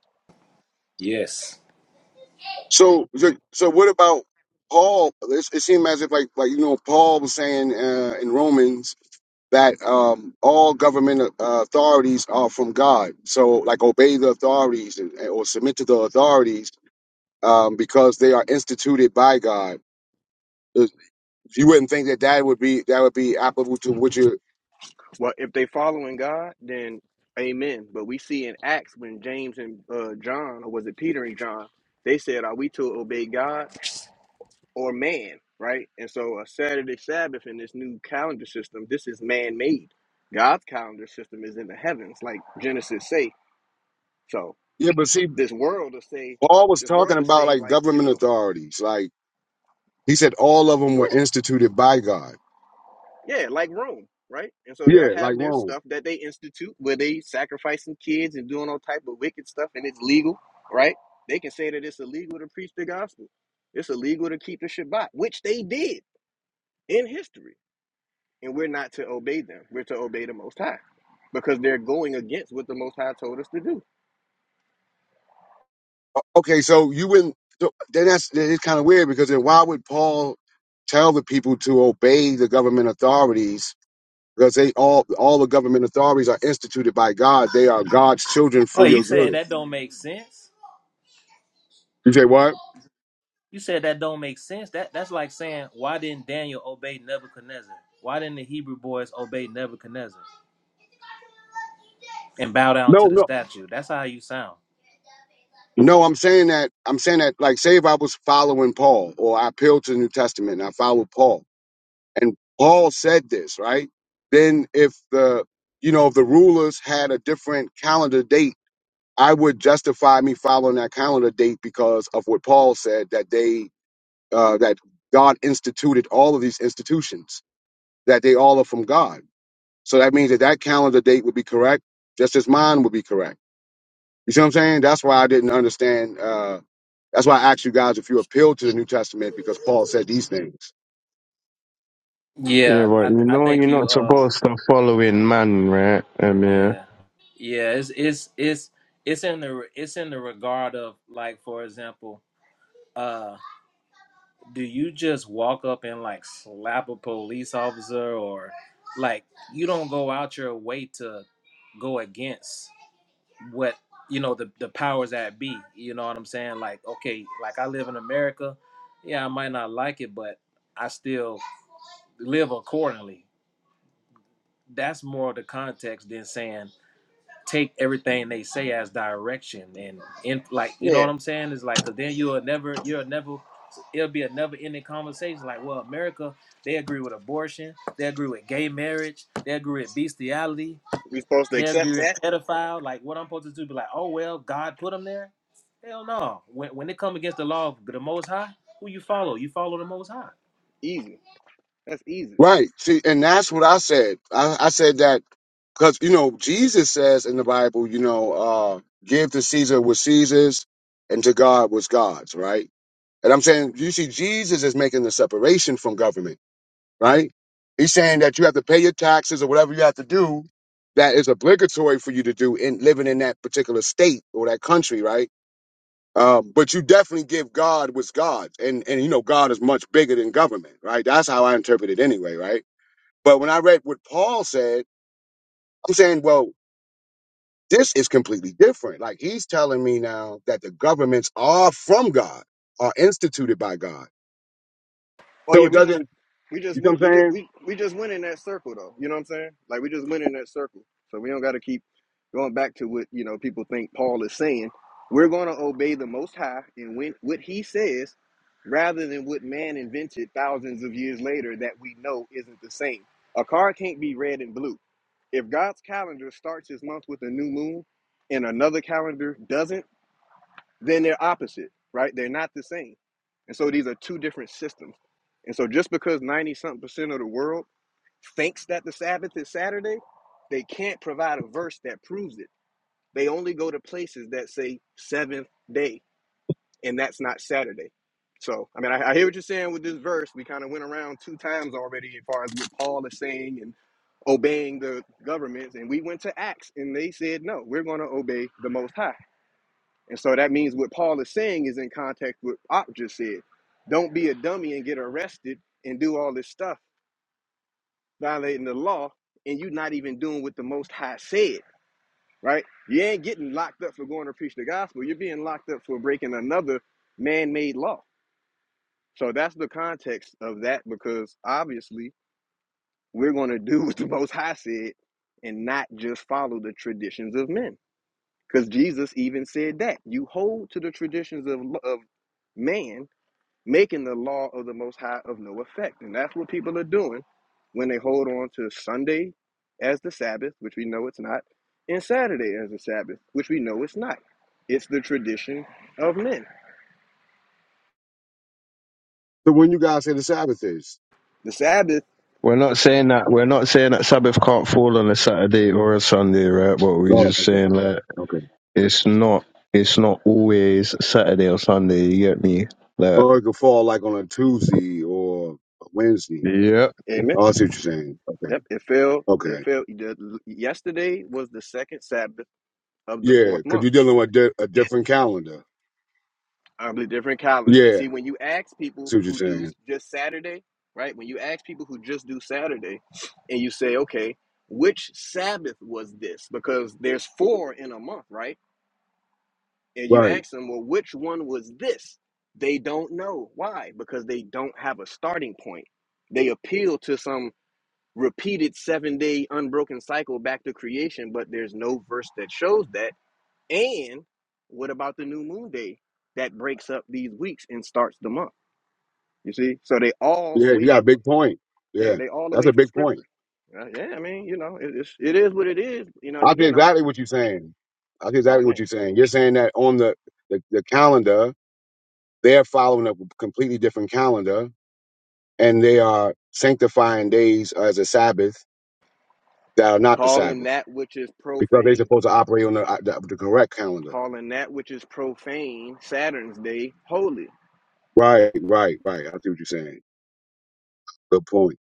Speaker 5: Yes.
Speaker 9: So so so what about Paul? It's, it seemed as if like like you know Paul was saying uh, in Romans that um all government uh, authorities are from God. So like obey the authorities and, or submit to the authorities um, because they are instituted by God. Uh, You wouldn't think that that would be that would be applicable to what you.
Speaker 1: Well, if they following God, then amen. But we see in Acts when James and uh, John, or was it Peter and John, they said, "Are we to obey God?" or man, right? And so a Saturday Sabbath in this new calendar system, this is man made. God's calendar system is in the heavens, like Genesis say. So
Speaker 9: Yeah, but see,
Speaker 1: this world will say,
Speaker 9: Paul was
Speaker 1: this
Speaker 9: talking
Speaker 1: world will
Speaker 9: about
Speaker 1: say,
Speaker 9: like
Speaker 1: like, you
Speaker 9: government
Speaker 1: know,
Speaker 9: authorities. Like he said, all of them were
Speaker 1: yeah,
Speaker 9: instituted by God.
Speaker 1: yeah, like Rome, right? And so they'll
Speaker 9: Yeah, like
Speaker 1: have their
Speaker 9: Rome.
Speaker 1: stuff that they institute where they sacrificing kids and doing all type of wicked stuff and it's legal, right? They can say that it's illegal to preach the gospel. It's illegal to keep the Shabbat, which they did in history and we're not to obey them. We're to obey the Most High because they're going against what the Most High told us to do.
Speaker 9: Okay, so you wouldn't. so Then that's then it's kind of weird because then why would Paul tell the people to obey the government authorities? Because they all all the government authorities are instituted by God. They are God's children
Speaker 5: Oh,
Speaker 9: for
Speaker 5: you
Speaker 9: your
Speaker 5: saying
Speaker 9: good.
Speaker 5: that don't make sense?
Speaker 9: You say what?
Speaker 5: You said that don't make sense. That that's like saying why didn't Daniel obey Nebuchadnezzar? Why didn't the Hebrew boys obey Nebuchadnezzar and bow down
Speaker 9: No,
Speaker 5: to the
Speaker 9: no.
Speaker 5: statue? That's how you sound.
Speaker 9: No, I'm saying that I'm saying that like say if I was following Paul or I appealed to the New Testament and I followed Paul and Paul said this, right? Then if the you know if the rulers had a different calendar date, I would justify me following that calendar date because of what Paul said that they uh that God instituted all of these institutions, that they all are from God. So that means that that calendar date would be correct, just as mine would be correct. You see what I'm saying? That's why I didn't understand. Uh, that's why I asked you guys if you appeal to the New Testament because Paul said these things.
Speaker 7: Yeah,
Speaker 5: Yeah,
Speaker 7: but
Speaker 5: I
Speaker 7: you
Speaker 5: I
Speaker 7: know
Speaker 5: think
Speaker 7: you're
Speaker 5: you
Speaker 7: not
Speaker 5: uh
Speaker 7: supposed to follow in man, right? Um, yeah.
Speaker 5: yeah. Yeah, it's it's it's it's in the it's in the regard of like for example, uh do you just walk up and like slap a police officer or like you don't go out your way to go against what you know the the powers that be. You know what I'm saying? Like okay, like I live in America. Yeah, I might not like it, but I still live accordingly. That's more of the context than saying take everything they say as direction and in like you know
Speaker 1: Yeah,
Speaker 5: what I'm saying is like because then you'll never you'll never it'll be a never ending conversation like well America they agree with abortion they agree with gay marriage they agree with bestiality
Speaker 1: we're supposed to
Speaker 5: they'll
Speaker 1: accept
Speaker 5: give
Speaker 1: that.
Speaker 5: a pedophile. Like what I'm supposed to do? Be like, oh well, God put them there. Hell no. When when they come against the law of the Most High, who you follow? You follow the Most High.
Speaker 1: Easy. That's easy.
Speaker 9: Right. See, and that's what I said. I, I said that because, you know, Jesus says in the Bible, you know, uh, give to Caesar what Caesar's and to God what's God's, right? And I'm saying, you see, Jesus is making the separation from government, right? He's saying that you have to pay your taxes or whatever you have to do that is obligatory for you to do in living in that particular state or that country, right? Um, but you definitely give God what's God's, and and you know God is much bigger than government, right? That's how I interpret it anyway, right? But when I read what Paul said, I'm saying, well, this is completely different. Like he's telling me now that the governments are from God, are instituted by God.
Speaker 1: Oh
Speaker 9: So
Speaker 1: yeah,
Speaker 9: it
Speaker 1: we just
Speaker 9: doesn't,
Speaker 1: we just
Speaker 9: you know
Speaker 1: we,
Speaker 9: what
Speaker 1: we
Speaker 9: I'm
Speaker 1: just
Speaker 9: saying?
Speaker 1: we, we just went in that circle though. You know what I'm saying? Like we just went in that circle. So we don't gotta keep going back to what, you know, people think Paul is saying. We're gonna obey the most high and when what he says rather than what man invented thousands of years later that we know isn't the same. A car can't be red and blue. If God's calendar starts his month with a new moon and another calendar doesn't then they're opposite, right? They're not the same. And so these are two different systems. And so just because 90 something percent of the world thinks that the Sabbath is Saturday, they can't provide a verse that proves it. They only go to places that say seventh day, and that's not Saturday. So, I mean, I, I hear what you're saying with this verse. We kind of went around two times already as far as what Paul is saying and obeying the governments. And we went to Acts, and they said, no, we're going to obey the Most High. And so that means what Paul is saying is in context with what Op just said. Don't be a dummy and get arrested and do all this stuff, violating the law, and you not even doing what the Most High said, right? You ain't getting locked up for going to preach the gospel. You're being locked up for breaking another man made law. So that's the context of that because obviously we're going to do what the Most High said and not just follow the traditions of men. Because Jesus even said that you hold to the traditions of, of man making the law of the Most High of no effect. And that's what people are doing when they hold on to Sunday as the Sabbath, which we know it's not, and Saturday as the Sabbath, which we know it's not. It's the tradition of men.
Speaker 9: So when you guys say the Sabbath is,
Speaker 1: The Sabbath,
Speaker 7: We're not saying that we're not saying that Sabbath can't fall on a Saturday or a Sunday, right? But we're
Speaker 9: oh,
Speaker 7: just
Speaker 9: okay.
Speaker 7: saying like
Speaker 9: Okay.
Speaker 7: it's not it's not always Saturday or Sunday, you get me? Like
Speaker 9: Or it could fall like on a Tuesday or a Wednesday.
Speaker 7: Yep.
Speaker 1: amen.
Speaker 9: Oh, I see what you're saying. Okay.
Speaker 1: Yep, it fell. It
Speaker 9: Okay.
Speaker 1: fell. Yesterday was the second Sabbath of the
Speaker 9: Yeah,
Speaker 1: fourth
Speaker 9: because
Speaker 1: month.
Speaker 9: you're dealing with di- a different calendar.
Speaker 1: um, a different calendar. And
Speaker 9: Yeah,
Speaker 1: see, when you ask
Speaker 9: I
Speaker 1: people
Speaker 9: see what you're
Speaker 1: who do
Speaker 9: saying.
Speaker 1: just Saturday, right? When you ask people who just do Saturday, and you say, okay, which Sabbath was this? Because there's four in a month, right? And you
Speaker 9: Right.
Speaker 1: ask them, well, which one was this? They don't know. Why? Because they don't have a starting point. They appeal to some repeated seven day unbroken cycle back to creation, but there's no verse that shows that and what about the new moon day that breaks up these weeks and starts the month? You see, so they all
Speaker 9: Yeah, you
Speaker 1: away
Speaker 9: got a
Speaker 1: from
Speaker 9: big point.
Speaker 1: yeah,
Speaker 9: Yeah,
Speaker 1: they all
Speaker 9: that's
Speaker 1: away
Speaker 9: a
Speaker 1: from
Speaker 9: big point.
Speaker 1: scripture. Uh, yeah, I mean, you know, it, it's it is what it is, you know. And
Speaker 9: I see
Speaker 1: again, I'm
Speaker 9: exactly what you're saying. I see
Speaker 1: my
Speaker 9: exactly what
Speaker 1: man
Speaker 9: you're saying. You're saying that on the, the, the calendar, they're following a completely different calendar and they are sanctifying days as a Sabbath that are not the
Speaker 1: calling
Speaker 9: Sabbath
Speaker 1: that which is
Speaker 9: because they're
Speaker 1: profane,
Speaker 9: supposed to operate on the, uh, the, the correct calendar.
Speaker 1: calling that which is profane Saturn's day holy.
Speaker 9: Right, right, right. I see what you're saying. Good point.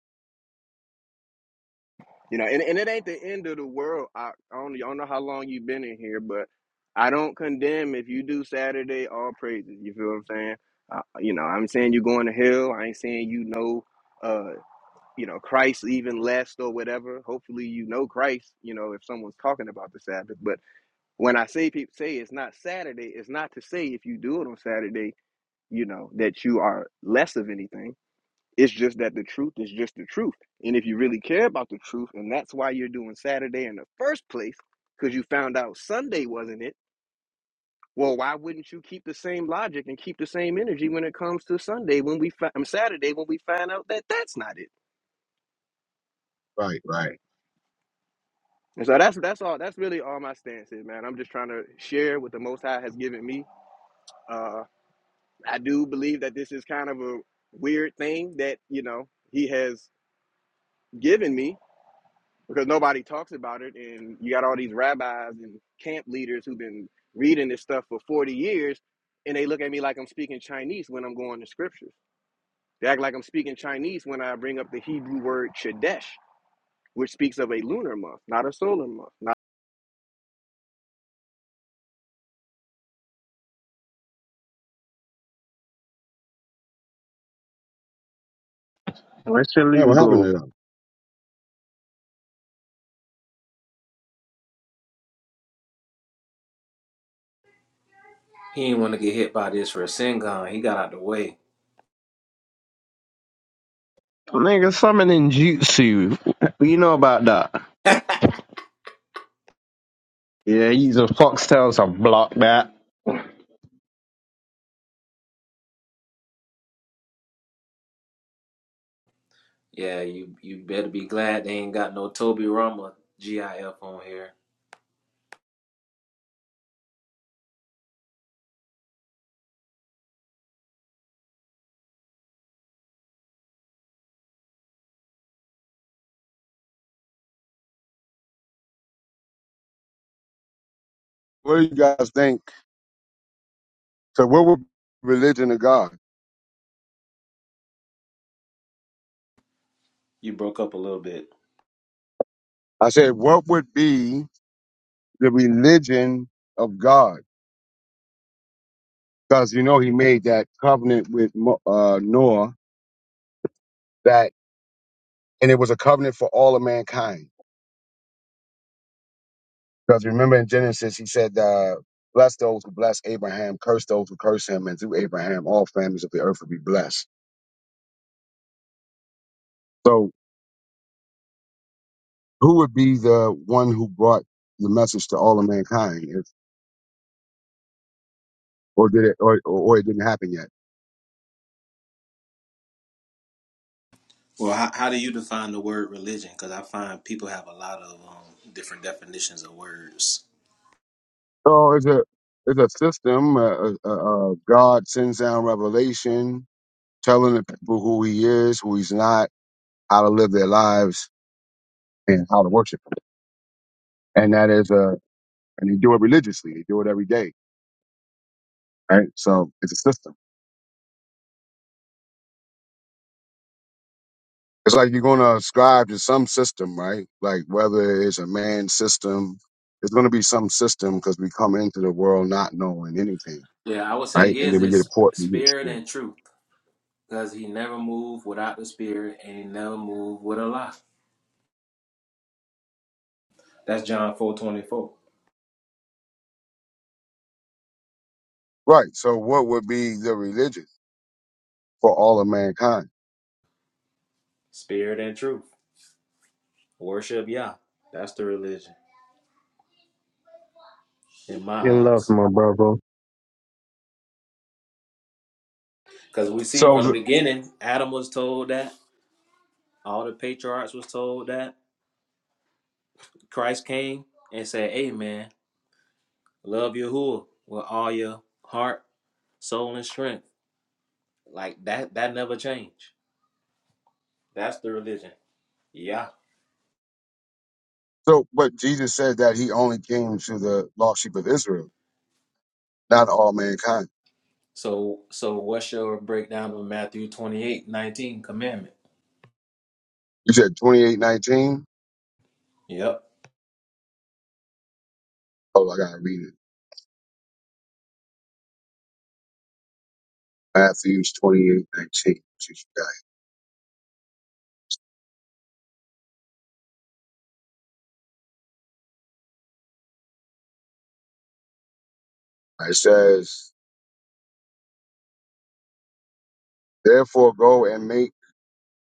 Speaker 1: You know, and, and it ain't the end of the world. I, I don't, I don't know how long you've been in here, but I don't condemn if you do Saturday all praises. You feel what I'm saying? Uh, you know, I'm saying you going to hell. I ain't saying you know, uh, you know Christ even less or whatever. Hopefully, you know Christ. You know, if someone's talking about the Sabbath, but when I say people say it's not Saturday, it's not to say if you do it on Saturday, you know, that you are less of anything it's just that the truth is just the truth. And if you really care about the truth, and that's why you're doing Saturday in the first place, because you found out Sunday wasn't it. Well, why wouldn't you keep the same logic and keep the same energy when it comes to Sunday when we fi- um, Saturday when we find out that that's not it?
Speaker 9: Right, right.
Speaker 1: And so that's that's all. That's really all my stance is, man. I'm just trying to share what the Most High has given me. Uh, I do believe that this is kind of a weird thing that you know He has given me, because nobody talks about it and you got all these rabbis and camp leaders who've been reading this stuff for 40 years and they look at me like i'm speaking chinese when i'm going to scriptures they act like i'm speaking chinese when i bring up the hebrew word Chodesh, which speaks of a lunar month not a solar month not
Speaker 7: Where shall
Speaker 9: Man,
Speaker 7: you
Speaker 9: what happened
Speaker 7: go?
Speaker 9: to them?
Speaker 5: He didn't want to get hit by this for a sin gun. He got out the way.
Speaker 7: Nigga, summoning jutsu. You know about that. Yeah, using foxtails to block that.
Speaker 5: Yeah, you you better be glad they ain't got no Toby Rama GIF on here.
Speaker 9: What do you guys think? So, what would religion of God?
Speaker 5: You broke up a little bit.
Speaker 9: I said, what would be the religion of God? Because you know He made that covenant with Mo- uh, Noah, that, and it was a covenant for all of mankind. Because remember in Genesis, He said, uh, "Bless those who bless Abraham, curse those who curse him, and through Abraham all families of the earth will be blessed." So who would be the one who brought the message to all of mankind if or did it or or, or it didn't happen yet
Speaker 5: Well, how, how do you define the word religion? Because I find people have a lot of um, different definitions of words.
Speaker 9: so it's a it's a system uh, uh, uh, god sends down revelation telling the people who he is who he's not how to live their lives and how to worship him and that is a and they do it religiously they do it every day right so it's a system It's like you're going to ascribe to some system, right? Like whether it's a man system, it's going to be some system because we come into the world not knowing anything,
Speaker 5: Yeah, I would say
Speaker 9: right? And
Speaker 5: his
Speaker 9: then we get a
Speaker 5: is
Speaker 9: port. We get,
Speaker 5: spirit
Speaker 9: yeah.
Speaker 5: and truth. Because he never moved without the spirit and he never moved with a lie. That's John four twenty four.
Speaker 9: Right. So what would be the religion for all of mankind?
Speaker 5: Spirit and truth. Worship Yah. That's the religion in my
Speaker 7: You love
Speaker 5: eyes.
Speaker 7: my brother.
Speaker 5: Because we see
Speaker 9: So,
Speaker 5: from the
Speaker 9: the-
Speaker 5: beginning, Adam was told that, all the patriarchs was told that. Christ came and said, Hey man, love Yahuwah with all your heart, soul, and strength. Like that that never changed. That's the religion. Yeah.
Speaker 9: so, but Jesus said that he only came to the lost sheep of Israel, not all mankind.
Speaker 5: So so what's your breakdown of Matthew twenty eight, nineteen commandment?
Speaker 9: You said 2819?
Speaker 5: Yep.
Speaker 9: Oh, I got to read it. Matthew 2819. It says, therefore go and make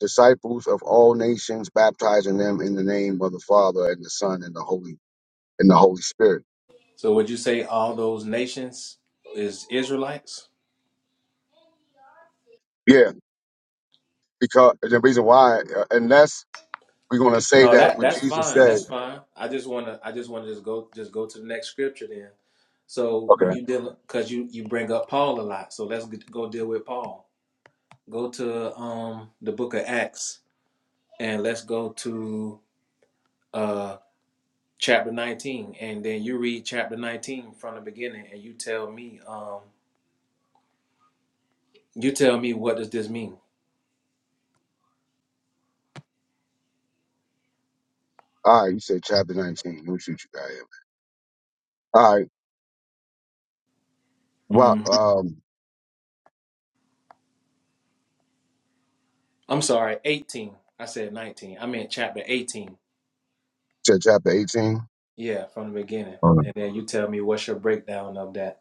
Speaker 9: disciples of all nations, baptizing them in the name of the Father and the Son and the Holy and the Holy Spirit.
Speaker 5: So would you say all those nations is Israelites?
Speaker 9: Yeah, because the reason why, uh, unless we're going to say
Speaker 5: No,
Speaker 9: that
Speaker 5: that
Speaker 9: what
Speaker 5: that's
Speaker 9: Jesus
Speaker 5: fine.
Speaker 9: said.
Speaker 5: That's fine. I just wanna I just wanna just go just go to the next scripture then. So when
Speaker 9: Okay.
Speaker 5: you deal because you you bring up Paul a lot, so let's get, go deal with Paul. Go to um the book of Acts and let's go to uh chapter 19 and then you read chapter 19 from the beginning and you tell me um you tell me what does this mean?
Speaker 9: All right, you said chapter 19. Let me shoot you guys. All right. Well, um,
Speaker 5: I'm sorry, 18. I said 19. I meant chapter 18.
Speaker 9: said chapter 18.
Speaker 5: Yeah, from the beginning.
Speaker 9: All right.
Speaker 5: And then you tell me what's your breakdown of that.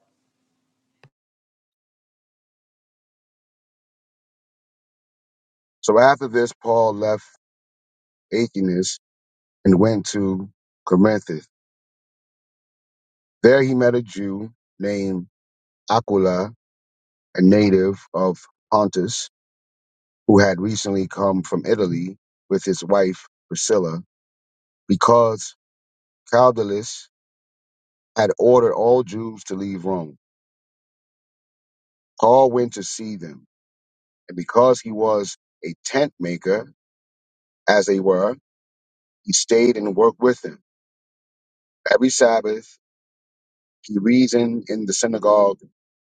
Speaker 9: So after this, Paul left Achenes and went to Corinth. There he met a Jew named Aquila, a native of Pontus who had recently come from Italy with his wife Priscilla, because Caldalus had ordered all Jews to leave Rome. Paul went to see them, and because he was a tent maker, as they were, he stayed and worked with them. Every Sabbath, he reasoned in the synagogue,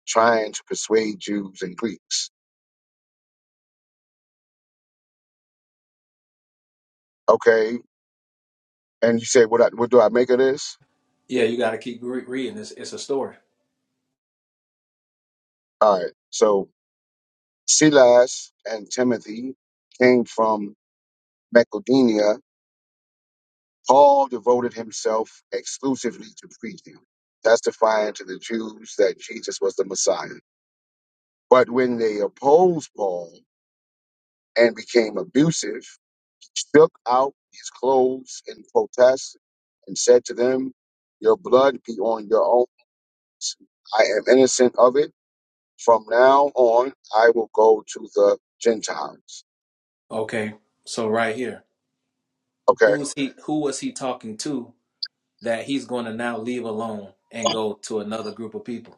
Speaker 9: trying to persuade Jews and Greeks. Okay, and you say, what, I, what do I make of this?
Speaker 5: Yeah, you got to keep re- reading. It's, it's a story.
Speaker 9: All right, so Silas and Timothy came from Macedonia Paul devoted himself exclusively to preaching, testifying to the Jews that Jesus was the Messiah. But when they opposed Paul and became abusive, he shook out his clothes in protest and said to them, Your blood be on your own. I am innocent of it. From now on, I will go to the Gentiles.
Speaker 5: Okay, so right here,
Speaker 9: Okay.
Speaker 5: who's he? Who was he talking to that he's going to now leave alone and go to another group of people?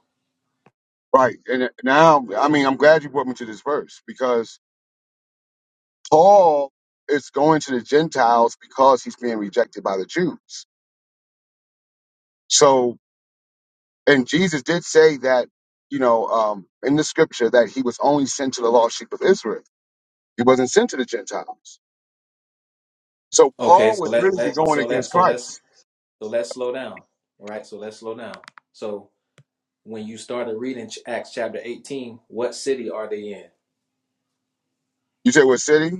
Speaker 9: Right. And now, I mean, I'm glad you brought me to this verse because Paul is going to the Gentiles because he's being rejected by the Jews. So, and Jesus did say that, you know, um, in the scripture that he was only sent to the lost sheep of Israel. He wasn't sent to the Gentiles. So
Speaker 5: Okay,
Speaker 9: Paul
Speaker 5: so
Speaker 9: would
Speaker 5: let
Speaker 9: really be
Speaker 5: let
Speaker 9: going
Speaker 5: so let
Speaker 9: against
Speaker 5: so let's
Speaker 9: Christ.
Speaker 5: so let's slow down. All right, so let's slow down. So when you started reading Acts chapter 18, what city are they in?
Speaker 9: You say what city?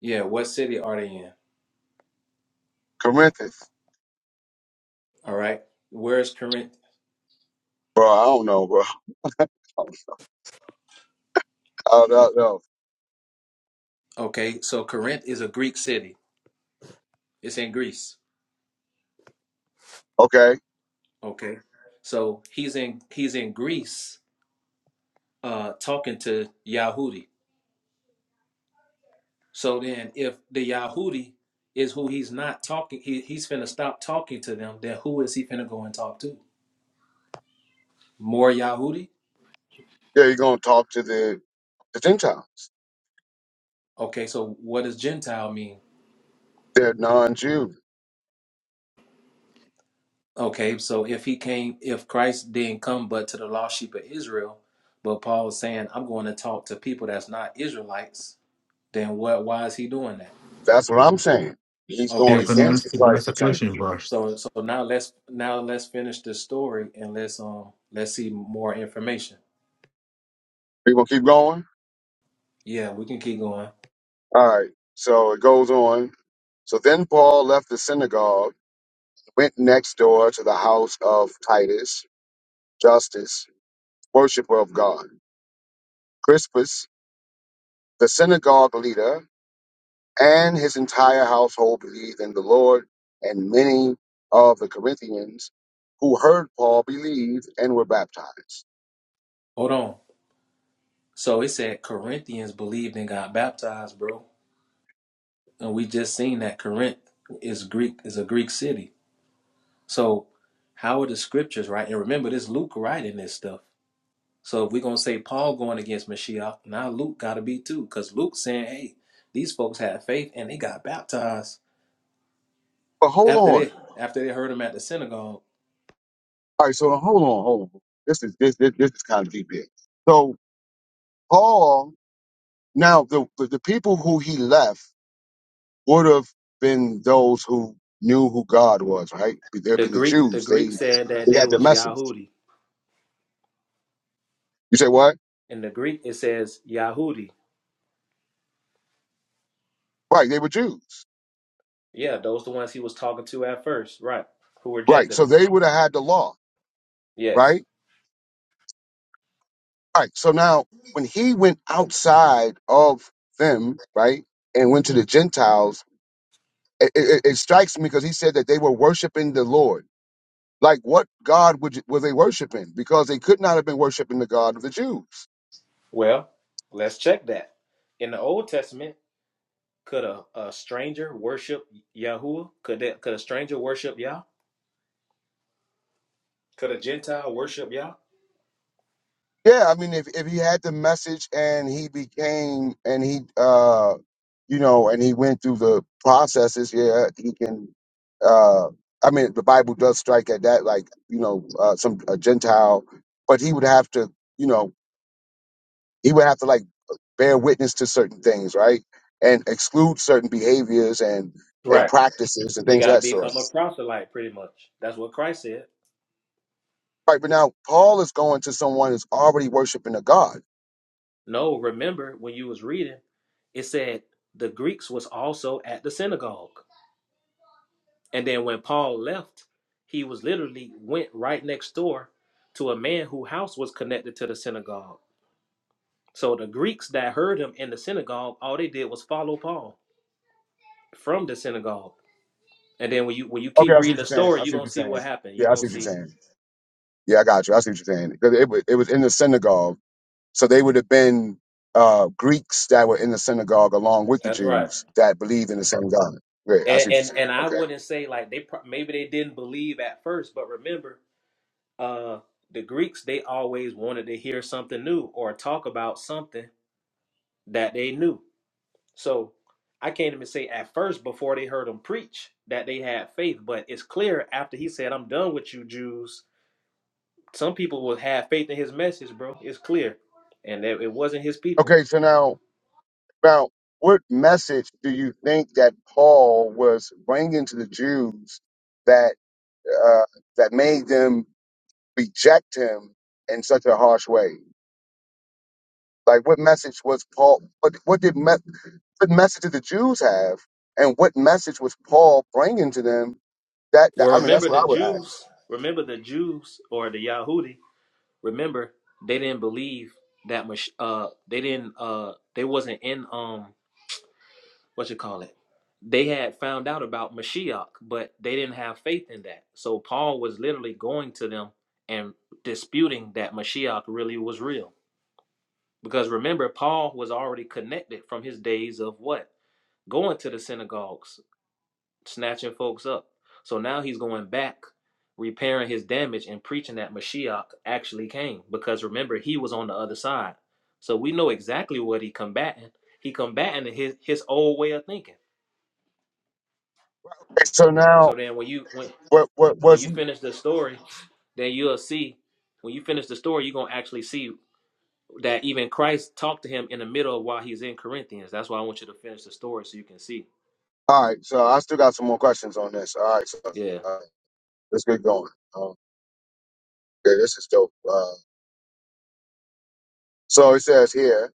Speaker 5: Yeah, what city are they in?
Speaker 9: Corinth.
Speaker 5: All right. Where is Corinth?
Speaker 9: Bro, I don't know, bro. I don't I don't know.
Speaker 5: Okay. So Corinth is a Greek city. It's in Greece.
Speaker 9: Okay.
Speaker 5: Okay. So he's in he's in Greece uh talking to Yahudi. So then if the Yahudi is who he's not talking, he, he's finna stop talking to them, then who is he finna go and talk to? More Yahudi?
Speaker 9: Yeah, you're going to talk to the, the Gentiles.
Speaker 5: Okay, so what does Gentile mean?
Speaker 9: They're non Jew.
Speaker 5: Okay, so if he came, if Christ didn't come but to the lost sheep of Israel, but Paul's saying, I'm going to talk to people that's not Israelites then what why is he doing that
Speaker 9: That's what I'm saying. He's going
Speaker 10: You
Speaker 5: okay
Speaker 10: let me
Speaker 5: so
Speaker 9: against
Speaker 10: ask
Speaker 9: the
Speaker 10: you
Speaker 9: Christ
Speaker 10: guys a
Speaker 9: the same.
Speaker 10: question,
Speaker 5: so so now let's now let's finish this story and let's um let's see more information
Speaker 9: We going to keep going?
Speaker 5: yeah we can keep going
Speaker 9: All right. So it goes on. So then Paul left the synagogue, went next door to the house of Titus, Justus, worshiper of God. Crispus, the synagogue leader, and his entire household believed in the Lord, and many of the Corinthians who heard Paul believed and were baptized.
Speaker 5: hold on so it said corinthians believed and got baptized bro and we just seen that corinth is greek is a greek city so how are the scriptures right and remember this luke writing this stuff so if we're gonna say paul going against mashiach now luke gotta be too because luke's saying hey these folks had faith and they got baptized
Speaker 9: But hold
Speaker 5: after
Speaker 9: on.
Speaker 5: they after they heard him at the synagogue.
Speaker 9: All right. So hold on, hold on. This is this this, this is kind of deep here. So Paul. Now the the the people who he left. would have been those who knew who God was, right? There have
Speaker 5: The
Speaker 9: been the
Speaker 5: Greek the
Speaker 9: Jews.
Speaker 5: Greek
Speaker 9: They
Speaker 5: said that
Speaker 9: they
Speaker 5: they
Speaker 9: had the
Speaker 5: was
Speaker 9: message.
Speaker 5: Yahudi.
Speaker 9: You say what?
Speaker 5: In the Greek it says Yahudi.
Speaker 9: Right, they were Jews.
Speaker 5: Yeah, those the ones he was talking to at first, right? Who
Speaker 9: Right.
Speaker 5: rejected him.
Speaker 9: So they would have had the law,
Speaker 5: Yes.
Speaker 9: right? Right. So now when he went outside of them, right, and went to the Gentiles, it, it, it strikes me because he said that they were worshiping the Lord. Like what God would, were they worshiping? Because they could not have been worshiping the God of the Jews.
Speaker 5: Well, let's check that. In the Old Testament, could a, a stranger worship Yahuwah? Could that could a stranger worship Yah? Could a Gentile worship Yah?
Speaker 9: Yeah, I mean, if if he had the message and he became and he, uh, you know, and he went through the processes, yeah, he can. Uh, I mean, the Bible does strike at that, like you know, uh, some a Gentile, but he would have to, you know, he would have to like bear witness to certain things, right, and exclude certain behaviors and and
Speaker 5: Right.
Speaker 9: practices and
Speaker 5: He
Speaker 9: things of
Speaker 5: gotta
Speaker 9: that sort.
Speaker 5: become a proselyte pretty much. That's what Christ said.
Speaker 9: Right, but now Paul is going to someone who's already worshiping a god.
Speaker 5: No, remember when you was reading, it said the Greeks was also at the synagogue. And then when Paul left, he was literally went right next door to a man whose house was connected to the synagogue. So the Greeks that heard him in the synagogue, all they did was follow Paul from the synagogue. And then when you when you
Speaker 9: Okay,
Speaker 5: keep
Speaker 9: I see
Speaker 5: reading
Speaker 9: what you're
Speaker 5: the
Speaker 9: saying.
Speaker 5: story,
Speaker 9: I
Speaker 5: you're
Speaker 9: see what
Speaker 5: gonna
Speaker 9: you're
Speaker 5: see
Speaker 9: saying.
Speaker 5: what happened. You're
Speaker 9: Yeah, I
Speaker 5: gonna
Speaker 9: see what you're
Speaker 5: see.
Speaker 9: saying. Yeah, I got you. I see what you're saying. 'Cause It, wa- it was in the synagogue. So they would have been uh, Greeks that were in the synagogue along with the
Speaker 5: That's right.
Speaker 9: Jews that believed in the same God. Great. I
Speaker 5: And
Speaker 9: see what you're
Speaker 5: and,
Speaker 9: saying.
Speaker 5: and I
Speaker 9: Okay.
Speaker 5: wouldn't say like they pro- maybe they didn't believe at first, but remember uh the Greeks they always wanted to hear something new or talk about something that they knew. So I can't even say at first before they heard him preach that they had faith, but it's clear after he said, I'm done with you Jews, some people will have faith in his message, bro. It's clear. And that it wasn't his people.
Speaker 9: Okay. So now, now, what message do you think that Paul was bringing to the Jews that uh, that made them reject him in such a harsh way? Like, what message was Paul? What, what did me- what message did the Jews have, and what message was Paul bringing to them That, that I
Speaker 5: Well
Speaker 9: mean, that's
Speaker 5: remember
Speaker 9: what
Speaker 5: the
Speaker 9: I would ask.
Speaker 5: Jews, remember the Jews or the Yahudi, remember they didn't believe that Mash- uh they didn't uh they wasn't in um what you call it? They had found out about Mashiach, but they didn't have faith in that. So Paul was literally going to them and disputing that Mashiach really was real. Because remember, Paul was already connected from his days of what? Going to the synagogues, snatching folks up. So now he's going back, repairing his damage and preaching that Mashiach actually came. Because remember, he was on the other side. So we know exactly what he combating. He combating his, his old way of thinking.
Speaker 9: So
Speaker 5: So
Speaker 9: now,
Speaker 5: then when you when
Speaker 9: what what
Speaker 5: when you
Speaker 9: was?
Speaker 5: finish the story, then you'll see when you finish the story, you're gonna actually see that even Christ talked to him in the middle of while he's in Corinthians. That's why I want you to finish the story so you can see.
Speaker 9: All right. So I still got some more questions on this. All right. So
Speaker 5: Yeah.
Speaker 9: uh, let's get going. Um, yeah, this is dope. Uh, so it says here.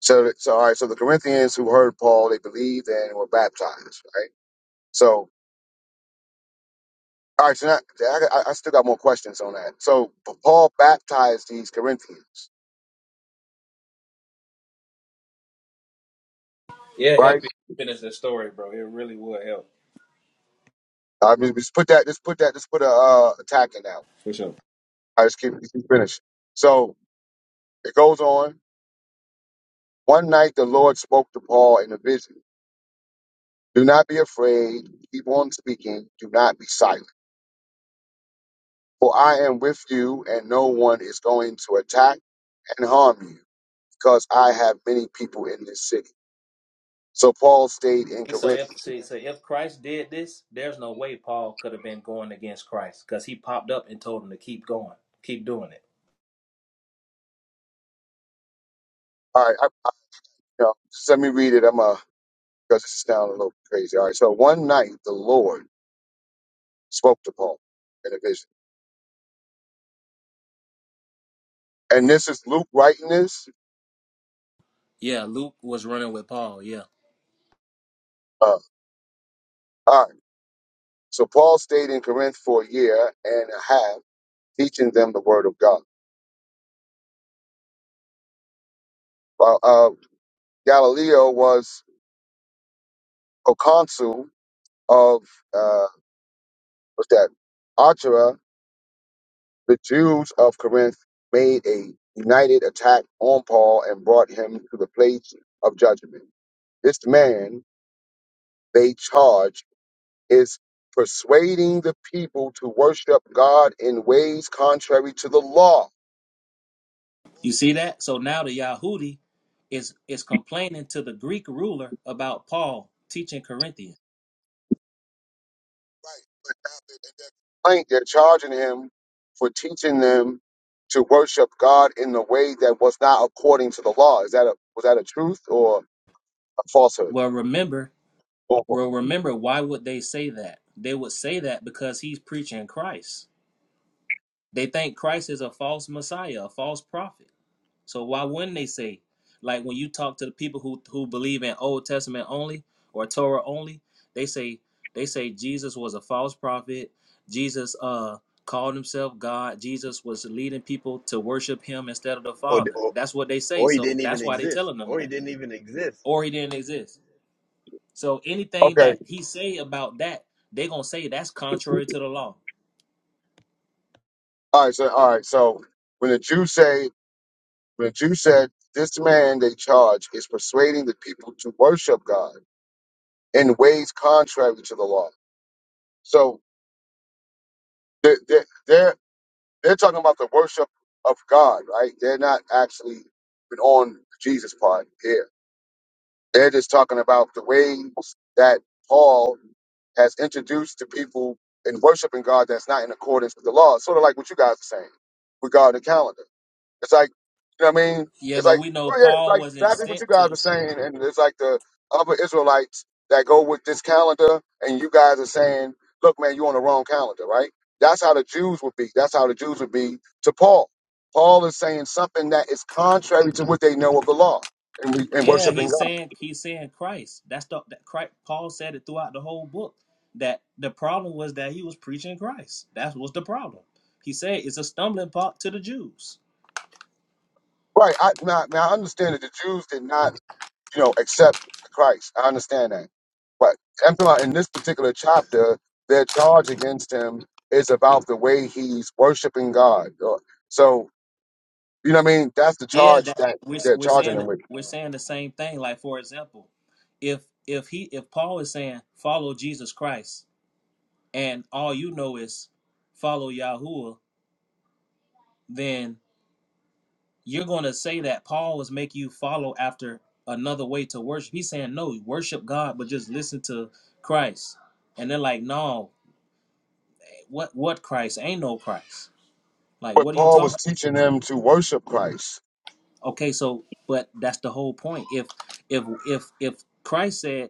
Speaker 9: So that- so all right. So the Corinthians who heard Paul, they believed and were baptized. Right. So all right. So now, yeah, I, I I still got more questions on that. So Paul baptized these Corinthians.
Speaker 5: Yeah, help
Speaker 9: Right.
Speaker 5: you finish the story, bro. It really would help.
Speaker 9: I mean, just put that. Just put that. Just put a uh, attack in that.
Speaker 5: For sure.
Speaker 9: I just keep, keep finishing. So it goes on. One night the Lord spoke to Paul in a vision. Do not be afraid. Keep on speaking. Do not be silent. For I am with you, and no one is going to attack and harm you, because I have many people in this city. So Paul stayed in
Speaker 5: So
Speaker 9: Corinth.
Speaker 5: if see, so if Christ did this, there's no way Paul could have been going against Christ because he popped up and told him to keep going, keep doing it.
Speaker 9: All right, I, you know, just let me read it. I'm uh, because it's sound a little crazy. All right, so one night the Lord spoke to Paul in a vision, and this is Luke writing this.
Speaker 5: Yeah, Luke was running with Paul. Yeah.
Speaker 9: Uh, all right, so Paul stayed in Corinth for a year and a half, teaching them the word of God. Uh, uh, Galileo was proconsul of uh, what's that? Archera. The Jews of Corinth made a united attack on Paul and brought him to the place of judgment. This man, they charge, is persuading the people to worship God in ways contrary to the law
Speaker 5: You see that? So now the Yahudi is is complaining to the Greek ruler about Paul teaching Corinthians.
Speaker 9: Right. they're charging him for teaching them to worship God in a way that was not according to the law. Is that a was that a truth or a falsehood?
Speaker 5: Well, remember, well, remember, why would they say that? They would say that because he's preaching Christ. They think Christ is a false Messiah, a false prophet. So why wouldn't they say, like when you talk to the people who who believe in Old Testament only or Torah only, they say they say Jesus was a false prophet. Jesus uh called himself God. Jesus was leading people to worship him instead of the
Speaker 1: Or,
Speaker 5: Father.
Speaker 1: or,
Speaker 5: That's what they say.
Speaker 1: or he
Speaker 5: So
Speaker 1: didn't even
Speaker 5: that's why they
Speaker 1: exist.
Speaker 5: telling them
Speaker 1: Or he
Speaker 5: that.
Speaker 1: didn't even exist.
Speaker 5: Or he didn't exist. So anything
Speaker 9: Okay.
Speaker 5: that he say about that, they gonna say that's contrary to the law.
Speaker 9: All right. So all right. So when the Jews say when the Jews said this man they charge is persuading the people to worship God in ways contrary to the law. So they're they're they're, they're talking about the worship of God, right? They're not actually on Jesus' part here They're just talking about the ways that Paul has introduced to people in worshiping God that's not in accordance with the law. It's sort of like what you guys are saying regarding the calendar. It's like, you know what I mean?
Speaker 5: Yeah,
Speaker 9: It's
Speaker 5: but
Speaker 9: like,
Speaker 5: we know
Speaker 9: well, yeah, it's
Speaker 5: Paul
Speaker 9: like
Speaker 5: wasn't
Speaker 9: exactly what you
Speaker 5: sent
Speaker 9: guys are
Speaker 5: to
Speaker 9: saying. And it's like the other Israelites that go with this calendar, and you guys are saying, look, man, you're on the wrong calendar, right? That's how the Jews would be. That's how the Jews would be to Paul. Paul is saying something that is contrary to what they know of the law and, we, and
Speaker 5: Yeah,
Speaker 9: worshiping
Speaker 5: he's
Speaker 9: God.
Speaker 5: saying he's saying Christ. That's the that Christ, Paul said it throughout the whole book that the problem was that he was preaching Christ. That was the problem. He said it's a stumbling block to the Jews.
Speaker 9: Right. I now, now I understand that the Jews did not, you know, accept Christ. I understand that. But I'm talking about in this particular chapter, their charge against him is about the way he's worshiping God. Or- So, you know what I mean? That's the
Speaker 5: Yeah,
Speaker 9: charge
Speaker 5: that
Speaker 9: that
Speaker 5: we're
Speaker 9: they're
Speaker 5: we're
Speaker 9: charging
Speaker 5: saying
Speaker 9: him
Speaker 5: that
Speaker 9: with.
Speaker 5: we're saying the same thing. Like for example, if if he if Paul is saying follow Jesus Christ and all you know is follow Yahuwah, then you're going to say that Paul was making you follow after another way to worship. He's saying no, worship God, but just listen to Christ. And they're like, no, what what Christ? Ain't no Christ. Like,
Speaker 9: But
Speaker 5: what are you
Speaker 9: Paul was
Speaker 5: talking?
Speaker 9: teaching them to worship Christ.
Speaker 5: Okay, so but that's the whole point. If if if if Christ said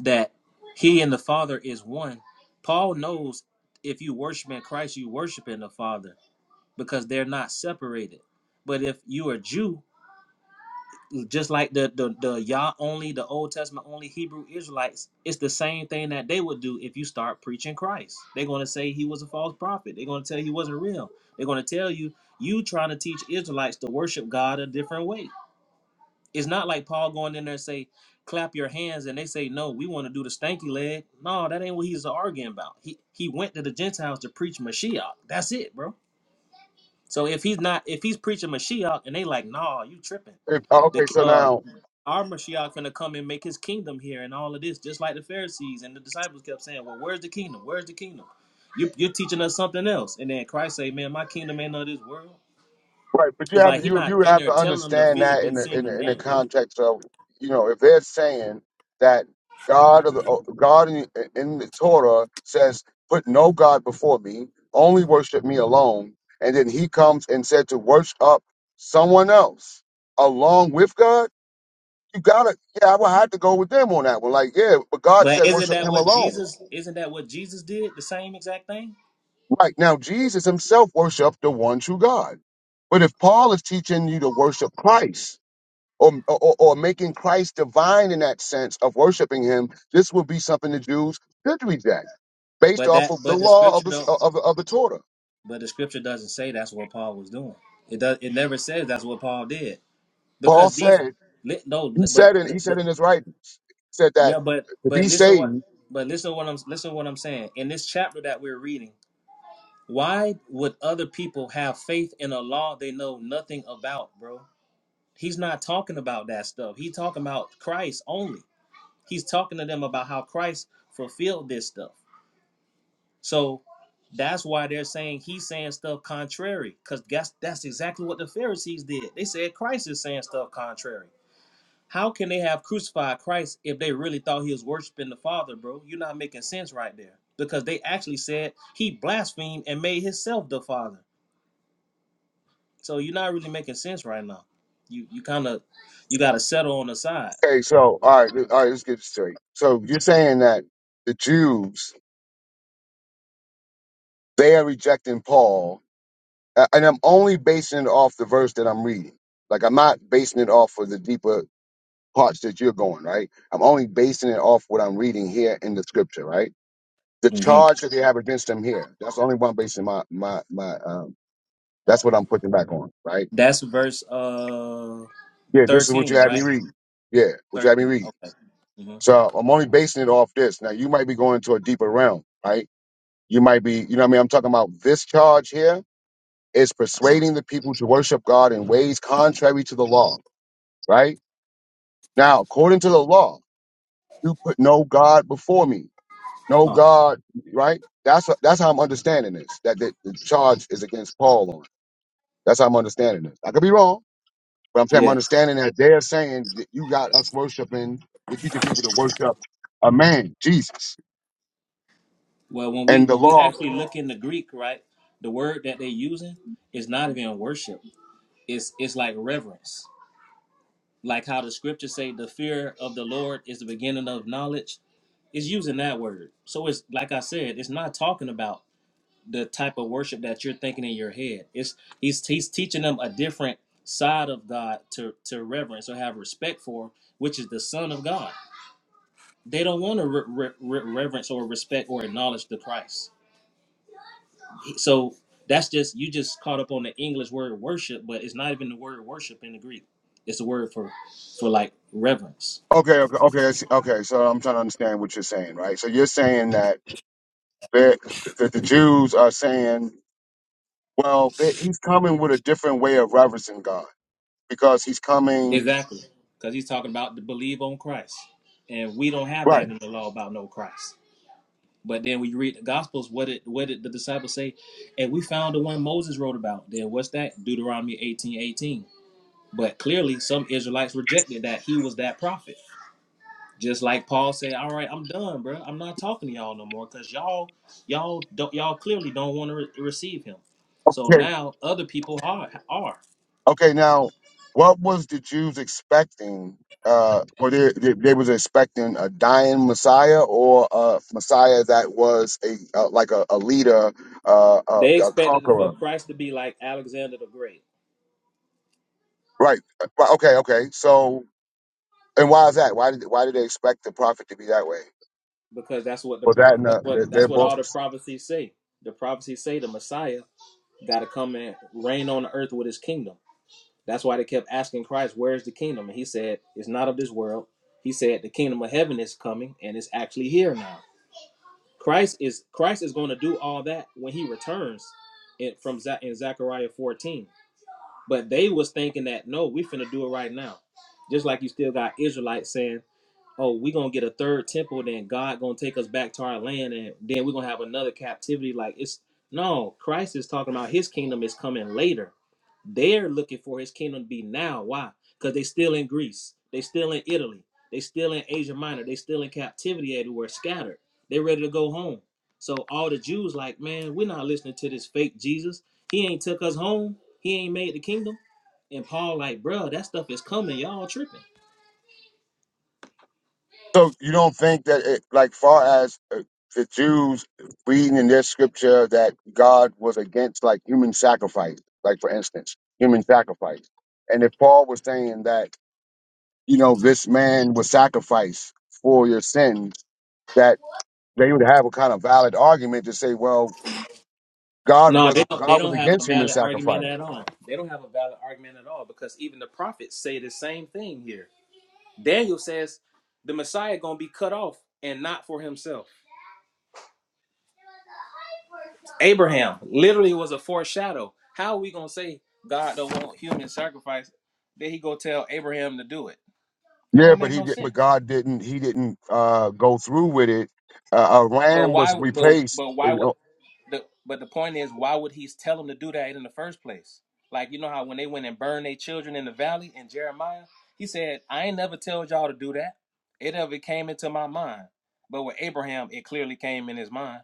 Speaker 5: that He and the Father is one, Paul knows if you worship in Christ, you worship in the Father because they're not separated. But if you are Jew just like the the the Yah only, the Old Testament only Hebrew Israelites, it's the same thing that they would do if you start preaching Christ. They're going to say he was a false prophet. They're going to tell you he wasn't real. They're going to tell you you trying to teach Israelites to worship God a different way. It's not like Paul going in there and say, clap your hands, and they say, no, we want to do the stanky leg. No, that ain't what he's arguing about. He he went to the Gentiles to preach Mashiach. That's it, bro. So if he's not if he's preaching Mashiach and they like, nah, you tripping
Speaker 9: If-
Speaker 5: the
Speaker 9: okay, so
Speaker 5: uh
Speaker 9: now
Speaker 5: our Mashiach gonna come and make his kingdom here and all of this, just like the Pharisees and the disciples kept saying, Well, where's the kingdom? Where's the kingdom? You, you're teaching us something else. And then Christ say, Man, my kingdom ain't of this world.
Speaker 9: Right, but you
Speaker 5: It's
Speaker 9: have
Speaker 5: like
Speaker 9: to
Speaker 5: he
Speaker 9: you
Speaker 5: not
Speaker 9: you
Speaker 5: in
Speaker 9: have
Speaker 5: there
Speaker 9: to
Speaker 5: telling them to
Speaker 9: understand that
Speaker 5: physically
Speaker 9: in the in
Speaker 5: sing and
Speaker 9: the, in the
Speaker 5: dance.
Speaker 9: context of you know if they're saying that God of the oh, God in, in the Torah says put no God before me, only worship me alone, and then he comes and said to worship up someone else along with God. You gotta yeah, I would have to go with them on that one. Like yeah, but God
Speaker 5: But
Speaker 9: said
Speaker 5: isn't
Speaker 9: worship
Speaker 5: that
Speaker 9: him
Speaker 5: what
Speaker 9: alone.
Speaker 5: Jesus isn't that what Jesus did? The same exact thing?
Speaker 9: Right now, Jesus himself worshipped the one true God. But if Paul is teaching you to worship Christ or, or, or making Christ divine in that sense of worshiping him, this would be something the Jews should reject based
Speaker 5: But
Speaker 9: off
Speaker 5: that
Speaker 9: of the
Speaker 5: but the
Speaker 9: law of
Speaker 5: scripture
Speaker 9: the,
Speaker 5: don't
Speaker 9: of, of the Torah.
Speaker 5: but the scripture doesn't say that's what Paul was doing. It does it never says that's what Paul did.
Speaker 9: Paul
Speaker 5: Because these
Speaker 9: said,
Speaker 5: li- no,
Speaker 9: he
Speaker 5: but
Speaker 9: said, in, he
Speaker 5: the, the,
Speaker 9: said in his writing, said that
Speaker 5: No, but
Speaker 9: to
Speaker 5: but
Speaker 9: be
Speaker 5: listen
Speaker 9: saved.
Speaker 5: what but listen what I'm listen what I'm saying. In this chapter that we're reading, why would other people have faith in a law they know nothing about, bro? He's not talking about that stuff. He's talking about Christ only. He's talking to them about how Christ fulfilled this stuff. So that's why they're saying he's saying stuff contrary, because that's that's exactly what the Pharisees did. They said Christ is saying stuff contrary. How can they have crucified Christ if they really thought he was worshiping the Father, bro? You're not making sense right there. Because they actually said he blasphemed and made himself the Father. So you're not really making sense right now. You you kind of you gotta settle on the side.
Speaker 9: Okay, so, all right, all right, let's get this straight. So you're saying that the Jews, they are rejecting Paul, a- and I'm only basing it off the verse that I'm reading. Like, I'm not basing it off of the deeper parts that you're going, right? I'm only basing it off what I'm reading here in the scripture, right? the
Speaker 5: hmm
Speaker 9: charge that they have against them here. That's the only one based in my my my um that's what I'm pushing back on, right?
Speaker 5: That's verse uh
Speaker 9: Yeah, this is what you
Speaker 5: 13,
Speaker 9: had me
Speaker 5: right?
Speaker 9: read. Yeah, what you had me
Speaker 5: 13.
Speaker 9: read.
Speaker 5: Okay. hmm
Speaker 9: So I'm only basing it off this. Now you might be going to a deeper realm, right? You might be, you know what I mean? I'm talking about this charge here is persuading the people to worship God in ways contrary to the law, right? Now, according to the law, you put no God before me. No
Speaker 5: Uh,
Speaker 9: God, right? That's that's how I'm understanding this. That the, the charge is against Paul on. That's how I'm understanding this. I could be wrong, but I'm saying I'm
Speaker 5: yeah.
Speaker 9: understanding that they're saying that you got us worshiping, you're teaching people to worship a man, Jesus,
Speaker 5: Well, when we
Speaker 9: and the
Speaker 5: when we
Speaker 9: law.
Speaker 5: actually look in the Greek, right, the word that they're using is not even worship. It's it's like reverence. like how the scriptures say the fear of the lord is the beginning of knowledge it's using that word so it's like i said it's not talking about the type of worship that you're thinking in your head it's he's he's teaching them a different side of god to to reverence or have respect for which is the son of god they don't want to re- re- re- reverence or respect or acknowledge the christ so that's just you just caught up on the english word worship but it's not even the word worship in the greek it's the word for for like reverence
Speaker 9: Okay, okay, okay, I see- okay. So I'm trying to understand what you're saying, right? So you're saying that that, that the Jews are saying, well, they, he's coming with a different way of reverencing God because he's coming,
Speaker 5: Exactly. Because he's talking about to believe on Christ. And we don't have
Speaker 9: right?
Speaker 5: that in the law about no Christ. But then when you read the Gospels, what did, what did the disciples say? And we found the one Moses wrote about. Then what's that? Deuteronomy eighteen eighteen. But clearly, some Israelites rejected that he was that prophet. Just like Paul said, "All right, I'm done, bro. I'm not talking to y'all no more, cause y'all, y'all don't, y'all clearly don't want to re- receive him. So
Speaker 9: okay,
Speaker 5: now other people are are
Speaker 9: Okay, now what was the Jews expecting? Uh, were they, they they was expecting a dying Messiah or a Messiah that was a uh, like a, a leader, uh, a,
Speaker 5: they
Speaker 9: a
Speaker 5: expected for
Speaker 9: conqueror,
Speaker 5: Christ to be like Alexander the Great?
Speaker 9: right? Uh, well, Okay, okay. So, and why is that? Why did why did they expect the prophet to be that way?
Speaker 5: because that's what the
Speaker 9: Was
Speaker 5: pro-
Speaker 9: that in
Speaker 5: that's
Speaker 9: the,
Speaker 5: what
Speaker 9: the,
Speaker 5: that's
Speaker 9: their
Speaker 5: what all the
Speaker 9: books?
Speaker 5: prophecies say. The prophecies say the Messiah got to come and reign on the earth with his kingdom. That's why they kept asking Christ, "Where is the kingdom?" And he said, "It's not of this world." He said, "The kingdom of heaven is coming and it's actually here now." Christ is Christ is going to do all that when he returns in, from Za- in Zechariah 14. But they was thinking that no, we finna do it right now. Just like you still got Israelites saying, oh, we gonna get a third temple, then God gonna take us back to our land, and then we're gonna have another captivity. Like it's no, Christ is talking about his kingdom is coming later. They're looking for his kingdom to be now. Why? Because they still in Greece, they still in Italy, they still in Asia Minor, they still in captivity everywhere, scattered. They are ready to go home. So all the Jews like, man, we're not listening to this fake Jesus. He ain't took us home. He ain't made the kingdom. And Paul like, bro, that stuff is coming. Y'all tripping.
Speaker 9: So you don't think that, it, like, far as uh, the Jews reading in their scripture that God was against like human sacrifice, like for instance, human sacrifice, and if Paul was saying that you know this man was sacrificed for your sins, that they would have a kind of valid argument to say, well, God
Speaker 5: No, they
Speaker 9: was
Speaker 5: don't. They
Speaker 9: God was
Speaker 5: don't have a
Speaker 9: against human
Speaker 5: valid argument
Speaker 9: sacrifice.
Speaker 5: at all. They don't have a valid argument at all because even the prophets say the same thing here. Daniel says the Messiah gonna be cut off and not for himself. Abraham literally was a foreshadow. How are we gonna say God don't want human sacrifice? Then he go tell Abraham to do it. That
Speaker 9: Yeah,
Speaker 5: don't
Speaker 9: but
Speaker 5: make
Speaker 9: he
Speaker 5: no
Speaker 9: did, but
Speaker 5: sense.
Speaker 9: God didn't. He didn't uh, go through with it. Uh, a
Speaker 5: But
Speaker 9: ram was
Speaker 5: why? But
Speaker 9: replaced.
Speaker 5: but why would? the but the point is, why would he tell them to do that in the first place? Like you know how when they went and burned their children in the valley in Jeremiah, he said, "I ain't never told y'all to do that. It never came into my mind." But with Abraham, it clearly came in his mind.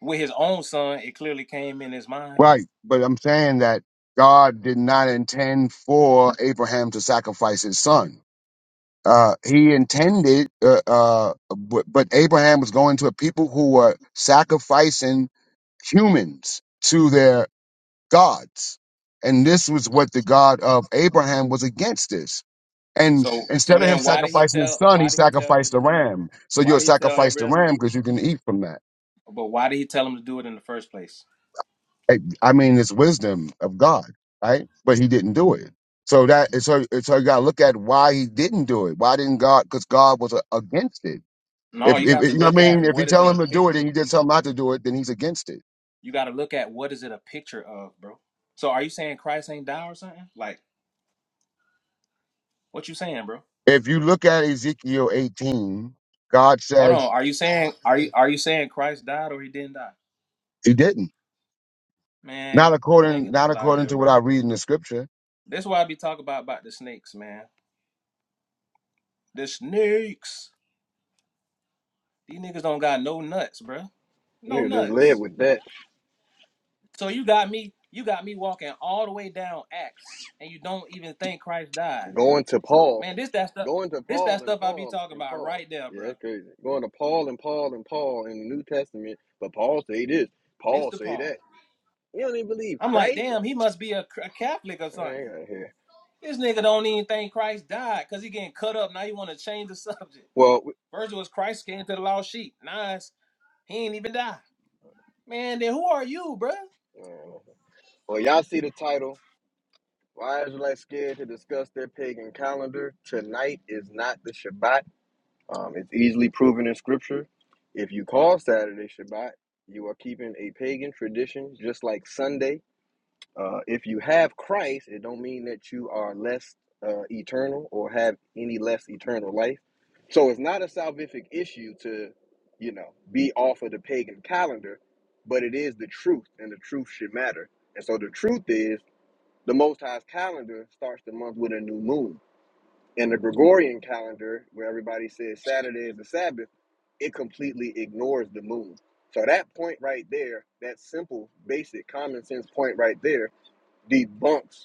Speaker 5: With his own son, it clearly came in his mind.
Speaker 9: Right. But I'm saying that God did not intend for Abraham to sacrifice his son. Uh, he intended, uh, uh, but, but Abraham was going to a people who were sacrificing humans to their gods. And this was what the God of Abraham was against this. And
Speaker 5: So so
Speaker 9: instead of him
Speaker 5: then, why did he
Speaker 9: sacrificing his
Speaker 5: tell?
Speaker 9: son,
Speaker 5: Why
Speaker 9: he
Speaker 5: did he tell
Speaker 9: sacrificed a
Speaker 5: Abraham to do it?
Speaker 9: ram. So
Speaker 5: Why
Speaker 9: you'll
Speaker 5: did he tell
Speaker 9: sacrifice the
Speaker 5: Abraham to
Speaker 9: ram
Speaker 5: do it?
Speaker 9: because you can eat from that.
Speaker 5: But why did he tell him to do it in the first place?
Speaker 9: I I mean, it's wisdom of God, right? But he didn't do it. So that so so you got to look at why he didn't do it. Why didn't God? Because God was a, against it.
Speaker 5: No,
Speaker 9: If,
Speaker 5: you
Speaker 9: if
Speaker 5: have to
Speaker 9: you know
Speaker 5: look
Speaker 9: what I
Speaker 5: at
Speaker 9: mean, if you
Speaker 5: what is it
Speaker 9: tell
Speaker 5: a
Speaker 9: him to
Speaker 5: pic.
Speaker 9: do it and he just tell not to do it, then he's against it.
Speaker 5: You got to look at what is it a picture of, bro. So are you saying Christ ain't die or something? Like what you saying, bro?
Speaker 9: If you look at Ezekiel 18, God
Speaker 5: Hold on.
Speaker 9: says
Speaker 5: Are you saying are you are you saying Christ died or he didn't die?
Speaker 9: he didn't.
Speaker 5: Man,
Speaker 9: Not
Speaker 5: man,
Speaker 9: according
Speaker 5: get the
Speaker 9: not
Speaker 5: hell out of
Speaker 9: according
Speaker 5: here,
Speaker 9: to
Speaker 5: bro.
Speaker 9: what I read in the scripture.
Speaker 5: That's why I be talking about about the snakes, man. The snakes. These niggas don't got no nuts, bro. No
Speaker 1: you just live
Speaker 5: nuts.
Speaker 1: with that
Speaker 5: So you got me, you got me walking all the way down Acts, and you don't even think Christ died.
Speaker 1: Going to Paul,
Speaker 5: Man, this that stuff,
Speaker 1: going to
Speaker 5: this that
Speaker 1: Paul and
Speaker 5: stuff I be
Speaker 1: Paul
Speaker 5: talking
Speaker 1: and
Speaker 5: about
Speaker 1: Paul.
Speaker 5: right there,
Speaker 1: Yeah,
Speaker 5: bro.
Speaker 1: that's crazy. Going to Paul and Paul and Paul in the New Testament, but Paul say this, Paul
Speaker 5: Mr.
Speaker 1: say
Speaker 5: Palm.
Speaker 1: that. You don't even believe
Speaker 5: I'm like,
Speaker 1: Christ?
Speaker 5: damn, he must be a, a Catholic or
Speaker 1: Man, I
Speaker 5: something.
Speaker 1: ain't got here.
Speaker 5: This nigga don't even think Christ died because he getting cut up. Now you want to change the subject.
Speaker 1: Well, we,
Speaker 5: First it was Christ came to the lost sheep. Now it's, he ain't even die. Man, then who are you, bruh?
Speaker 1: uh, well, y'all see the title. Why Israelites scared to discuss their pagan calendar? Tonight is not the Shabbat. Um, it's easily proven in Scripture. If you call Saturday Shabbat, you are keeping a pagan tradition, just like Sunday. Uh, if you have Christ, it don't mean that you are less uh, eternal or have any less eternal life. So it's not a salvific issue to, you know, be off of the pagan calendar, but it is the truth, and the truth should matter. And so the truth is, the Most High's calendar starts the month with a new moon. In the Gregorian calendar, where everybody says Saturday is the Sabbath, it completely ignores the moon. So that point right there, that simple, basic, common sense point right there, debunks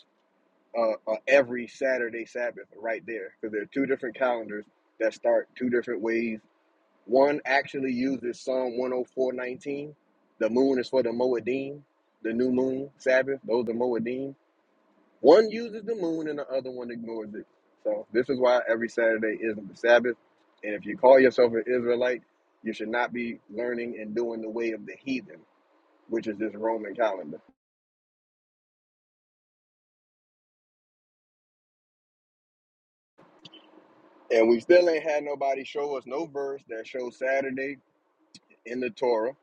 Speaker 1: uh, uh, every Saturday Sabbath right there because there are two different calendars that start two different ways. One actually uses Psalm 104:19. The moon is for the Moedim, the new moon Sabbath. Those are Moedim. One uses the moon and the other one ignores it. So this is why every Saturday isn't the Sabbath. And if you call yourself an Israelite, you should not be learning and doing the way of the heathen, which is this Roman calendar. And we still ain't had nobody show us no verse that shows Saturday in the Torah.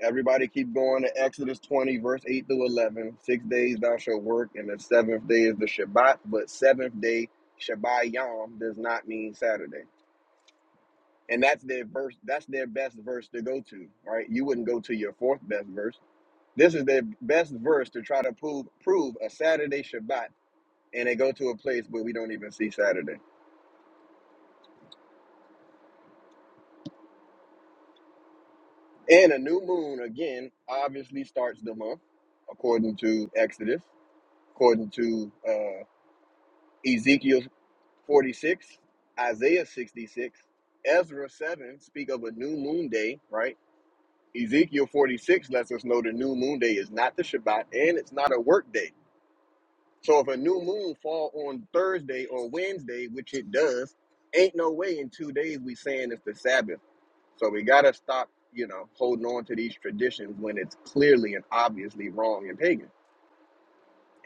Speaker 1: Everybody keep going to Exodus 20, verse 8 through 11. Six days thou shalt work, and the seventh day is the Shabbat, but seventh day, Shabbat Yom, does not mean Saturday. And that's their verse, that's their best verse to go to, right? You wouldn't go to your fourth best verse. This is their best verse to try to prove prove a Saturday Shabbat, and they go to a place where we don't even see Saturday. And a new moon, again, obviously starts the month, according to Exodus, according to uh. Ezekiel 46, Isaiah 66, Ezra 7 speak of a new moon day, right? Ezekiel 46 lets us know the new moon day is not the Shabbat and it's not a work day. So if a new moon fall on Thursday or Wednesday, which it does, ain't no way in two days we saying it's the Sabbath. So we gotta stop, you know, holding on to these traditions when it's clearly and obviously wrong and pagan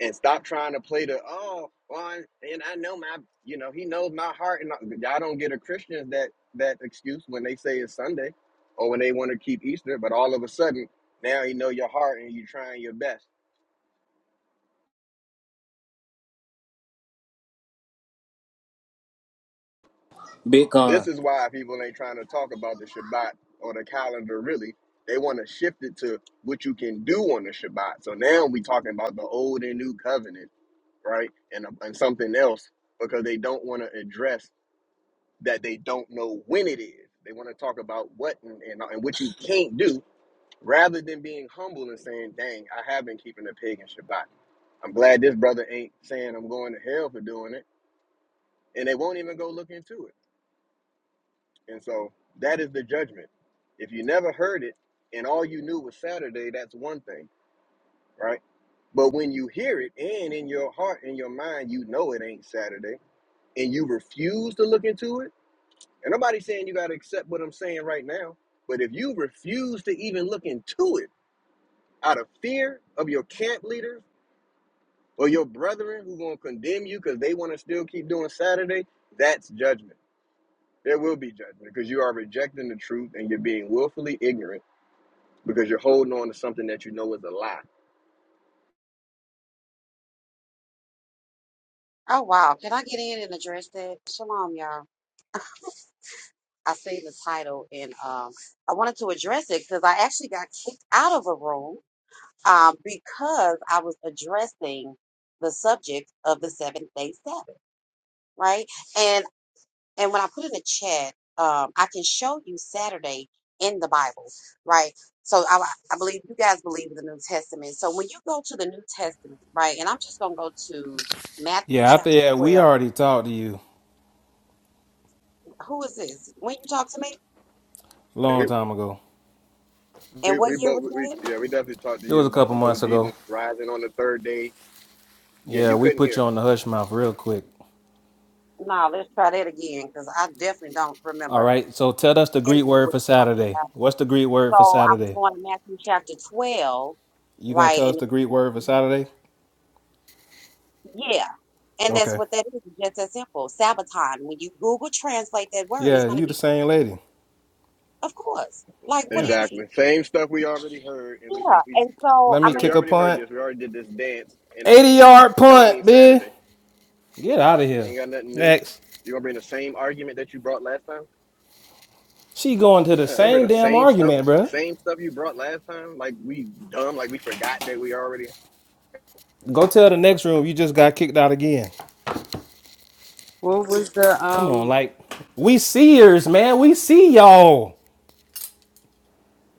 Speaker 1: and stop trying to play the oh well and I know my you know he knows my heart and I- you don't get a Christian that that excuse when they say it's Sunday or when they want to keep Easter but all of a sudden now you know your heart and you're trying your best this
Speaker 5: Bitcoin.
Speaker 1: is why people ain't trying to talk about the Shabbat or the calendar really they want to shift it to what you can do on the Shabbat so now we talking about the old and new covenant right and, and something else because they don't want to address that they don't know when it is. They want to talk about what and, and, and what you can't do rather than being humble and saying, dang, I have been keeping a pig in Shabbat. I'm glad this brother ain't saying I'm going to hell for doing it. And they won't even go look into it. And so that is the judgment. If you never heard it and all you knew was Saturday, that's one thing, right? But when you hear it and in your heart, in your mind, you know it ain't Saturday and you refuse to look into it And nobody's saying you got to accept what I'm saying right now. But if you refuse to even look into it out of fear of your camp leaders or your brethren who going to condemn you because they want to still keep doing Saturday, that's judgment. There will be judgment because you are rejecting the truth and you're being willfully ignorant because you're holding on to something that you know is a lie.
Speaker 11: Oh wow, can I get in and address that? Shalom, y'all. I see the title and um I wanted to address it because I actually got kicked out of a room um because I was addressing the subject of the seventh day Sabbath, right? And and when I put in the chat, um I can show you Saturday in the Bible, right? So I I believe you guys believe in the New Testament. So when you go to the New Testament, right, and I'm just gonna go to Matthew
Speaker 5: Yeah, I
Speaker 11: chapter
Speaker 5: think yeah, we
Speaker 11: twelve.
Speaker 5: already talked to you
Speaker 11: Who is this? When you talk to me?
Speaker 5: a
Speaker 1: We,
Speaker 5: long time ago.
Speaker 11: And
Speaker 1: we,
Speaker 11: what
Speaker 1: we
Speaker 11: year
Speaker 1: both,
Speaker 11: was
Speaker 1: we,
Speaker 11: that?
Speaker 1: yeah, we definitely talked to
Speaker 5: It was
Speaker 1: you
Speaker 5: a
Speaker 1: about
Speaker 5: couple
Speaker 1: the whole
Speaker 5: months ago.
Speaker 1: Jesus rising on the third day. Yeah,
Speaker 5: Yeah,
Speaker 1: you
Speaker 5: we
Speaker 1: couldn't
Speaker 5: put
Speaker 1: hear.
Speaker 5: you on the hush mouth real quick.
Speaker 11: No, let's try that again because I definitely don't
Speaker 5: All
Speaker 11: remember
Speaker 5: right, so tell us the
Speaker 11: any
Speaker 5: Greek
Speaker 11: of
Speaker 5: word
Speaker 11: what
Speaker 5: for
Speaker 11: you're talking
Speaker 5: Saturday.
Speaker 11: about.
Speaker 5: What's the Greek word for
Speaker 11: So I was
Speaker 5: Saturday?
Speaker 11: going to Matthew chapter 12,
Speaker 5: You gonna
Speaker 11: right?
Speaker 5: tell us
Speaker 11: And
Speaker 5: the Greek
Speaker 11: it-
Speaker 5: word for Saturday?
Speaker 11: yeah, and that's
Speaker 5: Okay.
Speaker 11: what that is. It's just that simple. Sabaton. When you Google translate that word, it's
Speaker 5: Yeah,
Speaker 11: going to
Speaker 5: you the
Speaker 11: be,
Speaker 5: same lady.
Speaker 11: of course. Like, what do
Speaker 5: Yeah.
Speaker 11: you mean?
Speaker 1: Exactly. Same stuff we already heard, and we
Speaker 11: Yeah.
Speaker 1: and we
Speaker 11: And so,
Speaker 5: Let
Speaker 11: I
Speaker 5: me
Speaker 1: Yeah,
Speaker 11: mean,
Speaker 1: we
Speaker 5: kick a
Speaker 1: already heard
Speaker 5: punt.
Speaker 1: this. We already did this dance, and it
Speaker 5: 80 yard
Speaker 1: don't mean
Speaker 5: punt, bitch.
Speaker 1: Saturday.
Speaker 5: Get out of here.
Speaker 1: Ain't got nothing new.
Speaker 5: Next.
Speaker 1: You gonna bring the same argument that you brought last time?
Speaker 5: She going to the
Speaker 1: Uh, ain't bring
Speaker 5: same
Speaker 1: the
Speaker 5: damn
Speaker 1: same stuff,
Speaker 5: argument, bro.
Speaker 1: same stuff you brought last time. Like we dumb, like we forgot that we already.
Speaker 5: Go tell the next room you just got kicked out again.
Speaker 1: Yeah,
Speaker 6: What was the
Speaker 5: Come on,
Speaker 6: um
Speaker 5: like we seers, man. We see y'all.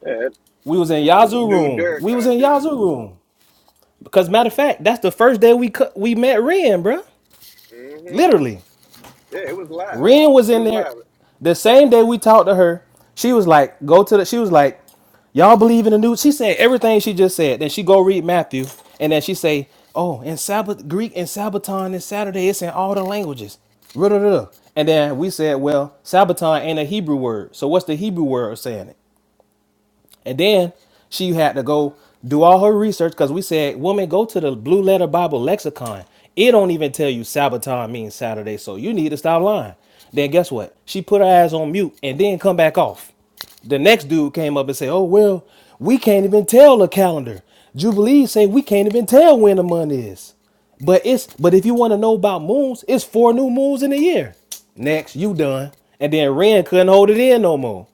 Speaker 1: that
Speaker 5: We was in Yazoo
Speaker 1: dude
Speaker 5: room.
Speaker 1: Derek
Speaker 5: We was
Speaker 1: tried to
Speaker 5: in
Speaker 1: do
Speaker 5: Yazoo
Speaker 1: that.
Speaker 5: room. Because matter of fact, that's the first day we cu- we met Ren, bro.
Speaker 1: hmm
Speaker 5: Literally.
Speaker 1: Yeah, it was live.
Speaker 5: Ren was
Speaker 1: It
Speaker 5: in
Speaker 1: was
Speaker 5: there
Speaker 1: live.
Speaker 5: the same day we talked to her. She was like, go to the, she was like, y'all believe in the new, she said everything she just said. Then she go read Matthew and then she say, oh, in Sabbath, Greek and Sabbaton and Saturday, it's in all the languages. Ruh-ruh-ruh. And then we said, well, Sabbaton ain't a Hebrew word. So what's the Hebrew word of saying it? And then she had to go do all her research because we said, woman, go to the Blue Letter Bible Lexicon. It don't even tell you Sabaton means Saturday, so you need to stop lying. Then guess what? She put her ass on mute and then come back off. The next dude came up and said, oh, well, we can't even tell the calendar. Jubilee say we can't even tell when the month is. But it's but if you want to know about moons, it's four new moons in a year. Next, you done. And then Ren couldn't hold it in no more.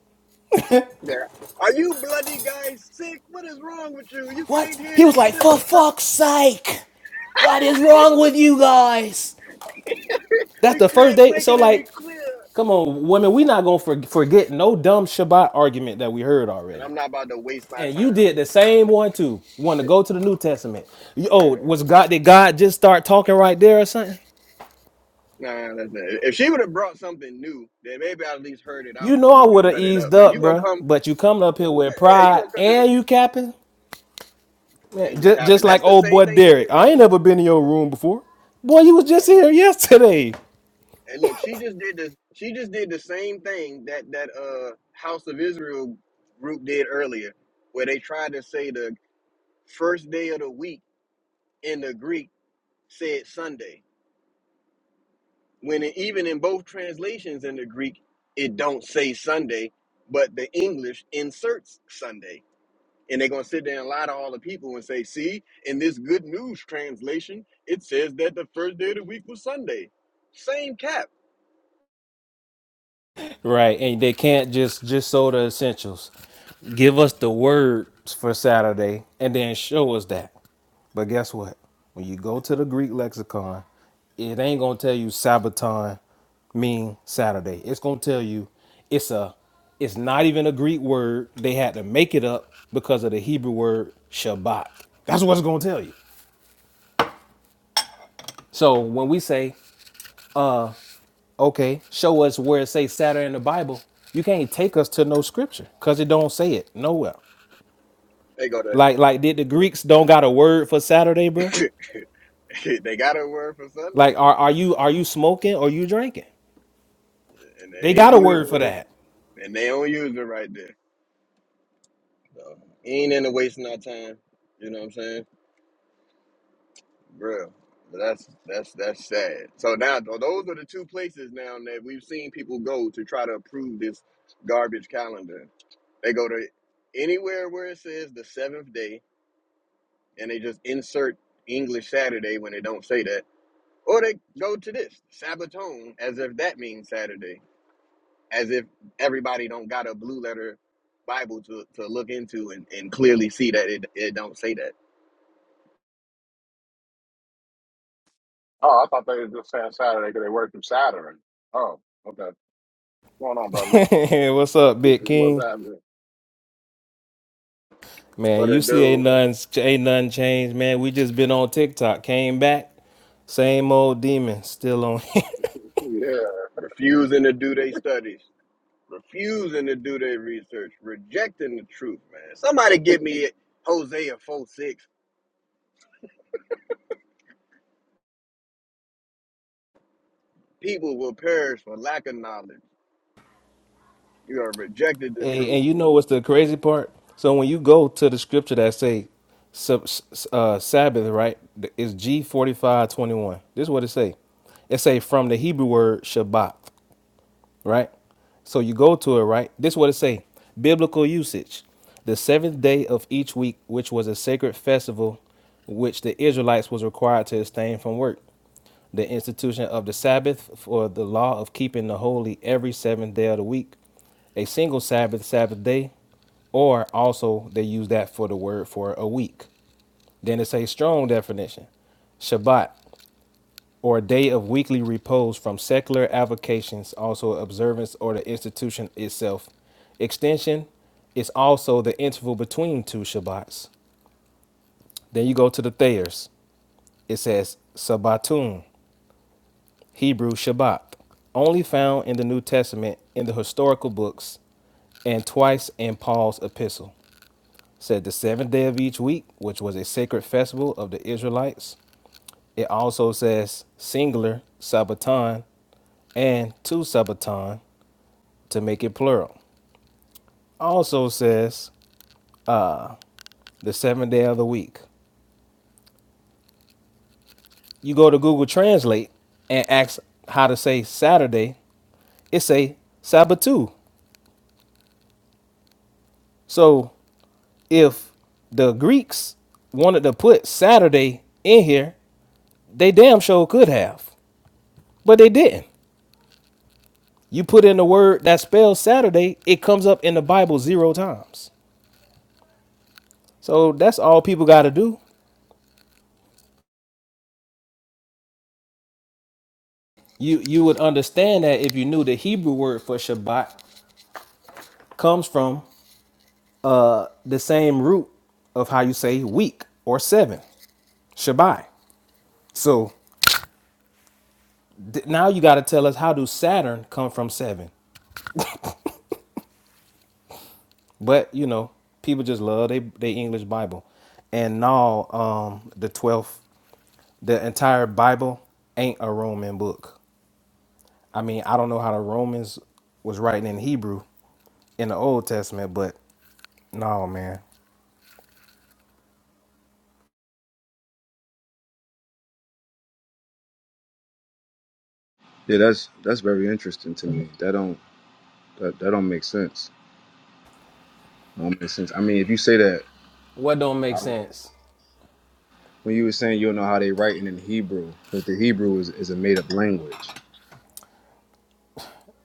Speaker 1: Yeah. Are you bloody guys sick? What is wrong with you? You can't
Speaker 5: What?
Speaker 1: hear
Speaker 5: He was
Speaker 1: this
Speaker 5: like, for
Speaker 1: simple stuff.
Speaker 5: fuck's sake, what is wrong with you guys? That's
Speaker 1: we
Speaker 5: the first
Speaker 1: can't
Speaker 5: day.
Speaker 1: make
Speaker 5: So
Speaker 1: it any
Speaker 5: like,
Speaker 1: clearer.
Speaker 5: come on, women, we not gonna for- forget no dumb Shabbat argument that we heard
Speaker 1: And
Speaker 5: already.
Speaker 1: I'm not about to waste my
Speaker 5: And you did
Speaker 1: time.
Speaker 5: the same one too. Want to go to the New Testament? You-
Speaker 1: Yeah.
Speaker 5: oh, was God? Did God just start talking right there or something?
Speaker 1: Nah, listen. If she would have brought something new, then maybe I at least heard it
Speaker 5: You
Speaker 1: out
Speaker 5: know
Speaker 1: so
Speaker 5: I
Speaker 1: we
Speaker 5: would
Speaker 1: could
Speaker 5: have
Speaker 1: cut it up.
Speaker 5: eased
Speaker 1: But you
Speaker 5: up,
Speaker 1: gonna
Speaker 5: bruh.
Speaker 1: come,
Speaker 5: But you coming up here with
Speaker 1: yeah, you
Speaker 5: pride
Speaker 1: gonna come to
Speaker 5: and you capping,
Speaker 1: the
Speaker 5: man,
Speaker 1: and you
Speaker 5: just,
Speaker 1: capping.
Speaker 5: just like
Speaker 1: That's the
Speaker 5: old
Speaker 1: same
Speaker 5: boy
Speaker 1: thing they did
Speaker 5: Derek. I ain't
Speaker 1: earlier.
Speaker 5: never been in your room before. Boy, you was just
Speaker 1: Exactly.
Speaker 5: here yesterday.
Speaker 1: And look, she just did this. She just did the same thing that that uh House of Israel group did earlier, where they tried to say the first day of the week in the Greek said Sunday, when it, even in both translations in the Greek it don't say Sunday, but the English inserts Sunday. And they're going to sit there and lie to all the people and say, see, in this good news translation, it says that the first day of the week was Sunday. Same cap.
Speaker 5: Right, and they can't just just sow the essentials. Give us the words for Saturday, and then show us that. But guess what? When you go to the Greek lexicon, it ain't gonna tell you Sabaton mean Saturday. It's gonna tell you it's a it's not even a Greek word. They had to make it up because of the Hebrew word Shabbat. That's what it's gonna tell you. So when we say, okay, show us where it says Saturday in the Bible, you can't take us to no scripture because it don't say it nowhere.
Speaker 1: They go
Speaker 5: Like like did the Greeks don't got a word for Saturday, bro?
Speaker 1: to, they got a word for Sunday
Speaker 5: Like are are you are you smoking or you drinking?
Speaker 1: and
Speaker 5: They
Speaker 1: they ain't
Speaker 5: got a word
Speaker 1: using
Speaker 5: for that.
Speaker 1: it. And they don't use it right there. So ain't into wasting our time. You know what I'm saying? Bro. But that's that's that's sad. So now th- those are the two places now that we've seen people go to try to approve this garbage calendar. They go to anywhere where it says the seventh day and they just insert English Saturday when they don't say that. Or they go to this Sabbatone as if that means Saturday, as if everybody don't got a blue letter Bible to, to look into and, and clearly see that it, it don't say that.
Speaker 12: Oh, I thought they were just saying Saturday because they work from Saturday. Oh, okay. What's going on, brothers?
Speaker 5: What's up, Big
Speaker 12: What's
Speaker 5: King?
Speaker 12: happening?
Speaker 5: Man,
Speaker 1: But a
Speaker 5: you see ain't
Speaker 1: dude
Speaker 5: none ain't none changed, man. We just been on TikTok, came back, same old demon still on.
Speaker 12: Yeah,
Speaker 1: refusing to do their studies, refusing to do their research, rejecting the truth, man. Somebody give me Hosea 4 6. People will perish for lack of knowledge. You are rejected the
Speaker 5: hey,
Speaker 1: truth.
Speaker 5: and you know what's the crazy part? So when you go to the scripture that say sub- s- uh, Sabbath, right? It's G forty five twenty one. This is what it say. It say from the Hebrew word Shabbat. right? So you go to it, right? This is what it say. Biblical usage. The seventh day of each week, which was a sacred festival, which the Israelites was required to abstain from work. The institution of the Sabbath for the law of keeping the holy every seventh day of the week. A single Sabbath, Sabbath day, or also they use that for the word for a week. Then it says strong definition. Shabbat, or a day of weekly repose from secular avocations, also observance or the institution itself. Extension is also the interval between two Shabbats. Then you go to the Thayers. It says Sabbatun, Hebrew Shabbat, only found in the New Testament in the historical books and twice in Paul's epistle. It Said the seventh day of each week, which was a sacred festival of the Israelites. It also says singular Sabbaton and two Sabbaton, to make it plural. Also says the seventh day of the week. You go to Google Translate and ask how to say Saturday, it say Sabbatou. So if the Greeks wanted to put Saturday in here, they damn sure could have, but they didn't. You put in the word that spells Saturday, it comes up in the Bible zero times. So that's all people got to do. You you would understand that if you knew the Hebrew word for Shabbat comes from the same root of how you say week or seven, Shabbai. So th- now you got to tell us how do Saturn come from seven? But you know, people just love they they English Bible, and now um, the twelfth, the entire Bible ain't a Roman book. I mean, I don't know how the Romans was writing in Hebrew in the Old Testament, but no man,
Speaker 13: Yeah, that's that's very interesting to me. That don't that, that don't make sense. That don't make sense. I mean, if you say that
Speaker 5: what don't make
Speaker 13: I-
Speaker 5: sense.
Speaker 13: when you were saying you don't know how they writing in Hebrew, because the Hebrew is, is a made up language.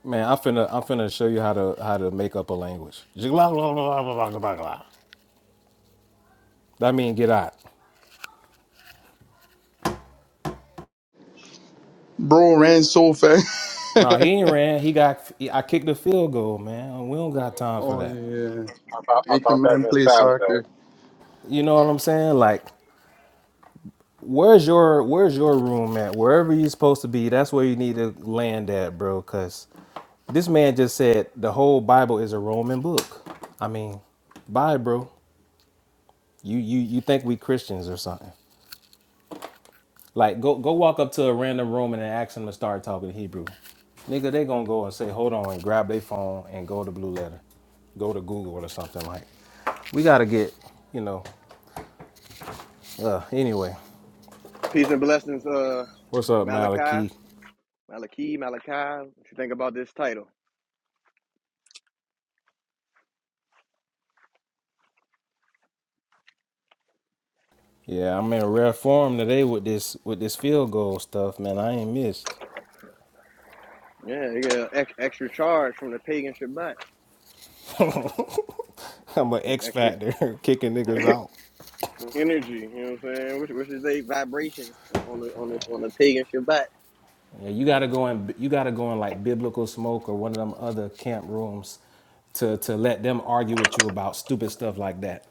Speaker 5: Man, I'm finna I'm finna show you how to how to make up a language. That mean get out.
Speaker 14: Bro ran so fast.
Speaker 5: No, he ain't ran. He got. I kicked a field goal, man. We don't got time for
Speaker 14: oh
Speaker 5: that.
Speaker 14: yeah,
Speaker 12: I thought I
Speaker 14: make the
Speaker 12: thought that
Speaker 14: man
Speaker 12: meant
Speaker 14: play
Speaker 12: Saturday.
Speaker 14: soccer.
Speaker 5: You know what I'm saying? Like, where's your where's your room at? Wherever you're supposed to be, that's where you need to land at, bro. Cause this man just said the whole Bible is a Roman book. I mean, bye, bro. You you you think we Christians or something? Like, go go walk up to a random Roman and ask him to start talking Hebrew. Nigga, they gonna go and say, hold on, and grab their phone and go to Blue Letter, go to Google or something like. We gotta get, you know. Uh, anyway,
Speaker 1: Peace and blessings, uh,
Speaker 5: what's up,
Speaker 1: Malachi.
Speaker 5: Malachi?
Speaker 1: Malachi, Malachi. What you think about this title?
Speaker 5: Yeah, I'm in rare form today with this with this field goal stuff, man. I ain't missed.
Speaker 1: Yeah, you get an extra charge from the pagan Shabbat,
Speaker 5: I'm an X
Speaker 1: extra
Speaker 5: factor kicking niggas out.
Speaker 1: energy. You know what I'm saying? Which, which is a vibration on the on the on the pagan Shabbat.
Speaker 5: Yeah, you gotta go in. You gotta go in like biblical smoke or one of them other camp rooms to to let them argue with you about stupid stuff like that.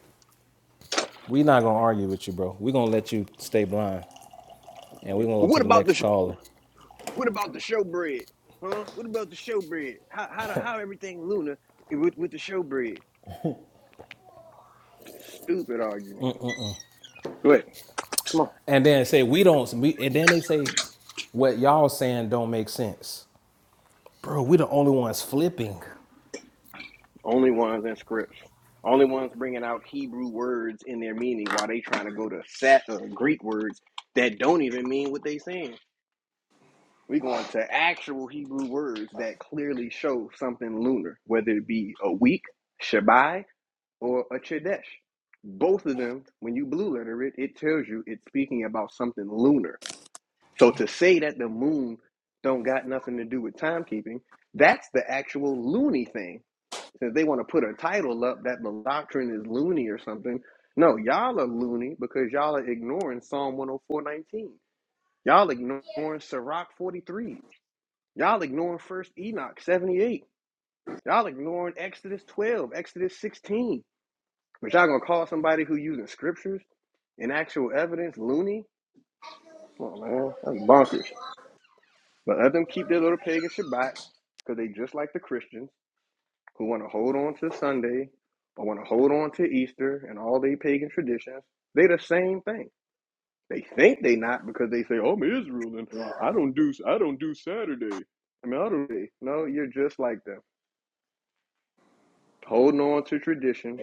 Speaker 5: we not gonna argue with you, bro. we gonna let you stay blind, and we gonna go to
Speaker 1: What
Speaker 5: the
Speaker 1: about the
Speaker 5: next caller.
Speaker 1: what about the showbread? Huh? What about the showbread? How how the, how everything lunar with with the showbread? Stupid argument. Go ahead. Come on.
Speaker 5: And then say we don't. We, and then they say what y'all saying don't make sense. Bro, we the only ones flipping.
Speaker 1: Only ones in scripts. Only ones bringing out Hebrew words in their meaning while they trying to go to Sat- uh, Greek words that don't even mean what they saying. We're going to actual Hebrew words that clearly show something lunar, whether it be a week, Shabbai, or a Chodesh. Both of them, when you blue letter it, it tells you it's speaking about something lunar. So to say that the moon don't got nothing to do with timekeeping, that's the actual loony thing. Since they want to put a title up that the doctrine is loony or something. No, y'all are loony because y'all are ignoring Psalm 104.19. Y'all ignoring Sirach 43. Y'all ignoring First Enoch 78. Y'all ignoring Exodus 12, Exodus 16. But y'all gonna call somebody who using scriptures and actual evidence loony? Come on, man. That's bonkers. But let them keep their little pagan Shabbat because they just like the Christians who want to hold on to Sunday or want to hold on to Easter and all they pagan traditions. They the same thing. They think they not because they say, "Oh, I'm Israel and I don't do I don't do Saturday." I mean, I don't. No, you're just like them. holding on to tradition,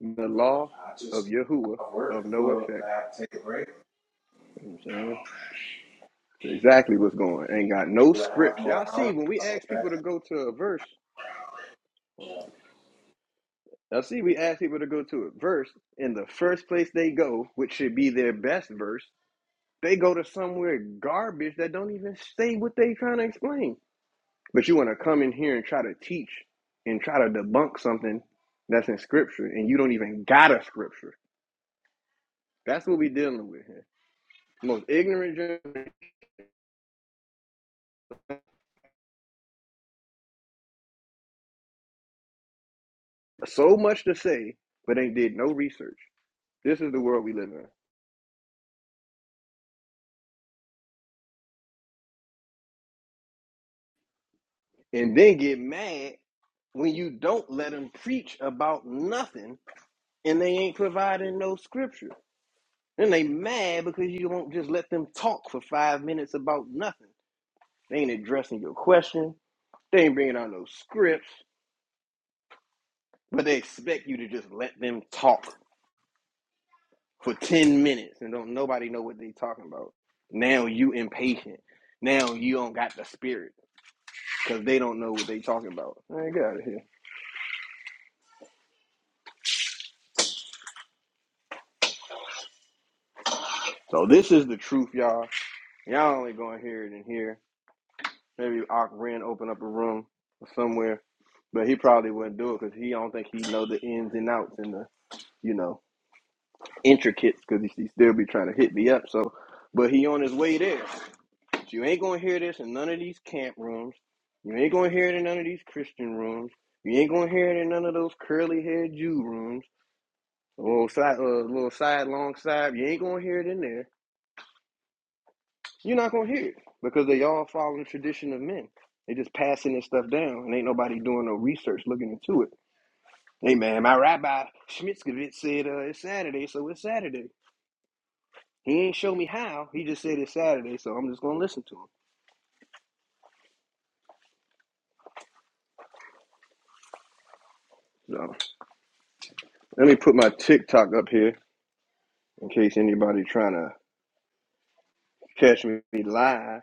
Speaker 1: the law of Yahuwah of no effect. You know what I'm saying? That's exactly what's going. on. Ain't got no scripts. Y'all see, when we ask people to go to a verse, y'all see, we ask people to go to a verse, in the first place they go, which should be their best verse, they go to somewhere garbage that don't even say what they trying to explain. But you want to come in here and try to teach and try to debunk something that's in scripture, and you don't even got a scripture. That's what we dealing with. here. Most ignorant, gen- so much to say, but ain't did no research. This is the world we live in. And then get mad when you don't let them preach about nothing and they ain't providing no scripture. Then they mad because you won't just let them talk for five minutes about nothing. They ain't addressing your question. They ain't bringing out no scripts, but they expect you to just let them talk for 10 minutes and don't nobody know what they talking about. Now you impatient. Now you don't got the spirit. because they don't know what they talking about. Man, get out of here. So this is the truth, y'all. Y'all only gonna hear it in here. Maybe Ock Ren open up a room or somewhere, but he probably wouldn't do it because he don't think he know the ins and outs and the you know intricates because he, he still be trying to hit me up. So, but he on his way there. But you ain't gonna hear this in none of these camp rooms. You ain't gonna hear it in none of these Christian rooms. You ain't gonna hear it in none of those curly haired Jew rooms. A little side, uh, little side, long side. You ain't gonna hear it in there. You're not gonna hear it because they all follow the tradition of men. They just passing this stuff down, and ain't nobody doing no research looking into it. Hey man, my rabbi Schmitzkevitz said uh, it's Saturday, so it's Saturday. He ain't show me how. He just said it's Saturday, so I'm just gonna listen to him. So let me put my TikTok up here in case anybody trying to catch me live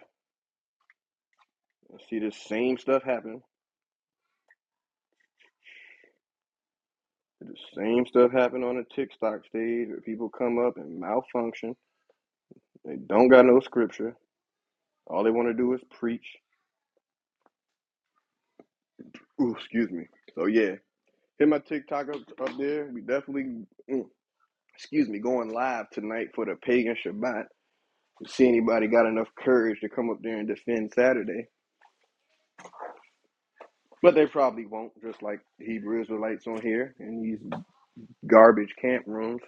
Speaker 1: and see the same stuff happen. The same stuff happen on the TikTok stage where people come up and malfunction. They don't got no scripture. All they want to do is preach. Ooh, excuse me. So yeah, hit my TikTok up up there. We definitely, mm, excuse me, going live tonight for the Pagan Shabbat. See anybody got enough courage to come up there and defend Saturday? But they probably won't. Just like the Hebrew Israelites on here and these garbage camp rooms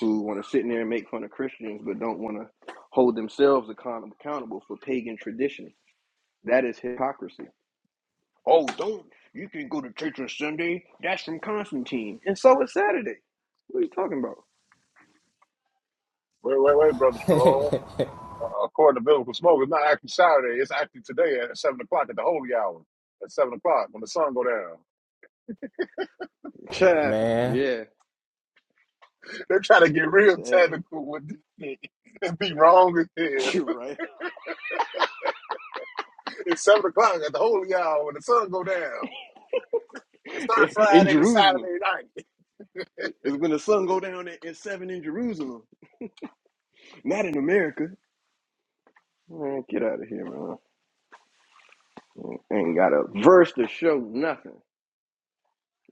Speaker 1: who want to sit in there and make fun of Christians, but don't want to hold themselves account- accountable for pagan tradition. That is hypocrisy. Oh, don't you can go to church on Sunday? That's from Constantine, and so is Saturday. What are you talking about?
Speaker 12: Wait, wait, wait, brother Shalom. Uh, according to biblical smoke, it's not actually Saturday. It's actually today at seven o'clock at the holy hour. At seven o'clock when the sun go down.
Speaker 1: Yeah,
Speaker 5: Man,
Speaker 1: yeah,
Speaker 12: They're trying to get real
Speaker 1: sad.
Speaker 12: technical with this shit and be wrong as hell.
Speaker 1: You're right.
Speaker 12: It's seven o'clock at the holy hour when the sun go down. It
Speaker 1: In,
Speaker 12: starts
Speaker 1: in
Speaker 12: Friday to Saturday
Speaker 1: Jerusalem,
Speaker 12: night.
Speaker 1: it's when the sun go down at, at seven in Jerusalem, not in America. Man, get out of here, man. Ain't got a verse to show nothing.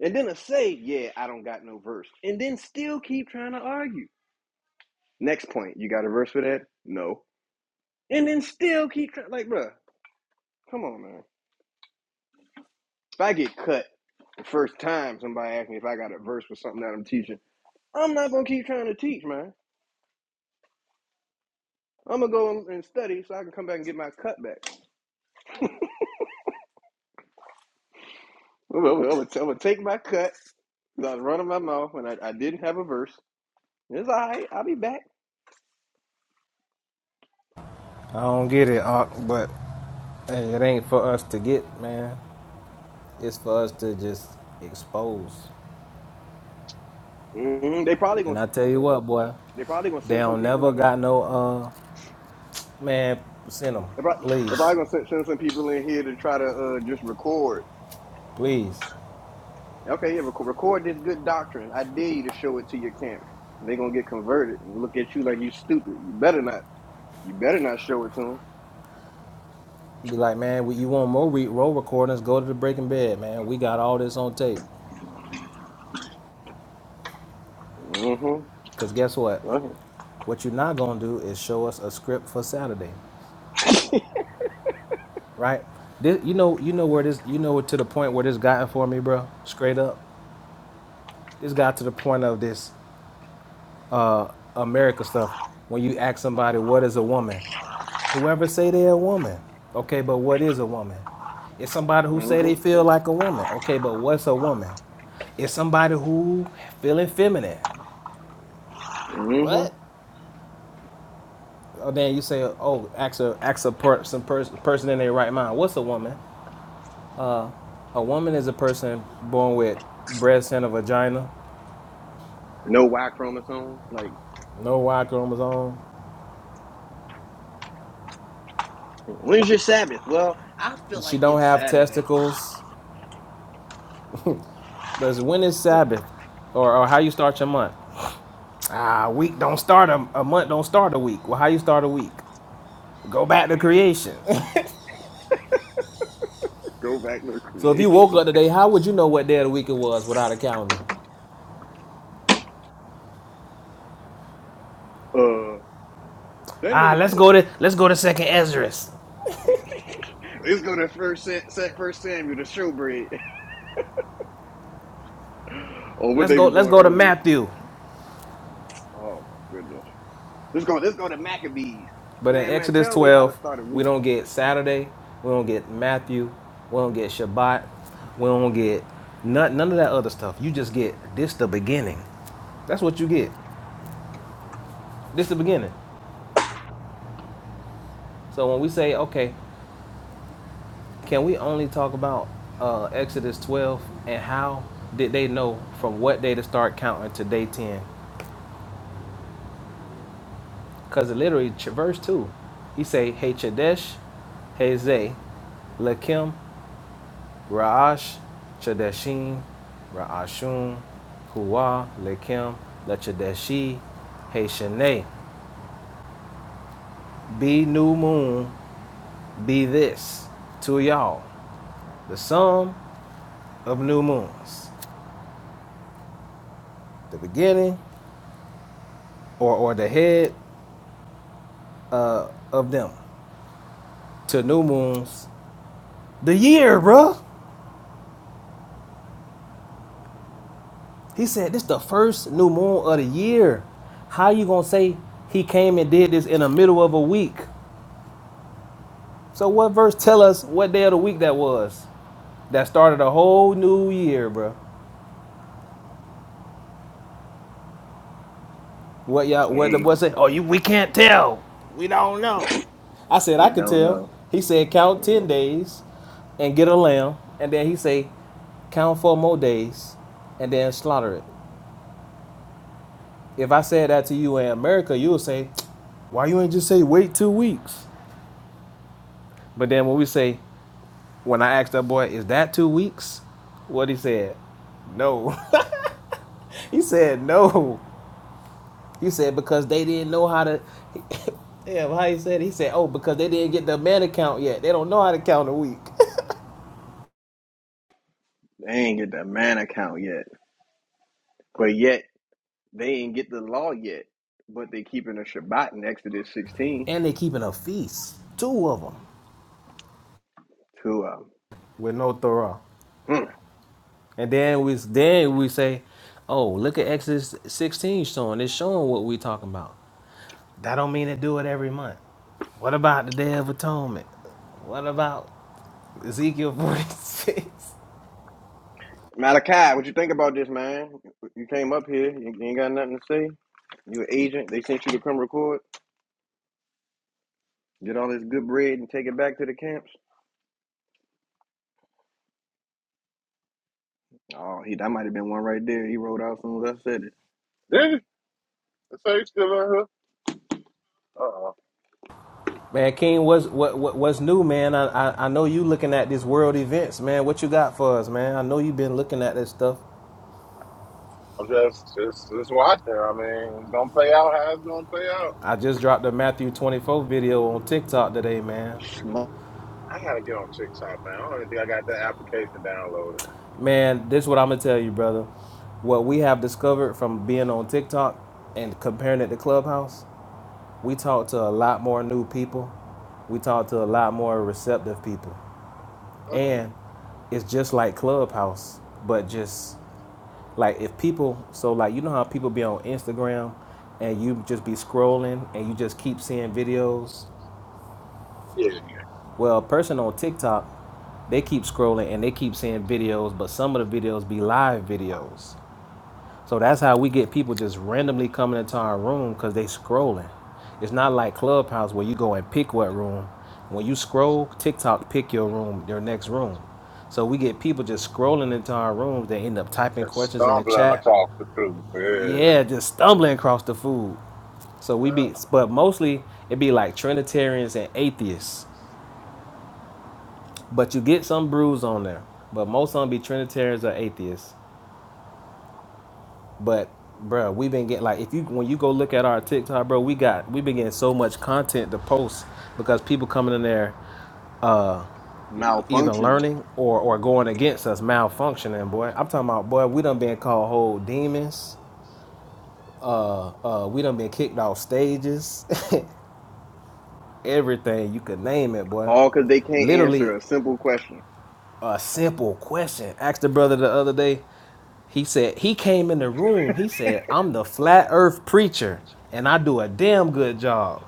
Speaker 1: And then to say, yeah, I don't got no verse, and then still keep trying to argue. Next point, you got a verse for that? No. And then still keep trying. Like, bruh, come on, man. If I get cut the first time somebody asks me if I got a verse for something that I'm teaching, I'm not gonna keep trying to teach, man. I'm gonna go and study so I can come back and get my cut back. I'm gonna, I'm gonna- I'm gonna take my cut 'cause I was running my mouth and I, I didn't have a verse. It's all right. I'll be back.
Speaker 5: I don't get it, but hey, it ain't for us to get, man. It's for us to just expose.
Speaker 1: Mhm. They probably gonna
Speaker 5: And I tell you what, boy,
Speaker 1: they probably gonna
Speaker 5: they
Speaker 1: send some
Speaker 5: don't
Speaker 1: people
Speaker 5: never
Speaker 1: in here.
Speaker 5: got no, uh, man, send them.
Speaker 1: They probably, they probably
Speaker 5: Please,
Speaker 1: gonna send, send some people in here to try to uh, just record.
Speaker 5: please.
Speaker 1: Okay, yeah, record, record this good doctrine. I dare you to show it to your camp. They gonna get converted and look at you like you stupid. You better not. You better not show it to them.
Speaker 5: Be like, man, you want more re- roll recordings, go to the Breaking Bed, man. We got all this on tape.
Speaker 1: Mm-hmm.
Speaker 5: Because guess what?
Speaker 1: Go ahead.
Speaker 5: What you're not going to do is show us a script for Saturday. right? This, you know, you know where this, you know, to the point where this gotten for me, bro. Straight up, this got to the point of this uh, America stuff. When you ask somebody what is a woman, whoever say they're a woman, okay, but what is a woman? It's somebody who say they
Speaker 1: Mm-hmm.
Speaker 5: feel like a woman, okay, but what's a woman? It's somebody who feeling feminine. What?
Speaker 1: Mm-hmm.
Speaker 5: Oh, then you say, oh, ask a ask a per, some pers- person in their right mind. What's a woman? A woman is a person born with breasts and a vagina
Speaker 1: No Y chromosome. Like
Speaker 5: No Y chromosome.
Speaker 1: When's your Sabbath? Well, I feel
Speaker 5: She
Speaker 1: like
Speaker 5: don't
Speaker 1: it's
Speaker 5: have
Speaker 1: Saturday.
Speaker 5: testicles. But it's when is Sabbath, or, or how you start your month? Ah, a week don't start a, a month. Don't start a week. Well, how you start a week? Go back to creation.
Speaker 1: Go back to
Speaker 5: so if
Speaker 1: creation.
Speaker 5: you woke up today, how would you know what day of the week it was without a calendar?
Speaker 1: Uh, that
Speaker 5: Ah,
Speaker 1: ain't
Speaker 5: let's go
Speaker 1: important.
Speaker 5: to let's go to Second Esdras.
Speaker 1: Let's go to first Sa- first Samuel, the showbread, or what
Speaker 5: Let's
Speaker 1: they
Speaker 5: go
Speaker 1: was
Speaker 5: let's
Speaker 1: doing
Speaker 5: go to
Speaker 1: earlier.
Speaker 5: Matthew.
Speaker 1: Oh my goodness. Let's go. Let's go to Maccabees.
Speaker 5: But in
Speaker 1: Man, man,
Speaker 5: Exodus
Speaker 1: tell me how to
Speaker 5: 12,
Speaker 1: start a
Speaker 5: we
Speaker 1: week.
Speaker 5: don't get Saturday, we don't get Matthew, we don't get Shabbat, we don't get none, none of that other stuff. You just get this the beginning. That's what you get. This the beginning. So when we say, okay, can we only talk about uh, Exodus 12 and how did they know from what day to start counting to day 10? Because literally, verse 2, he say, Hey Chadesh, Hey Zay, Lakim, Ra'ash, Chadeshim, Ra'ashun, Huwa, Lekim, Lechadeshi, Heshane. Be new moon, be this to y'all. The sum of new moons. The beginning or, or the head uh, of them. To new moons. The year, bruh. He said this the first new moon of the year. How you gonna say he came and did this in the middle of a week? So what verse tell us what day of the week that was? that started a whole new year, bro. What y'all?
Speaker 1: They
Speaker 5: What the boy said? Oh, you? We can't tell. We don't know. I said I
Speaker 1: We
Speaker 5: could
Speaker 1: don't
Speaker 5: tell.
Speaker 1: know.
Speaker 5: He said count ten days, and get a lamb, and then he say count four more days, and then slaughter it. If I said that to you in America, you would say, why you ain't just say wait two weeks? But then when we say, when I asked that boy, is that two weeks? What he said? No. he said no. You said because they didn't know how to. yeah, well, how he said it? he said, oh, because they didn't get the man account yet. They don't know how to count a week.
Speaker 1: They ain't get the man account yet, but yet they ain't get the law yet. But they keeping a Shabbat in Exodus sixteen.
Speaker 5: and they keeping a feast, two of them,
Speaker 1: To um,
Speaker 5: with no Torah.
Speaker 1: Hmm.
Speaker 5: And then we then we say, oh, look at Exodus 16 showing. It's showing what we talking about. That don't mean to do it every month. What about the Day of Atonement? What about Ezekiel 46?
Speaker 1: Malachi, what you think about this, man? You came up here, you ain't got nothing to say. You an agent? They sent you to come record, get all this good bread, and take it back to the camps. Oh, he that might have been one right there. He rolled out as soon as I said it.
Speaker 12: Did it? So you still in here? Uh-oh.
Speaker 5: Man, King, what's what, what what's new, man? I, I I know you looking at these world events, man. What you got for us, man? I know you've been looking at this stuff.
Speaker 12: I'm just, just, just watching. I mean, it's gonna play out how it's gonna play out.
Speaker 5: I just dropped a Matthew 24 video on TikTok today, man.
Speaker 12: I gotta get on TikTok, man. I don't even think I got that application downloaded.
Speaker 5: Man, this is what I'm gonna tell you, brother. What we have discovered from being on TikTok and comparing it to Clubhouse, we talk to a lot more new people. We talk to a lot more receptive people,
Speaker 12: Mm,
Speaker 5: and it's just like Clubhouse, but just Like if people, so like you know how people be on Instagram and you just be scrolling and you just keep seeing videos.
Speaker 12: yeah,
Speaker 5: Well, a person on TikTok, they keep scrolling and they keep seeing videos, but some of the videos be live videos. So that's how we get people just randomly coming into our room because they scrolling. It's not like Clubhouse where you go and pick what room. When you scroll, TikTok pick your room, your next room. So we get people just scrolling into our rooms. They end up typing
Speaker 12: that's
Speaker 5: questions in the
Speaker 12: stumbling
Speaker 5: chat.
Speaker 12: across the truth. Yeah.
Speaker 5: Yeah, just stumbling across the food. So we
Speaker 12: Uh,
Speaker 5: be, but mostly it be like Trinitarians and atheists. But you get some brews on there. But most of them be Trinitarians or atheists. But bruh, we been getting like if you when you go look at our TikTok, bro, we got we been getting so much content to post because people coming in there uh either
Speaker 1: Malfunctioning,
Speaker 5: learning or or going against us malfunctioning, boy. I'm talking about boy, we done been called whole demons. Uh, we done been kicked off stages. everything you could name it, boy.
Speaker 1: all because they can't answer
Speaker 5: Literally
Speaker 1: a simple question.
Speaker 5: a simple question. Asked the brother the other day. He said he came in the room. He said, "I'm the flat Earth preacher, and I do a damn good job."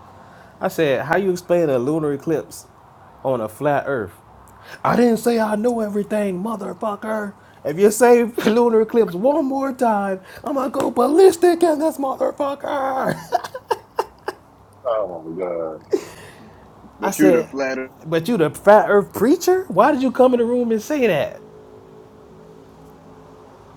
Speaker 5: I said, "How you explain a lunar eclipse on a flat Earth?" I didn't say I know everything, motherfucker. If you say lunar eclipse one more time, I'm gonna go ballistic in this motherfucker.
Speaker 12: Oh my god.
Speaker 5: I
Speaker 1: But you the
Speaker 5: said,
Speaker 1: flatter.
Speaker 5: but you the flat earth preacher? Why did you come in the room and say that?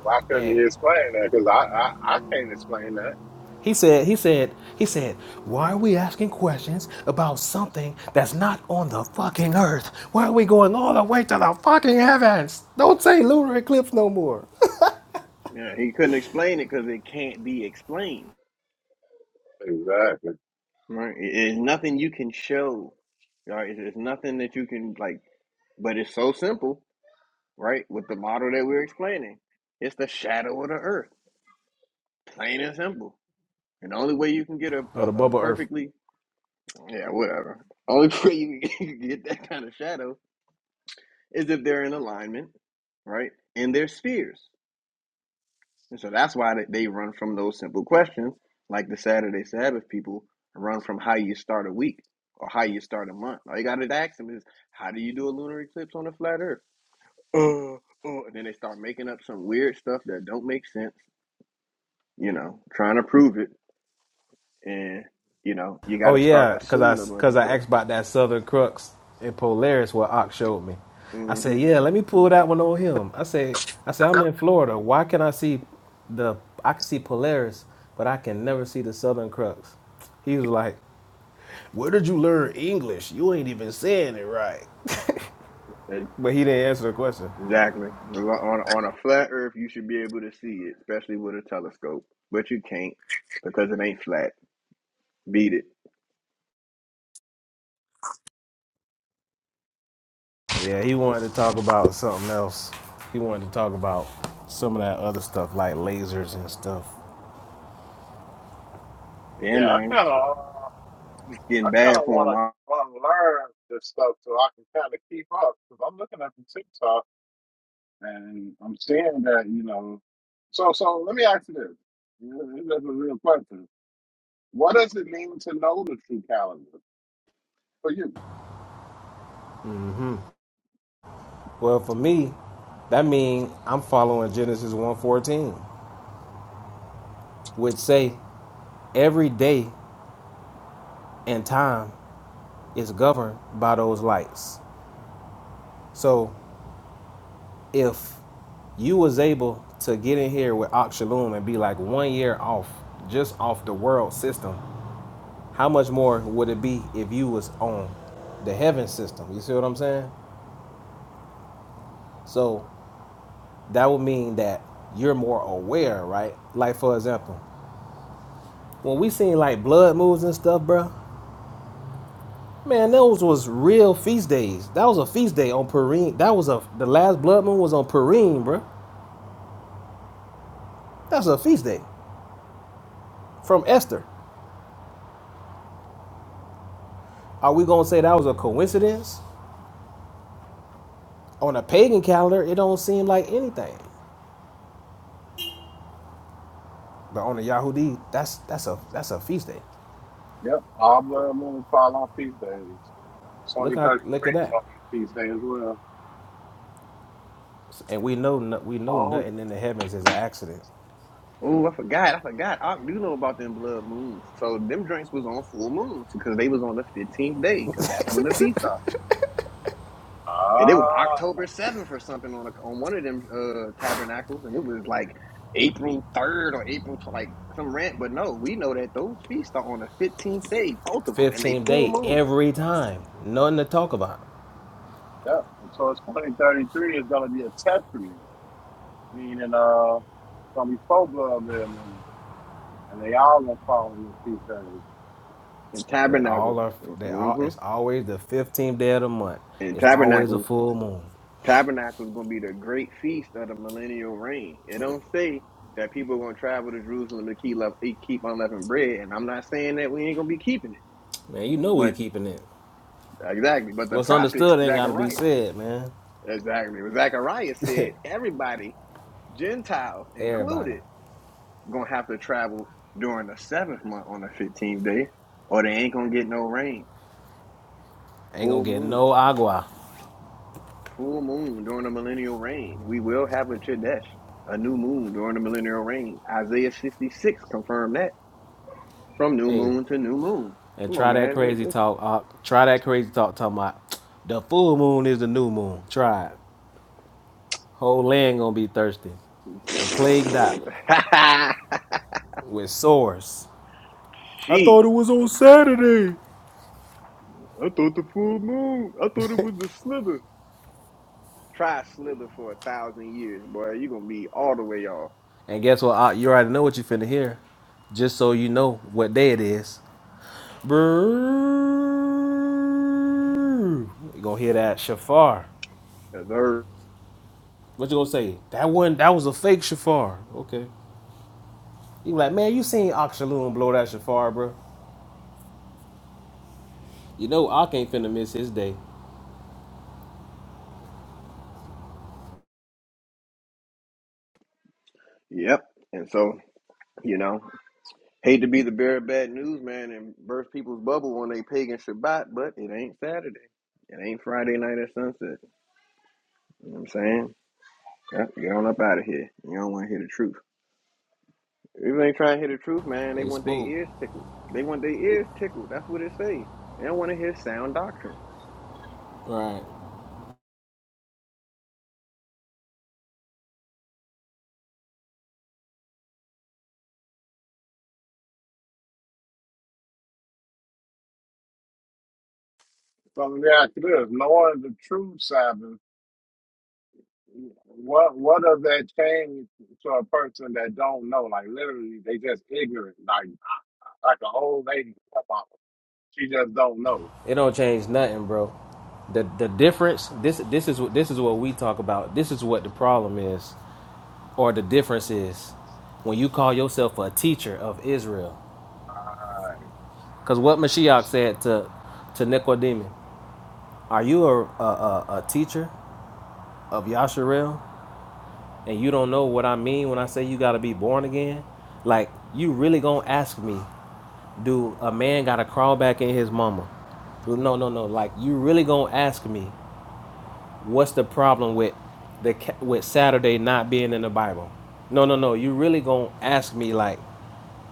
Speaker 12: Why couldn't
Speaker 5: And
Speaker 12: you explain that? Because I, I, I can't explain that.
Speaker 5: he said, he said, he said, why are we asking questions about something that's not on the fucking earth? Why are we going all the way to the fucking heavens? Don't say lunar eclipse no more.
Speaker 1: Yeah, he couldn't explain it because it can't be explained.
Speaker 12: Exactly.
Speaker 1: Right? It- It's nothing you can show. Right? It's it's nothing that you can like. But it's so simple. right? With the model that we're explaining, it's the shadow of the earth, plain and simple. And the only way you can get a,
Speaker 5: Or the
Speaker 1: a, a
Speaker 5: bubble earth.
Speaker 1: perfectly, yeah, whatever. Only way you can get that kind of shadow is if they're in alignment, right? In their spheres. And so that's why they they run from those simple questions, like the Saturday Sabbath people run from how you start a week or how you start a month. All you got to ask them is, how do you do a lunar eclipse on a flat earth? Uh, uh, and then they start making up some weird stuff that don't make sense you know, trying to prove it, and you know, you got
Speaker 5: Oh
Speaker 1: to start
Speaker 5: yeah, cause I
Speaker 1: assuming a bunch of
Speaker 5: cause I
Speaker 1: stuff.
Speaker 5: asked about that Southern Crux in Polaris what Ox showed me. I
Speaker 1: hmm
Speaker 5: said, yeah, let me pull that one on him. I said, I said I'm in Florida. Why can I see the I can see Polaris, but I can never see the Southern Crux. He was like, where did you learn English? You ain't even saying it right. But he didn't answer the question.
Speaker 1: Exactly. On on a flat Earth, you should be able to see it, especially with a telescope, but you can't because it ain't flat. Beat it.
Speaker 5: Yeah, he wanted to talk about something else. He wanted to talk about some of that other stuff like lasers and stuff.
Speaker 1: Yeah,
Speaker 12: Yeah, I
Speaker 1: man,
Speaker 12: kind of, uh,
Speaker 1: it's
Speaker 12: I
Speaker 1: getting
Speaker 12: kind
Speaker 1: bad
Speaker 12: of
Speaker 1: for him.
Speaker 12: want to want to learn this stuff so I can kind of keep up. Because I'm looking at the TikToks. And I'm seeing that, you know, so so let me ask you this. You know, This is a real question. What does it mean to know the true calendar for you?
Speaker 5: Well, for me, that means I'm following Genesis one fourteen, which say every day and time is governed by those lights. So if you was able to get in here with Oxalum and be like one year off, just off the world system, how much more would it be if you was on the heaven system? You see what I'm saying? So that would mean that you're more aware, right? Like for example, when we seen like blood moves and stuff, bro. Man, those was real feast days. That was a feast day on Purim. That was a the last blood moon was on Purim, bro. That's a feast day from Esther. Are we gonna say that was a coincidence? On a pagan calendar, it don't seem like anything. But on a Yahudi, that's that's a that's a feast day.
Speaker 12: Yep. All blood moon fall on feast days.
Speaker 5: Look
Speaker 12: Twenty
Speaker 5: how
Speaker 12: thirty
Speaker 5: look at
Speaker 12: three is
Speaker 5: that.
Speaker 12: on your feast day as well.
Speaker 5: And we know no- we know
Speaker 1: Oh,
Speaker 5: nothing in the heavens is an accident.
Speaker 1: oh, I forgot. I forgot. I do know about them blood moons. So them drinks was on full moons because they was on the fifteenth day because that's when the feast off. and it was
Speaker 12: Ah,
Speaker 1: October seventh or something on a, on one of them uh, tabernacles, and it was like April third or April tw- like some rant. But no, we know that those feasts are on the fifteenth day, both of them, and they
Speaker 5: 15th
Speaker 1: full
Speaker 5: day
Speaker 1: moon
Speaker 5: every time. Nothing to talk about.
Speaker 12: yep. And so it's twenty thirty three is gonna be a test for you. Meaning uh it's gonna be four blood red moon. And they all gonna fall on the feast days.
Speaker 1: and
Speaker 5: They
Speaker 1: tabernacles.
Speaker 5: all are. They all.
Speaker 1: hmm
Speaker 5: It's always the fifteenth day of the month.
Speaker 1: And
Speaker 5: It's always a
Speaker 1: tabernacles,
Speaker 5: full moon.
Speaker 1: tabernacles gonna be the great feast of the millennial reign. It don't say that people are gonna travel to Jerusalem to keep lev- eat- keep unleavened bread, and I'm not saying that we ain't gonna be keeping it,
Speaker 5: Man, you know we
Speaker 1: but
Speaker 5: keeping it.
Speaker 1: exactly. But the
Speaker 5: What's
Speaker 1: prophet
Speaker 5: understood ain't gotta be
Speaker 1: Zechariah.
Speaker 5: said, man.
Speaker 1: Exactly. But Zachariah said everybody, Gentiles
Speaker 5: Everybody
Speaker 1: included, gonna have to travel during the seventh month on the fifteenth day, or they ain't gonna get no rain.
Speaker 5: ain't
Speaker 1: Full
Speaker 5: gonna get
Speaker 1: moon.
Speaker 5: no agua.
Speaker 1: Full moon during the millennial reign. We will have a Chadesh, a new moon during the millennial reign. Isaiah 66 confirmed that. From new
Speaker 5: Hey,
Speaker 1: moon to new moon.
Speaker 5: and
Speaker 1: Come on,
Speaker 5: try that
Speaker 1: man.
Speaker 5: crazy
Speaker 1: It-
Speaker 5: talk. Uh, try that crazy talk talking about the full moon is the new moon. Try it. Whole land gonna be thirsty and plagued out with sores. I
Speaker 1: Sheesh.
Speaker 5: thought it was on Saturday.
Speaker 1: I thought the full moon. I thought it was the slither. Try slither for a thousand years, boy. You're gonna be all the way off.
Speaker 5: And guess what? Ock, you already know what you finna hear. Just so you know what day it is. Brrrr. You gonna hear that shafar.
Speaker 1: Deserved.
Speaker 5: What you gonna say? That one, that was a fake shofar. Okay. You like, man, you seen Oxaloon blow that shofar, bro. You know I ain't finna miss his day.
Speaker 1: Yep. And so, you know, hate to be the bearer of bad news, man, and burst people's bubble when they pagan Shabbat, but it ain't Saturday. It ain't Friday night at sunset. You know what I'm saying? Yep, get on up out of here. You don't want to hear the truth. If they ain't trying to hear the truth, man, they
Speaker 5: They
Speaker 1: want their
Speaker 5: spook.
Speaker 1: ears tickled. They want their ears tickled. That's what it say. They don't want to hear sound doctrine.
Speaker 5: Right.
Speaker 12: So let me ask you this, knowing the true Sabbath What what does that change to a person that don't know? Like literally, they just ignorant. Like like an old lady, she just don't know.
Speaker 5: It don't change nothing, bro. The the difference, this this is what this is what we talk about. This is what the problem is, or the difference is, when you call yourself a teacher of Israel.
Speaker 12: Right.
Speaker 5: Cause what Mashiach said to to Nicodemus, are you a a, a, a teacher of Yasharel? and you don't know what I mean when I say you gotta be born again, like you really gonna ask me, do a man gotta crawl back in his mama? Well, No, no, no. Like you really gonna ask me, what's the problem with the with Saturday not being in the Bible? No, no, no. You really gonna ask me like,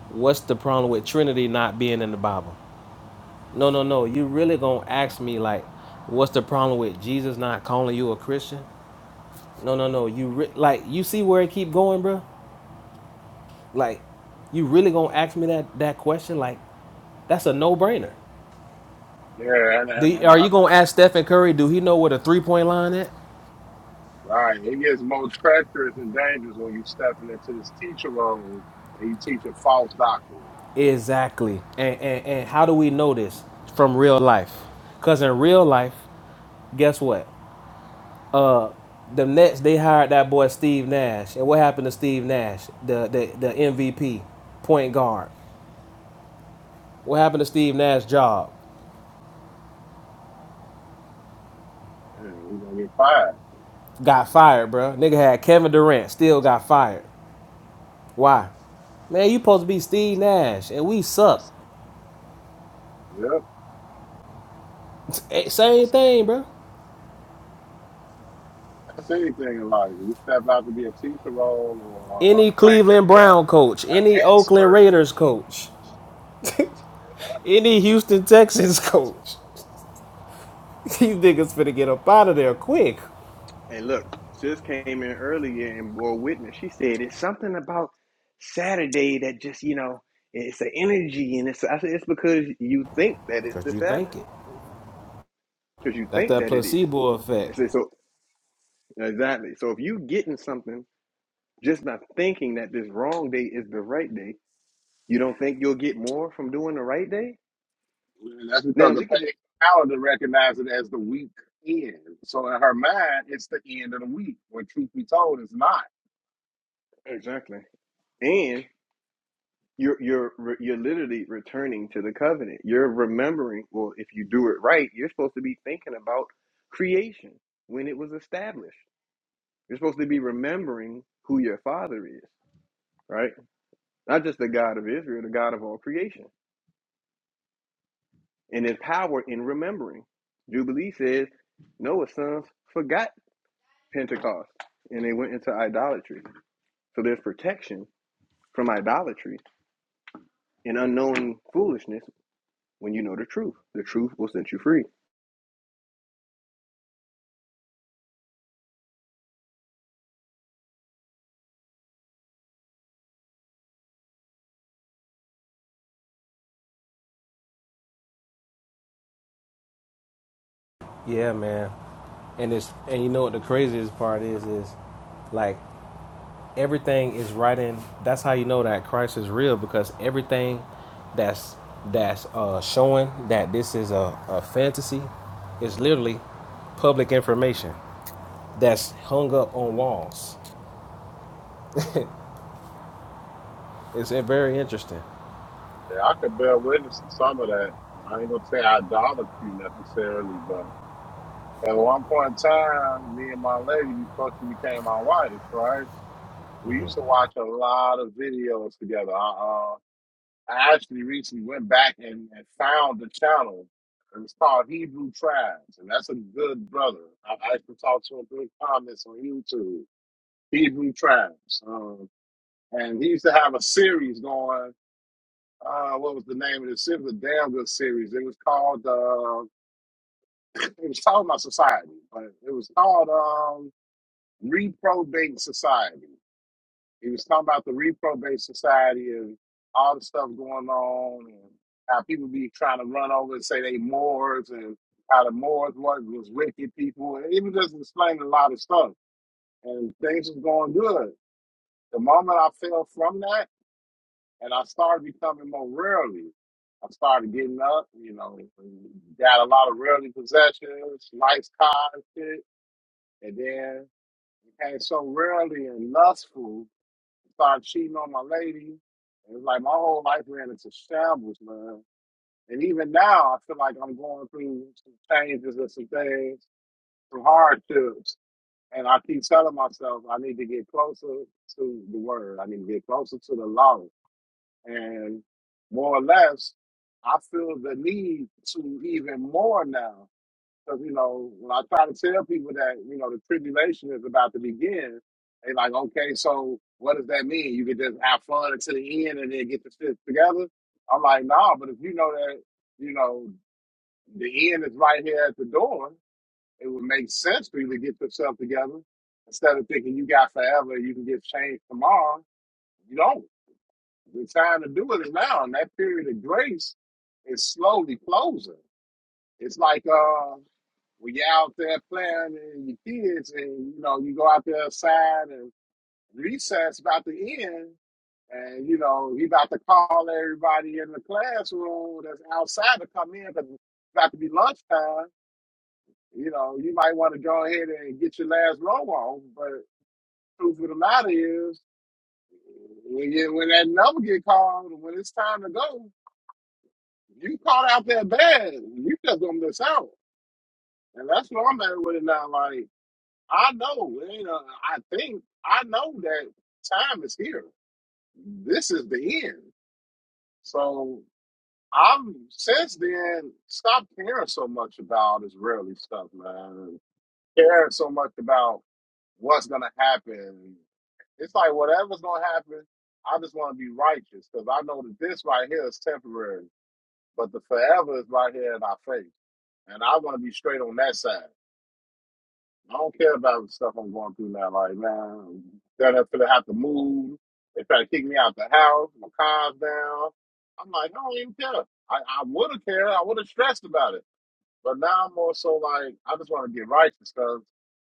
Speaker 5: what's the problem with Trinity not being in the Bible? No, no, no. You really gonna ask me like, what's the problem with Jesus not calling you a Christian? No, no, no. You re- like you see where it keep going, bro? Like, you really gonna ask me that that question? Like, that's a no brainer.
Speaker 12: Yeah, and and,
Speaker 5: The,
Speaker 12: and
Speaker 5: are you gonna ask Stephen Curry? Do he know where the three point line is?
Speaker 12: right. It gets more treacherous and dangerous when you stepping into this teacher role and you teach a false doctrine.
Speaker 5: Exactly. And, and and how do we know this from real life? Cause in real life, guess what? Uh, the Nets they hired that boy Steve Nash, and what happened to Steve Nash, the the, the MVP point guard? What happened to Steve Nash's job?
Speaker 12: Yeah, you gonna get fired.
Speaker 5: Got fired, bro. Nigga had Kevin Durant, still got fired. Why? Man, you supposed to be Steve Nash, and we suck.
Speaker 12: Yep,
Speaker 5: Same thing, bro.
Speaker 12: that's anything in life. You step out to be a teacher role or uh,
Speaker 5: Any
Speaker 12: claim to
Speaker 5: Cleveland
Speaker 12: be a
Speaker 5: Brown coach, any
Speaker 12: an
Speaker 5: Oakland
Speaker 12: expert.
Speaker 5: Raiders coach,
Speaker 12: Yeah.
Speaker 5: any Houston Texans coach, these niggas finna get up out of there quick.
Speaker 1: Hey, look, sis came in earlier and bore witness. She said it's something about Saturday that just, you know, it's an energy, and it's. I said it's because you think that it's the
Speaker 5: Cause you
Speaker 1: Sabbath,
Speaker 5: think it.
Speaker 1: because you
Speaker 5: That's
Speaker 1: think
Speaker 5: that
Speaker 1: that it is.
Speaker 5: placebo
Speaker 1: I
Speaker 5: effect.
Speaker 1: said so exactly. So if you getting something just by thinking that this wrong day is the right day, you don't think you'll get more from doing the right day?
Speaker 12: And that's
Speaker 1: Now
Speaker 12: because the
Speaker 1: look at it
Speaker 12: pagan calendar recognizes it as the week end. So in her mind, it's the end of the week. When truth be told, it's not.
Speaker 1: exactly. and. You're you're you're literally returning to the covenant. You're remembering. Well, if you do it right, you're supposed to be thinking about creation when it was established. You're supposed to be remembering who your Father is, right? Not just the God of Israel, the God of all creation, and His power in remembering. Jubilee says Noah's sons forgot Pentecost and they went into idolatry. So there's protection from idolatry and unknowing foolishness when you know the truth. The truth will set you free.
Speaker 5: Yeah, man. And it's and you know what the craziest part is is like everything is right in. That's how you know that Christ is real because everything that's that's uh, showing that this is a, a fantasy is literally public information that's hung up on walls. It's uh, very interesting.
Speaker 12: Yeah, I could bear witness to some of that. I ain't gonna say idolatry necessarily, but at one point in time, me and my lady, you fucking became my wife, right? We used to watch a lot of videos together. Uh. I actually recently went back and, and found the channel. It was called Hebrew Tribes, and that's a good brother. I I actually talked to him through the comments on YouTube. Hebrew Tribes, um, and he used to have a series going. Uh, what was the name of the It was a damn good series. It was called. Uh, it was talking about society, but it was called um, Reprobating Society. He was talking about the reprobate society and all the stuff going on and how people be trying to run over and say they Moors and how the Moors was, was wicked people. And he was just explaining a lot of stuff and things was going good. The moment I fell from that and I started becoming more rarely, I started getting up, you know, got a lot of rarely possessions, nice cars, and shit, and then became so rarely and lustful started cheating on my lady. It was like my whole life ran into shambles, man. And even now, I feel like I'm going through some changes and some things, some hardships. And I keep telling myself I need to get closer to the word. I need to get closer to the law. And more or less, I feel the need to even more now because, you know, when I try to tell people that, you know, the tribulation is about to begin, they're like, okay, so what does that mean? You can just have fun until the end and then get the shit together? I'm like, nah, but if you know that, you know, the end is right here at the door, it would make sense for you to get yourself together instead of thinking you got forever, you can get changed tomorrow. You don't. The time to do it is now. And that period of grace is slowly closing. It's like, uh, when you're out there playing and your kids and you know you go out there outside and recess about to end and you know he about to call everybody in the classroom that's outside to come in because it's about to be lunchtime you know you might want to go ahead and get your last row on but truth of the matter is when, you, when that number get called when it's time to go you caught out there bad you just gonna miss out and that's what i'm at with it now like I know, you know, I think I know that time is here. This is the end. So I'm since then stopped caring so much about Israeli stuff, man. Caring so much about what's gonna happen. It's like whatever's gonna happen, I just want to be righteous because I know that this right here is temporary, but the forever is right here in our face, and I want to be straight on that side. I don't care about the stuff I'm going through now. Like, man, they're not gonna have to move. They try to kick me out the house. My car's down. I'm like, I don't even care. I, I would have cared. I would have stressed about it. But now I'm more so like, I just want to get righteous because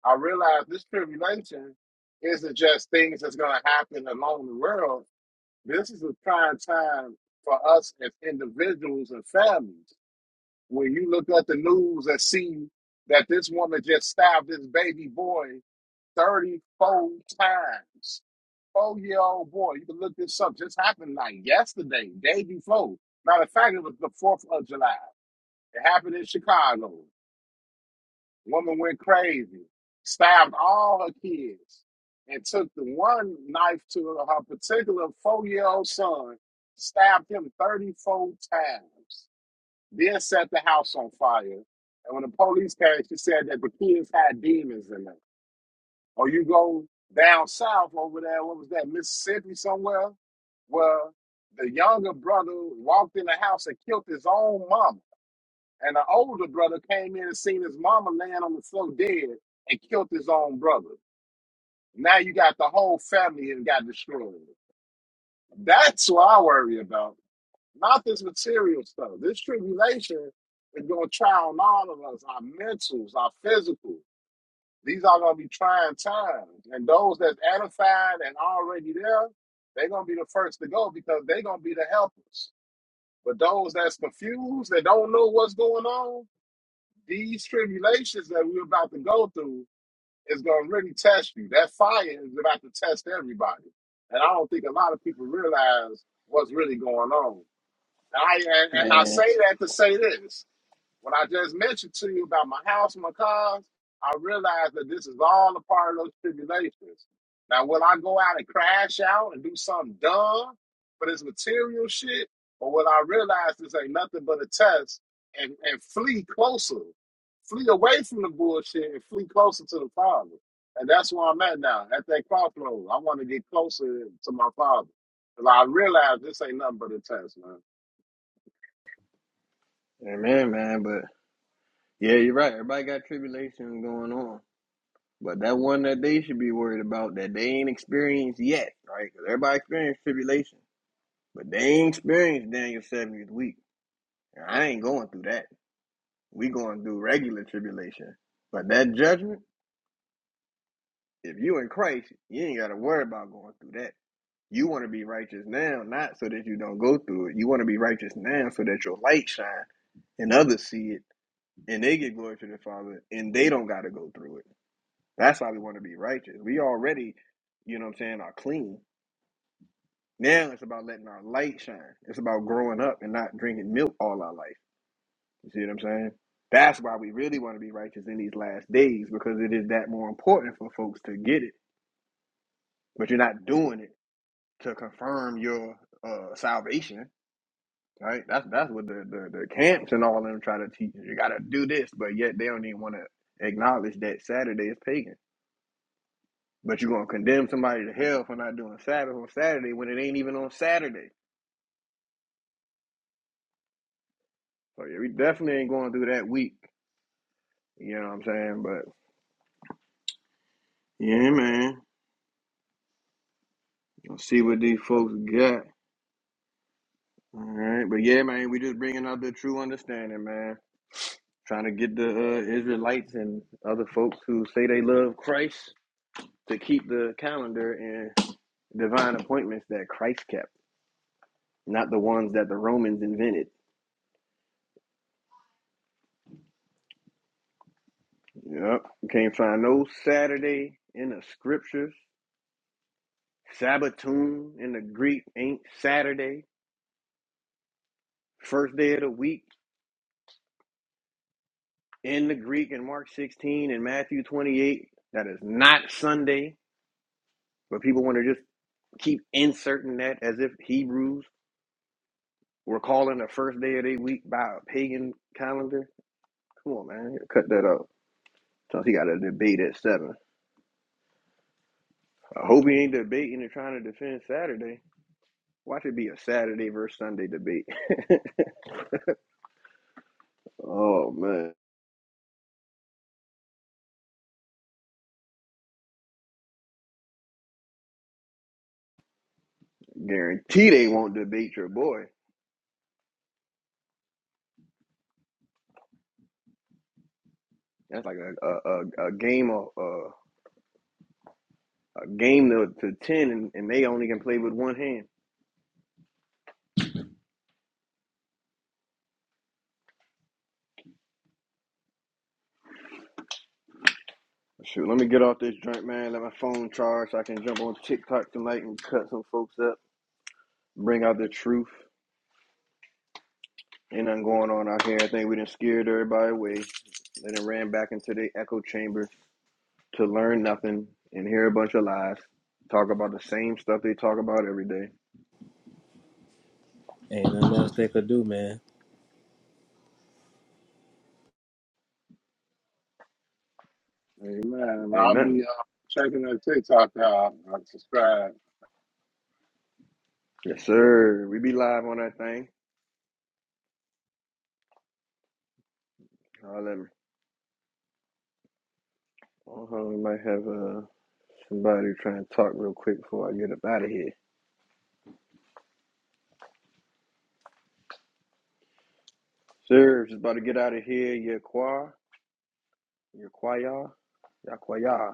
Speaker 12: I realize this tribulation isn't just things that's going to happen along the world. This is a trying time for us as individuals and families. When you look at the news and see that this woman just stabbed this baby boy 34 times. Four year old boy, you can look this up. Just happened like yesterday, day before. Matter of fact, it was the 4th of July. It happened in Chicago. Woman went crazy, stabbed all her kids, and took the one knife to her particular four year old son, stabbed him 34 times then set the house on fire. And when the police came, she said that the kids had demons in them. Or you go down south over there, what was that, Mississippi somewhere, where the younger brother walked in the house and killed his own mama. And the older brother came in and seen his mama laying on the floor dead and killed his own brother. Now you got the whole family and got destroyed. That's what I worry about. Not this material stuff. This tribulation is going to try on all of us, our mentals, our physical. These are going to be trying times. And those that's edified and already there, they're going to be the first to go because they're going to be the helpers. But those that's confused, that don't know what's going on, these tribulations that we're about to go through is going to really test you. That fire is about to test everybody. And I don't think a lot of people realize what's really going on. I and, and I
Speaker 1: man.
Speaker 12: say that to say this. What I just mentioned to you about my house, my cars, I realize that this is all a part of those tribulations. Now, will I go out and crash out and do something dumb for this material shit? Or will I realize this ain't nothing but a test and, and flee closer? Flee away from the bullshit and flee closer to the Father. And that's where I'm at now, at that crossroad. I want to get closer to my Father. Because I realize this ain't nothing but a test, man.
Speaker 1: Amen, man. But yeah, you're right. Everybody got tribulations going on. But that one that they should be worried about that they ain't experienced yet, right? Cause everybody experienced tribulation. But they ain't experienced Daniel's 70th week. And I ain't going through that. We going through regular tribulation. But that judgment, if you in Christ, you ain't got to worry about going through that. You want to be righteous now, not so that you don't go through it. You want to be righteous now so that your light shine and others see it and they get glory to the Father and they don't got to go through it. That's why we want to be righteous. We already, you know what I'm saying, are clean. Now it's about letting our light shine. It's about growing up and not drinking milk all our life. You see what I'm saying? That's why we really want to be righteous in these last days because it is that more important for folks to get it. But you're not doing it to confirm your uh, salvation, right? That's that's what the, the, the camps and all of them try to teach. You got to do this, but yet they don't even want to acknowledge that Saturday is pagan. But you're gonna condemn somebody to hell for not doing Sabbath on Saturday when it ain't even on Saturday. So yeah, we definitely ain't going through that week. You know what I'm saying? But yeah, man. Let's see what these folks got. All right, but yeah, man, we just bringing out the true understanding, man. Trying to get the uh, Israelites and other folks who say they love Christ to keep the calendar and divine appointments that Christ kept, not the ones that the Romans invented. Yep, you can't find no Saturday in the scriptures Sabbatoon in the Greek ain't Saturday, first day of the week in the Greek in Mark 16 and Matthew 28. That is not Sunday, but people want to just keep inserting that as if Hebrews were calling the first day of their week by a pagan calendar. Come on, man, cut that out. Since he got a debate at seven, I hope he ain't debating and trying to defend Saturday. Watch it be a Saturday versus Sunday debate. oh man, guarantee they won't debate your boy. That's like a a, a, a game of uh, a game to, to ten, and, and they only can play with one hand. Shoot, let me get off this drink, man. Let my phone charge. So I can jump on TikTok tonight and cut some folks up. Bring out the truth. Ain't nothing going on out here. I think we done scared everybody away. They done ran back into the echo chamber to learn nothing and hear a bunch of lies. Talk about the same stuff they talk about every day.
Speaker 12: Amen. And
Speaker 1: Ain't
Speaker 12: I'll
Speaker 1: nothing.
Speaker 12: be uh, checking that TikTok out. I subscribe.
Speaker 1: Yes, sir. We be live on that thing. Holler at me. Uh-huh. We might have uh Somebody trying to talk real quick before I get up out of here. Sir, just about to get out of here. Your choir, your choir, your choir.